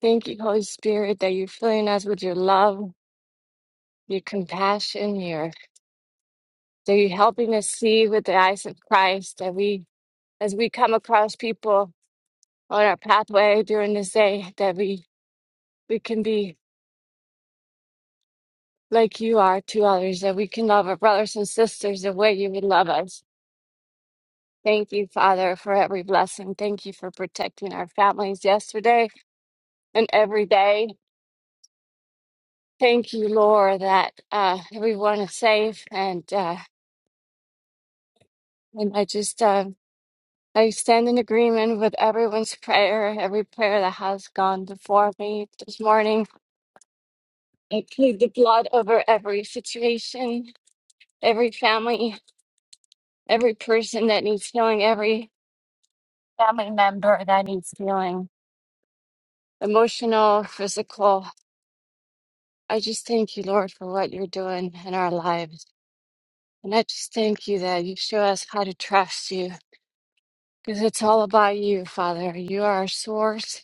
Thank you, Holy Spirit, that you're filling us with your love, your compassion, your that you're helping us see with the eyes of Christ. That we, as we come across people on our pathway during this day, that we we can be like you are to others. That we can love our brothers and sisters the way you would love us Thank you, Father, for every blessing. Thank you for protecting our families yesterday and every day. Thank you, Lord, that uh, everyone is safe. And uh, and I just uh, I stand in agreement with everyone's prayer, every prayer that has gone before me this morning. I plead the blood over every situation, every family, every person that needs healing, every family member that needs healing, emotional, physical. I just thank you, Lord, for what you're doing in our lives. And I just thank you that you show us how to trust you because it's all about you, Father. You are our source,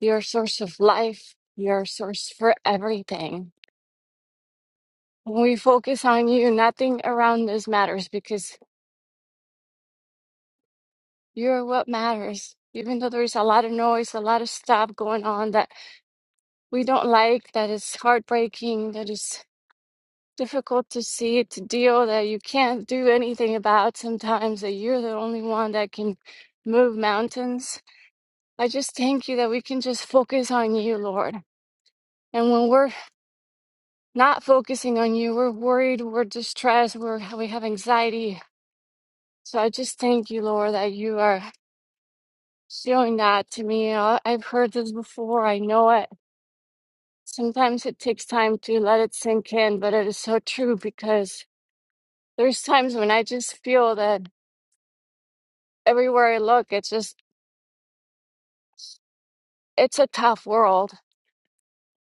you're our source of life, you're our source for everything. When we focus on you, nothing around us matters because you're what matters. Even though there's a lot of noise, a lot of stuff going on that we don't like, that is heartbreaking, that is difficult to see, to deal that you can't do anything about sometimes, that you're the only one that can move mountains. I just thank you that we can just focus on you, Lord. And when we're not focusing on you, we're worried, we're distressed, we're, we have anxiety. So I just thank you, Lord, that you are showing that to me. I- I've heard this before, I know it. Sometimes it takes time to let it sink in, but it is so true because there's times when I just feel that everywhere I look, it's just it's a tough world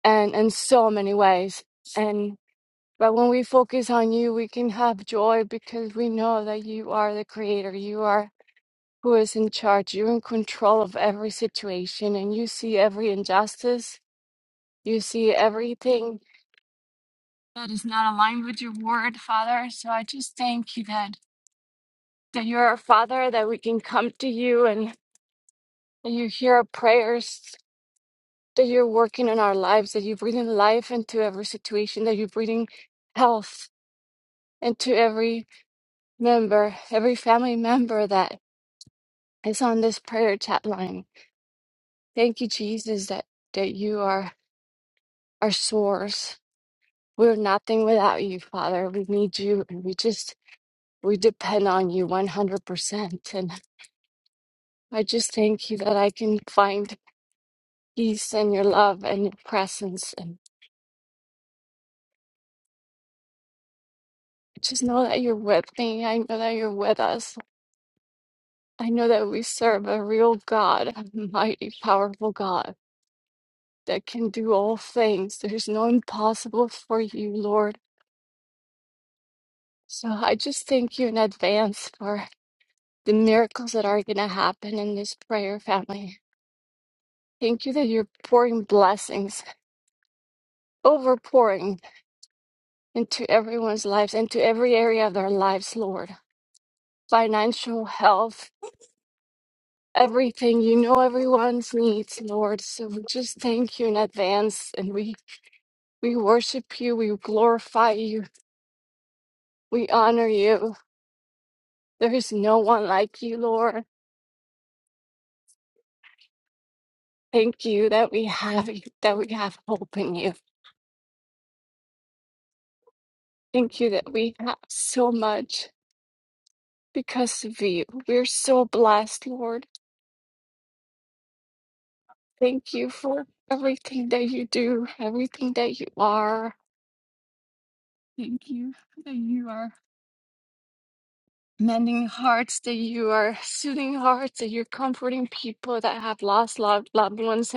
and in so many ways. And but when we focus on you, we can have joy because we know that you are the creator. You are who is in charge. You're in control of every situation and you see every injustice. You see everything that is not aligned with your word, Father. So I just thank you that that you're our Father, that we can come to you and that you hear our prayers that you're working in our lives, that you're breathing life into every situation, that you're breathing health into every member, every family member that is on this prayer chat line. Thank you, Jesus, that, that you are our source. We're nothing without you, Father. We need you and we just we depend on you 100%. And I just thank you that I can find peace and your love and your presence. And I just know that you're with me. I know that you're with us. I know that we serve a real God, a mighty, powerful God that can do all things. There's no impossible for you, Lord. So I just thank you in advance for the miracles that are going to happen in this prayer family. Thank you that you're pouring blessings, overpouring into everyone's lives, into every area of their lives, Lord. Financial health, everything. You know everyone's needs, Lord. So we just thank you in advance and we We worship you. We glorify you. We honor you. There is no one like you, Lord. Thank you that we have you, that we have hope in you. Thank you that we have so much because of you. We're so blessed, Lord. Thank you for everything that you do, everything that you are. Thank you that you are mending hearts, that you are soothing hearts, that you're comforting people that have lost loved loved ones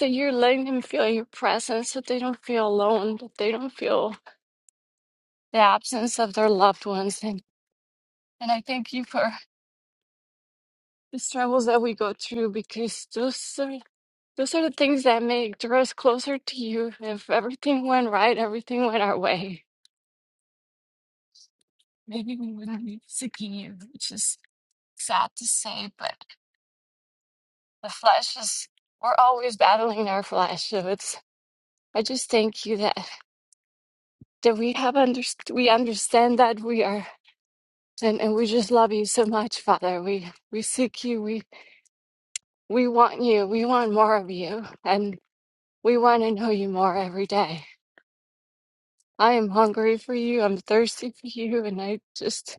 that you're letting them feel your presence, that they don't feel alone, that they don't feel the absence of their loved ones. And and I thank you for the struggles that we go through because those are those are the things that make draw us closer to you. If everything went right, everything went our way. Maybe we wouldn't be seeking you, which is sad to say, but the flesh is we're always battling our flesh. So it's I just thank you that that we have underst- we understand that we are And and we just love you so much, Father. We we seek you. We we want you. We want more of you. And we want to know you more every day. I am hungry for you. I'm thirsty for you. And I just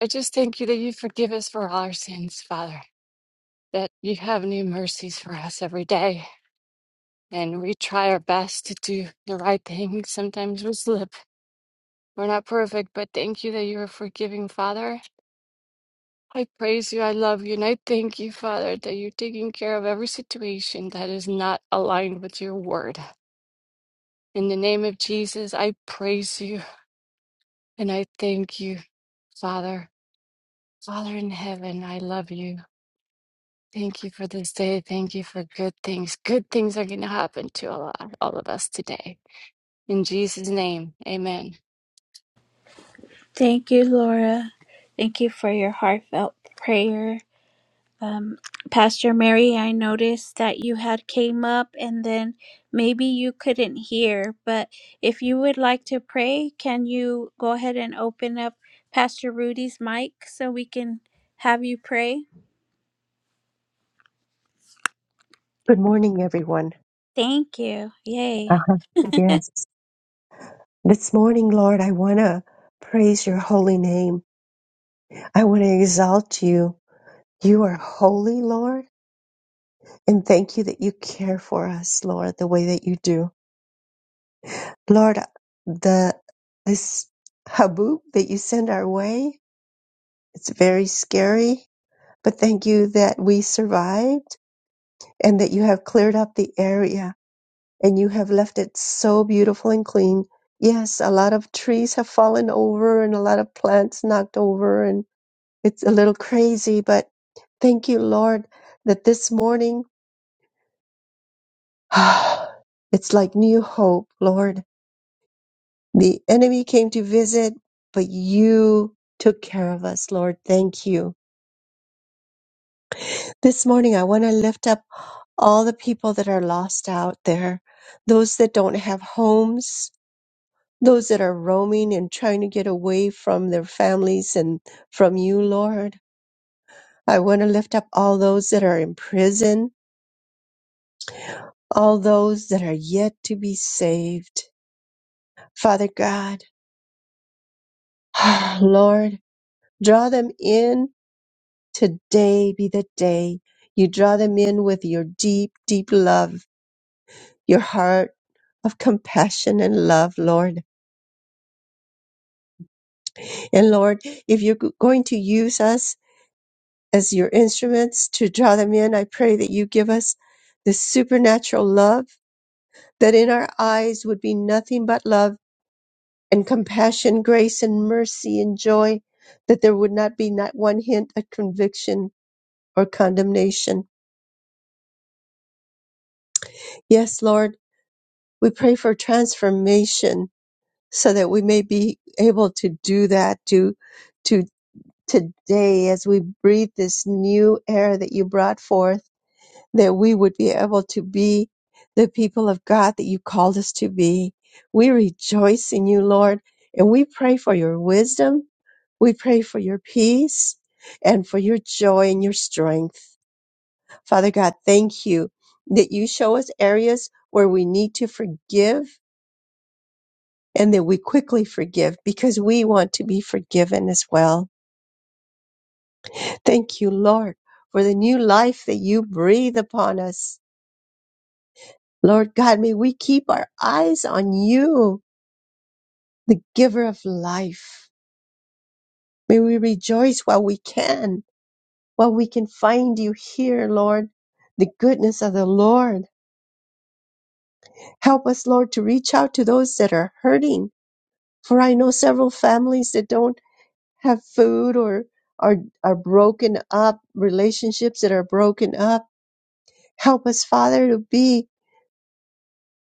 I just thank you that you forgive us for all our sins, Father. That you have new mercies for us every day. And we try our best to do the right thing. Sometimes we slip. We're not perfect, but thank you that you're a forgiving Father I praise you. I love you. And I thank you, Father, that you're taking care of every situation that is not aligned with your word. In the name of Jesus, I praise you and I thank you, Father. Father in heaven, I love you. Thank you for this day. Thank you for good things. Good things are going to happen to all, all of us today. In Jesus' name, amen.
Thank you, Laura. Thank you for your heartfelt prayer. Um, Pastor Mary, I noticed that you had came up and then maybe you couldn't hear, but if you would like to pray, can you go ahead and open up Pastor Rudy's mic so we can have you pray?
Good morning, everyone.
Thank you. Yay.
Uh-huh. Yes. This morning, Lord, I want to praise your holy name. I want to exalt you. You are holy, Lord. And thank you that you care for us, Lord, the way that you do. Lord, the this haboob that you send our way, it's very scary, but thank you that we survived and that you have cleared up the area and you have left it so beautiful and clean. Yes, a lot of trees have fallen over and a lot of plants knocked over and it's a little crazy, but thank you, Lord, that this morning it's like new hope, Lord The enemy came to visit, but you took care of us, Lord. Thank you. This morning, I want to lift up all the people that are lost out there, those that don't have homes, those that are roaming and trying to get away from their families and from you, Lord. I want to lift up all those that are in prison, all those that are yet to be saved. Father God, Lord, draw them in Today be the day you draw them in with your deep, deep love, your heart of compassion and love, Lord. And Lord, if you're g- going to use us as your instruments to draw them in, I pray that you give us the supernatural love, that in our eyes would be nothing but love and compassion, grace and mercy and joy, that there would not be not one hint of conviction or condemnation. Yes, Lord, we pray for transformation so that we may be able to do that to to today as we breathe this new air that you brought forth that we would be able to be the people of God that you called us to be we rejoice in you lord and we pray for your wisdom we pray for your peace and for your joy and your strength father god thank you that you show us areas where we need to forgive and that we quickly forgive because we want to be forgiven as well. Thank you, Lord, for the new life that you breathe upon us. Lord God, may we keep our eyes on you, the giver of life. May we rejoice while we can, while we can find you here, Lord, the goodness of the Lord. Help us, Lord, to reach out to those that are hurting. For I know several families that don't have food or are are broken up relationships that are broken up help us father to be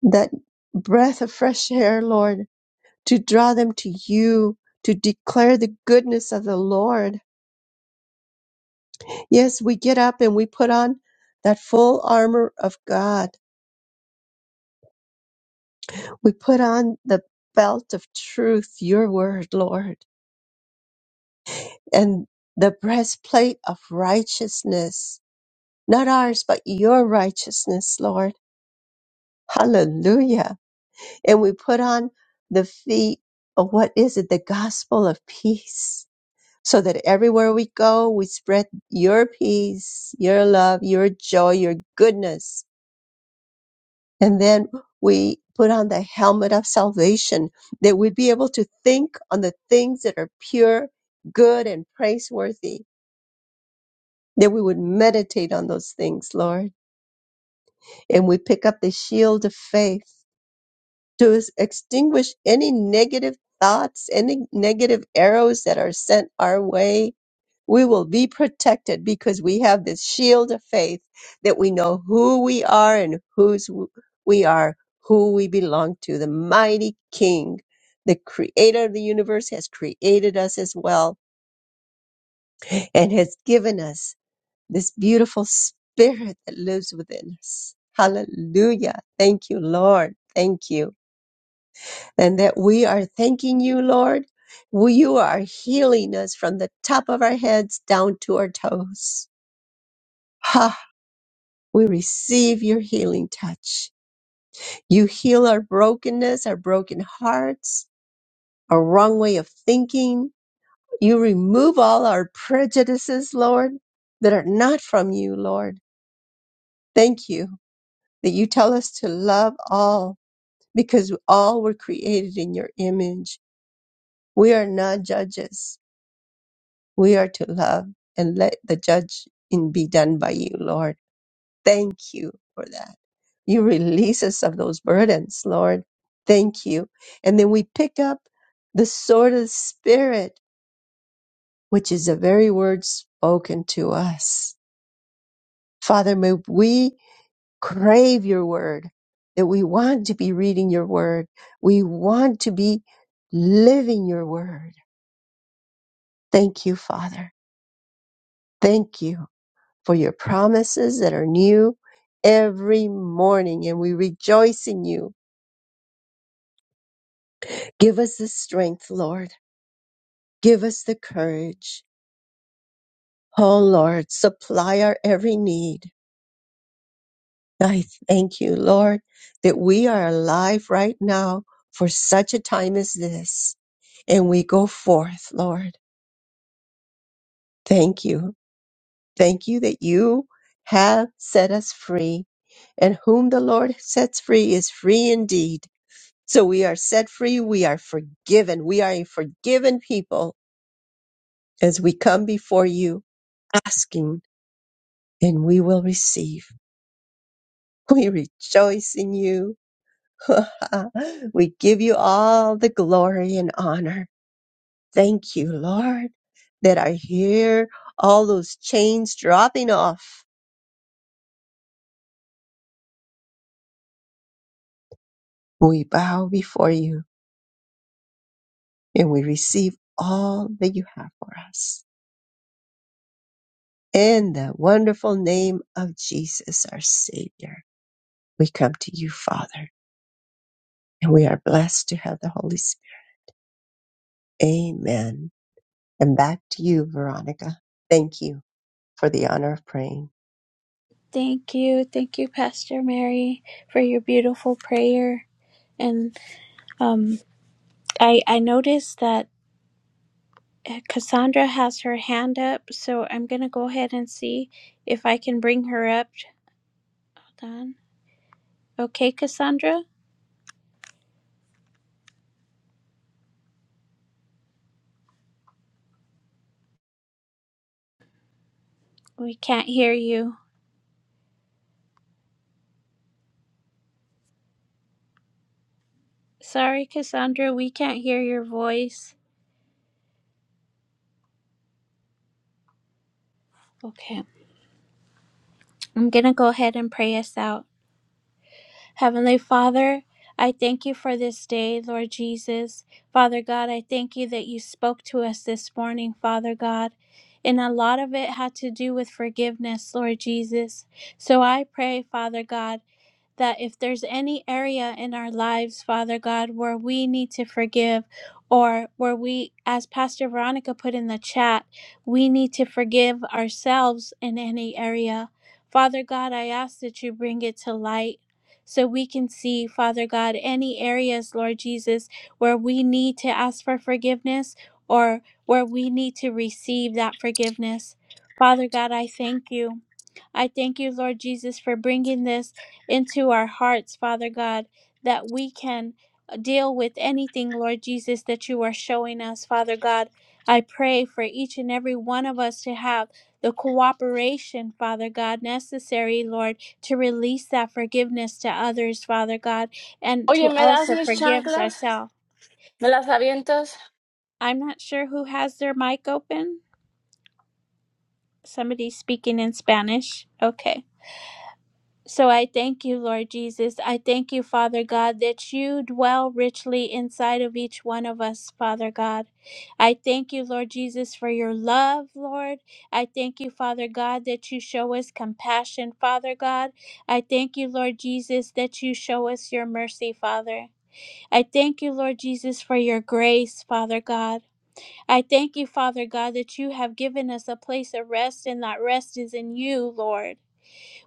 that breath of fresh air lord to draw them to you to declare the goodness of the lord yes we get up and we put on that full armor of god we put on the belt of truth your word lord and the breastplate of righteousness not ours but your righteousness lord Hallelujah. And we put on the feet of what is it? The gospel of peace. So that everywhere we go, we spread your peace, your love, your joy, your goodness. And then we put on the helmet of salvation that we be able to think on the things that are pure, good, and praiseworthy, that we would meditate on those things, Lord. And we pick up the shield of faith to s- extinguish any negative thoughts, any negative arrows that are sent our way. We will be protected because we have this shield of faith that we know who we are and whose w- we are, who we belong to. The mighty King, the creator of the universe, has created us as well and has given us this beautiful spirit that lives within us. Hallelujah. Thank you, Lord. Thank you. and that we are thanking you, Lord. We- You are healing us from the top of our heads down to our toes. Ha! We receive your healing touch. You heal our brokenness, our broken hearts, our wrong way of thinking. You remove all our prejudices, Lord, that are not from you, Lord. Thank you that you tell us to love all because all were created in your image. We are not judges We are to love and let the judging be done by you, Lord. Thank you for that. You release us of those burdens, Lord. Thank you. And then we pick up the sword of the Spirit, which is the very word spoken to us. Father, may we crave your word, that we want to be reading your word. We want to be living your word. Thank you, Father. Thank you. for your promises that are new every morning, and we rejoice in you. Give us the strength, Lord. Give us the courage. Oh, Lord, supply our every need. I thank you, Lord, that we are alive right now for such a time as this, and we go forth, Lord. Thank you. Thank you that you have set us free, and whom the Lord sets free is free indeed. So we are set free. We are forgiven. We are a forgiven people as we come before you asking and we will receive. We rejoice in you. we give you all the glory and honor. Thank you, Lord, that I hear all those chains dropping off. We bow before you and we receive all that you have for us. In the wonderful name of Jesus, our Savior. We come to you, Father, and we are blessed to have the Holy Spirit. Amen. And back to you, Veronica. Thank you for the honor of praying.
Thank you. Thank you, Pastor Mary, for your beautiful prayer. And um, I, I noticed that uh, Cassandra has her hand up, so I'm going to go ahead and see if I can bring her up. Hold on. Okay, Cassandra, we can't hear you. Sorry, Cassandra, we can't hear your voice. Okay, I'm going to go ahead and pray us out. Heavenly Father, I thank you for this day, Lord Jesus. Father God, I thank you that you spoke to us this morning, Father God. And a lot of it had to do with forgiveness, Lord Jesus. So I pray, Father God. that if there's any area in our lives, Father God, where we need to forgive, or where we, as Pastor Veronica put in the chat, we need to forgive ourselves in any area. Father God, I ask that you bring it to light so we can see, Father God, any areas, Lord Jesus, where we need to ask for forgiveness or where we need to receive that forgiveness. Father God, I thank you. I thank you, Lord Jesus, for bringing this into our hearts, Father God, that we can uh, deal with anything, Lord Jesus, that you are showing us, Father God. I pray for each and every one of us to have the cooperation, Father God, necessary, Lord, to release that forgiveness to others, Father God, and
Oye,
to
¿me das
also
mis
forgive
chanclas?
ourselves.
¿Me las avientas?
I'm not sure who has their mic open. Somebody's speaking in Spanish. Okay. So I thank you, Lord Jesus. I thank you, Father God, that you dwell richly inside of each one of us, Father God. I thank you, Lord Jesus, for your love, Lord. I thank you, Father God, that you show us compassion, Father God. I thank you, Lord Jesus, that you show us your mercy, Father. I thank you, Lord Jesus, for your grace, Father God. I thank you, Father God, that you have given us a place of rest, and that rest is in you, Lord.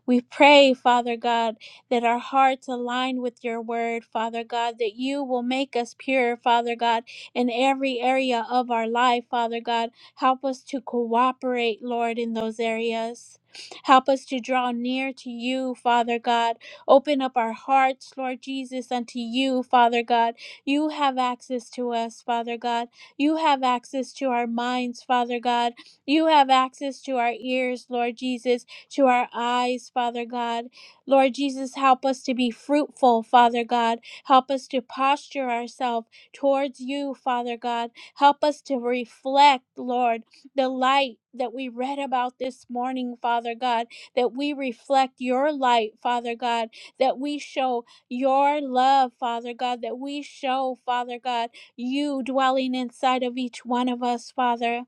We pray, Father God, that our hearts align with your word, Father God, that you will make us pure, Father God, in every area of our life, Father God. Help us to cooperate, Lord, in those areas. Help us to draw near to you, Father God. Open up our hearts, Lord Jesus, unto you, Father God. You have access to us, Father God. You have access to our minds, Father God. You have access to our ears, Lord Jesus to our eyes, Father God. Lord Jesus, help us to be fruitful, Father God. Help us to posture ourselves towards you, Father God. Help us to reflect, Lord, the light that we read about this morning, Father God, that we reflect your light, Father God, that we show your love, Father God, that we show, Father God, you dwelling inside of each one of us, Father.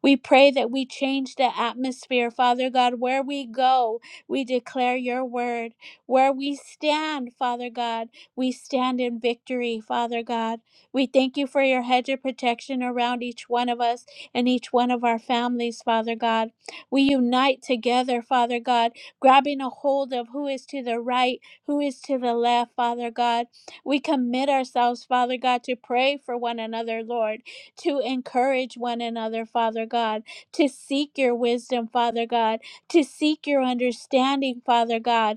We pray that we change the atmosphere, Father God. Where we go, we declare your word. Where we stand, Father God, we stand in victory, Father God. We thank you for your hedge of protection around each one of us and each one of our families, Father God. We unite together, Father God, grabbing a hold of who is to the right, who is to the left, Father God. We commit ourselves, Father God, to pray for one another, Lord to encourage one another, Father God, to seek your wisdom, Father God, to seek your understanding, Father God.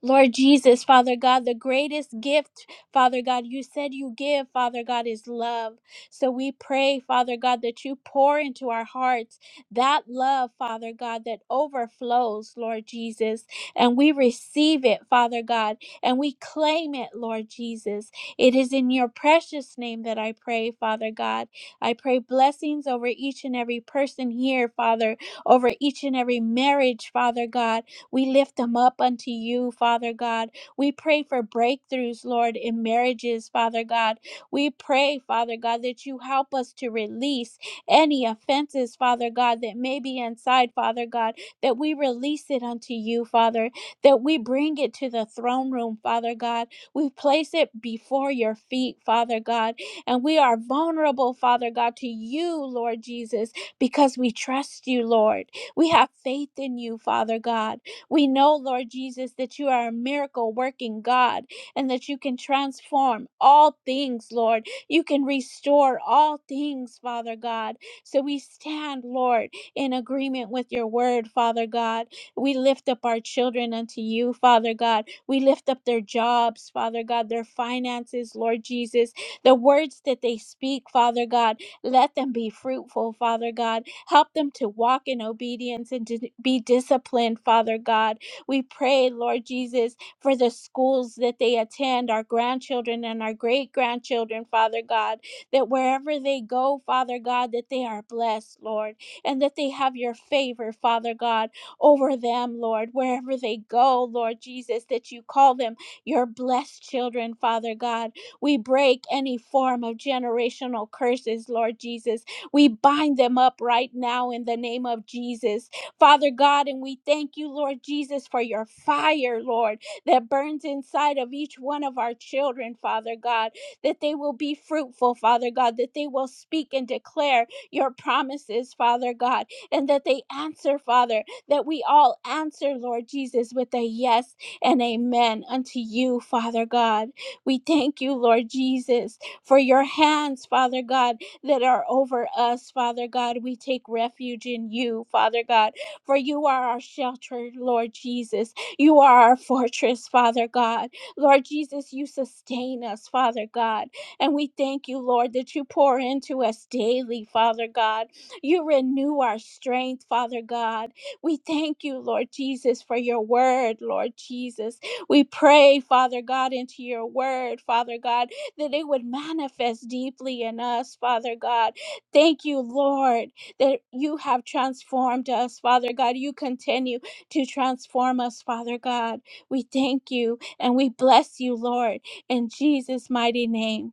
Lord Jesus, Father God, the greatest gift, Father God, you said you give, Father God, is love. So we pray, Father God, that you pour into our hearts that love, Father God, that overflows, Lord Jesus. And we receive it, Father God, and we claim it, Lord Jesus. It is in your precious name that I pray, Father God. I pray blessings over each and every person here, Father, over each and every marriage, Father God. We lift them up unto you, Father God. We pray for breakthroughs, Lord, in marriages, Father God. We pray, Father God, that you help us to release any offenses, Father God, that may be inside, Father God, that we release it unto you, Father, that we bring it to the throne room, Father God. We place it before your feet, Father God, and we are vulnerable, Father God, to you, Lord Jesus, because we trust you, Lord. We have faith in you, Father God. We know, Lord Jesus, that you are a miracle working God and that you can transform all things, Lord. You can restore all things, Father God. So we stand, Lord, in agreement with your word, Father God. We lift up our children unto you, Father God. We lift up their jobs, Father God, their finances, Lord Jesus, the words that they speak, Father God. Let them be fruitful, Father God. Help them to walk in obedience and to be disciplined, Father God. We pray, Lord Jesus, for the schools that they attend, our grandchildren and our great grandchildren, Father God, that wherever they go, Father God, that they are blessed, Lord, and that they have your favor, Father God, over them, Lord, wherever they go, Lord Jesus, that you call them your blessed children, Father God we break any form of generational curses, Lord Jesus. We bind them up right now in the name of Jesus. Father God, and we thank you, Lord Jesus, for your fire, Lord, that burns inside of each one of our children, Father God, that they will be fruitful, Father God, that they will speak and declare your promises, Father God, and that they answer, Father, that we all answer, Lord Jesus, with a yes and amen unto you, Father God. We thank you, Lord Jesus, for your hands, Father God, that are over us, Father God. We take refuge in you, Father God, for you are our shelter, Lord Jesus. You are our fortress, Father God. Lord Jesus, you sustain us, Father God. And we thank you, Lord, that you pour into us daily, Father God. You renew our strength, Father God. We thank you, Lord Jesus, for your word, Lord Jesus. We pray, Father God, into your word, Father God, that it would manifest deeply in us, Father God. Thank you, Lord, that you have transformed us, Father God. You continue to transform us, Father God. We thank you and we bless you, Lord, in Jesus' mighty name.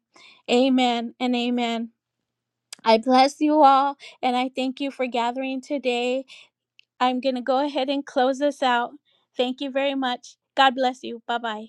Amen and amen. I bless you all and I thank you for gathering today. I'm going to go ahead and close this out. Thank you very much. God bless you. Bye bye.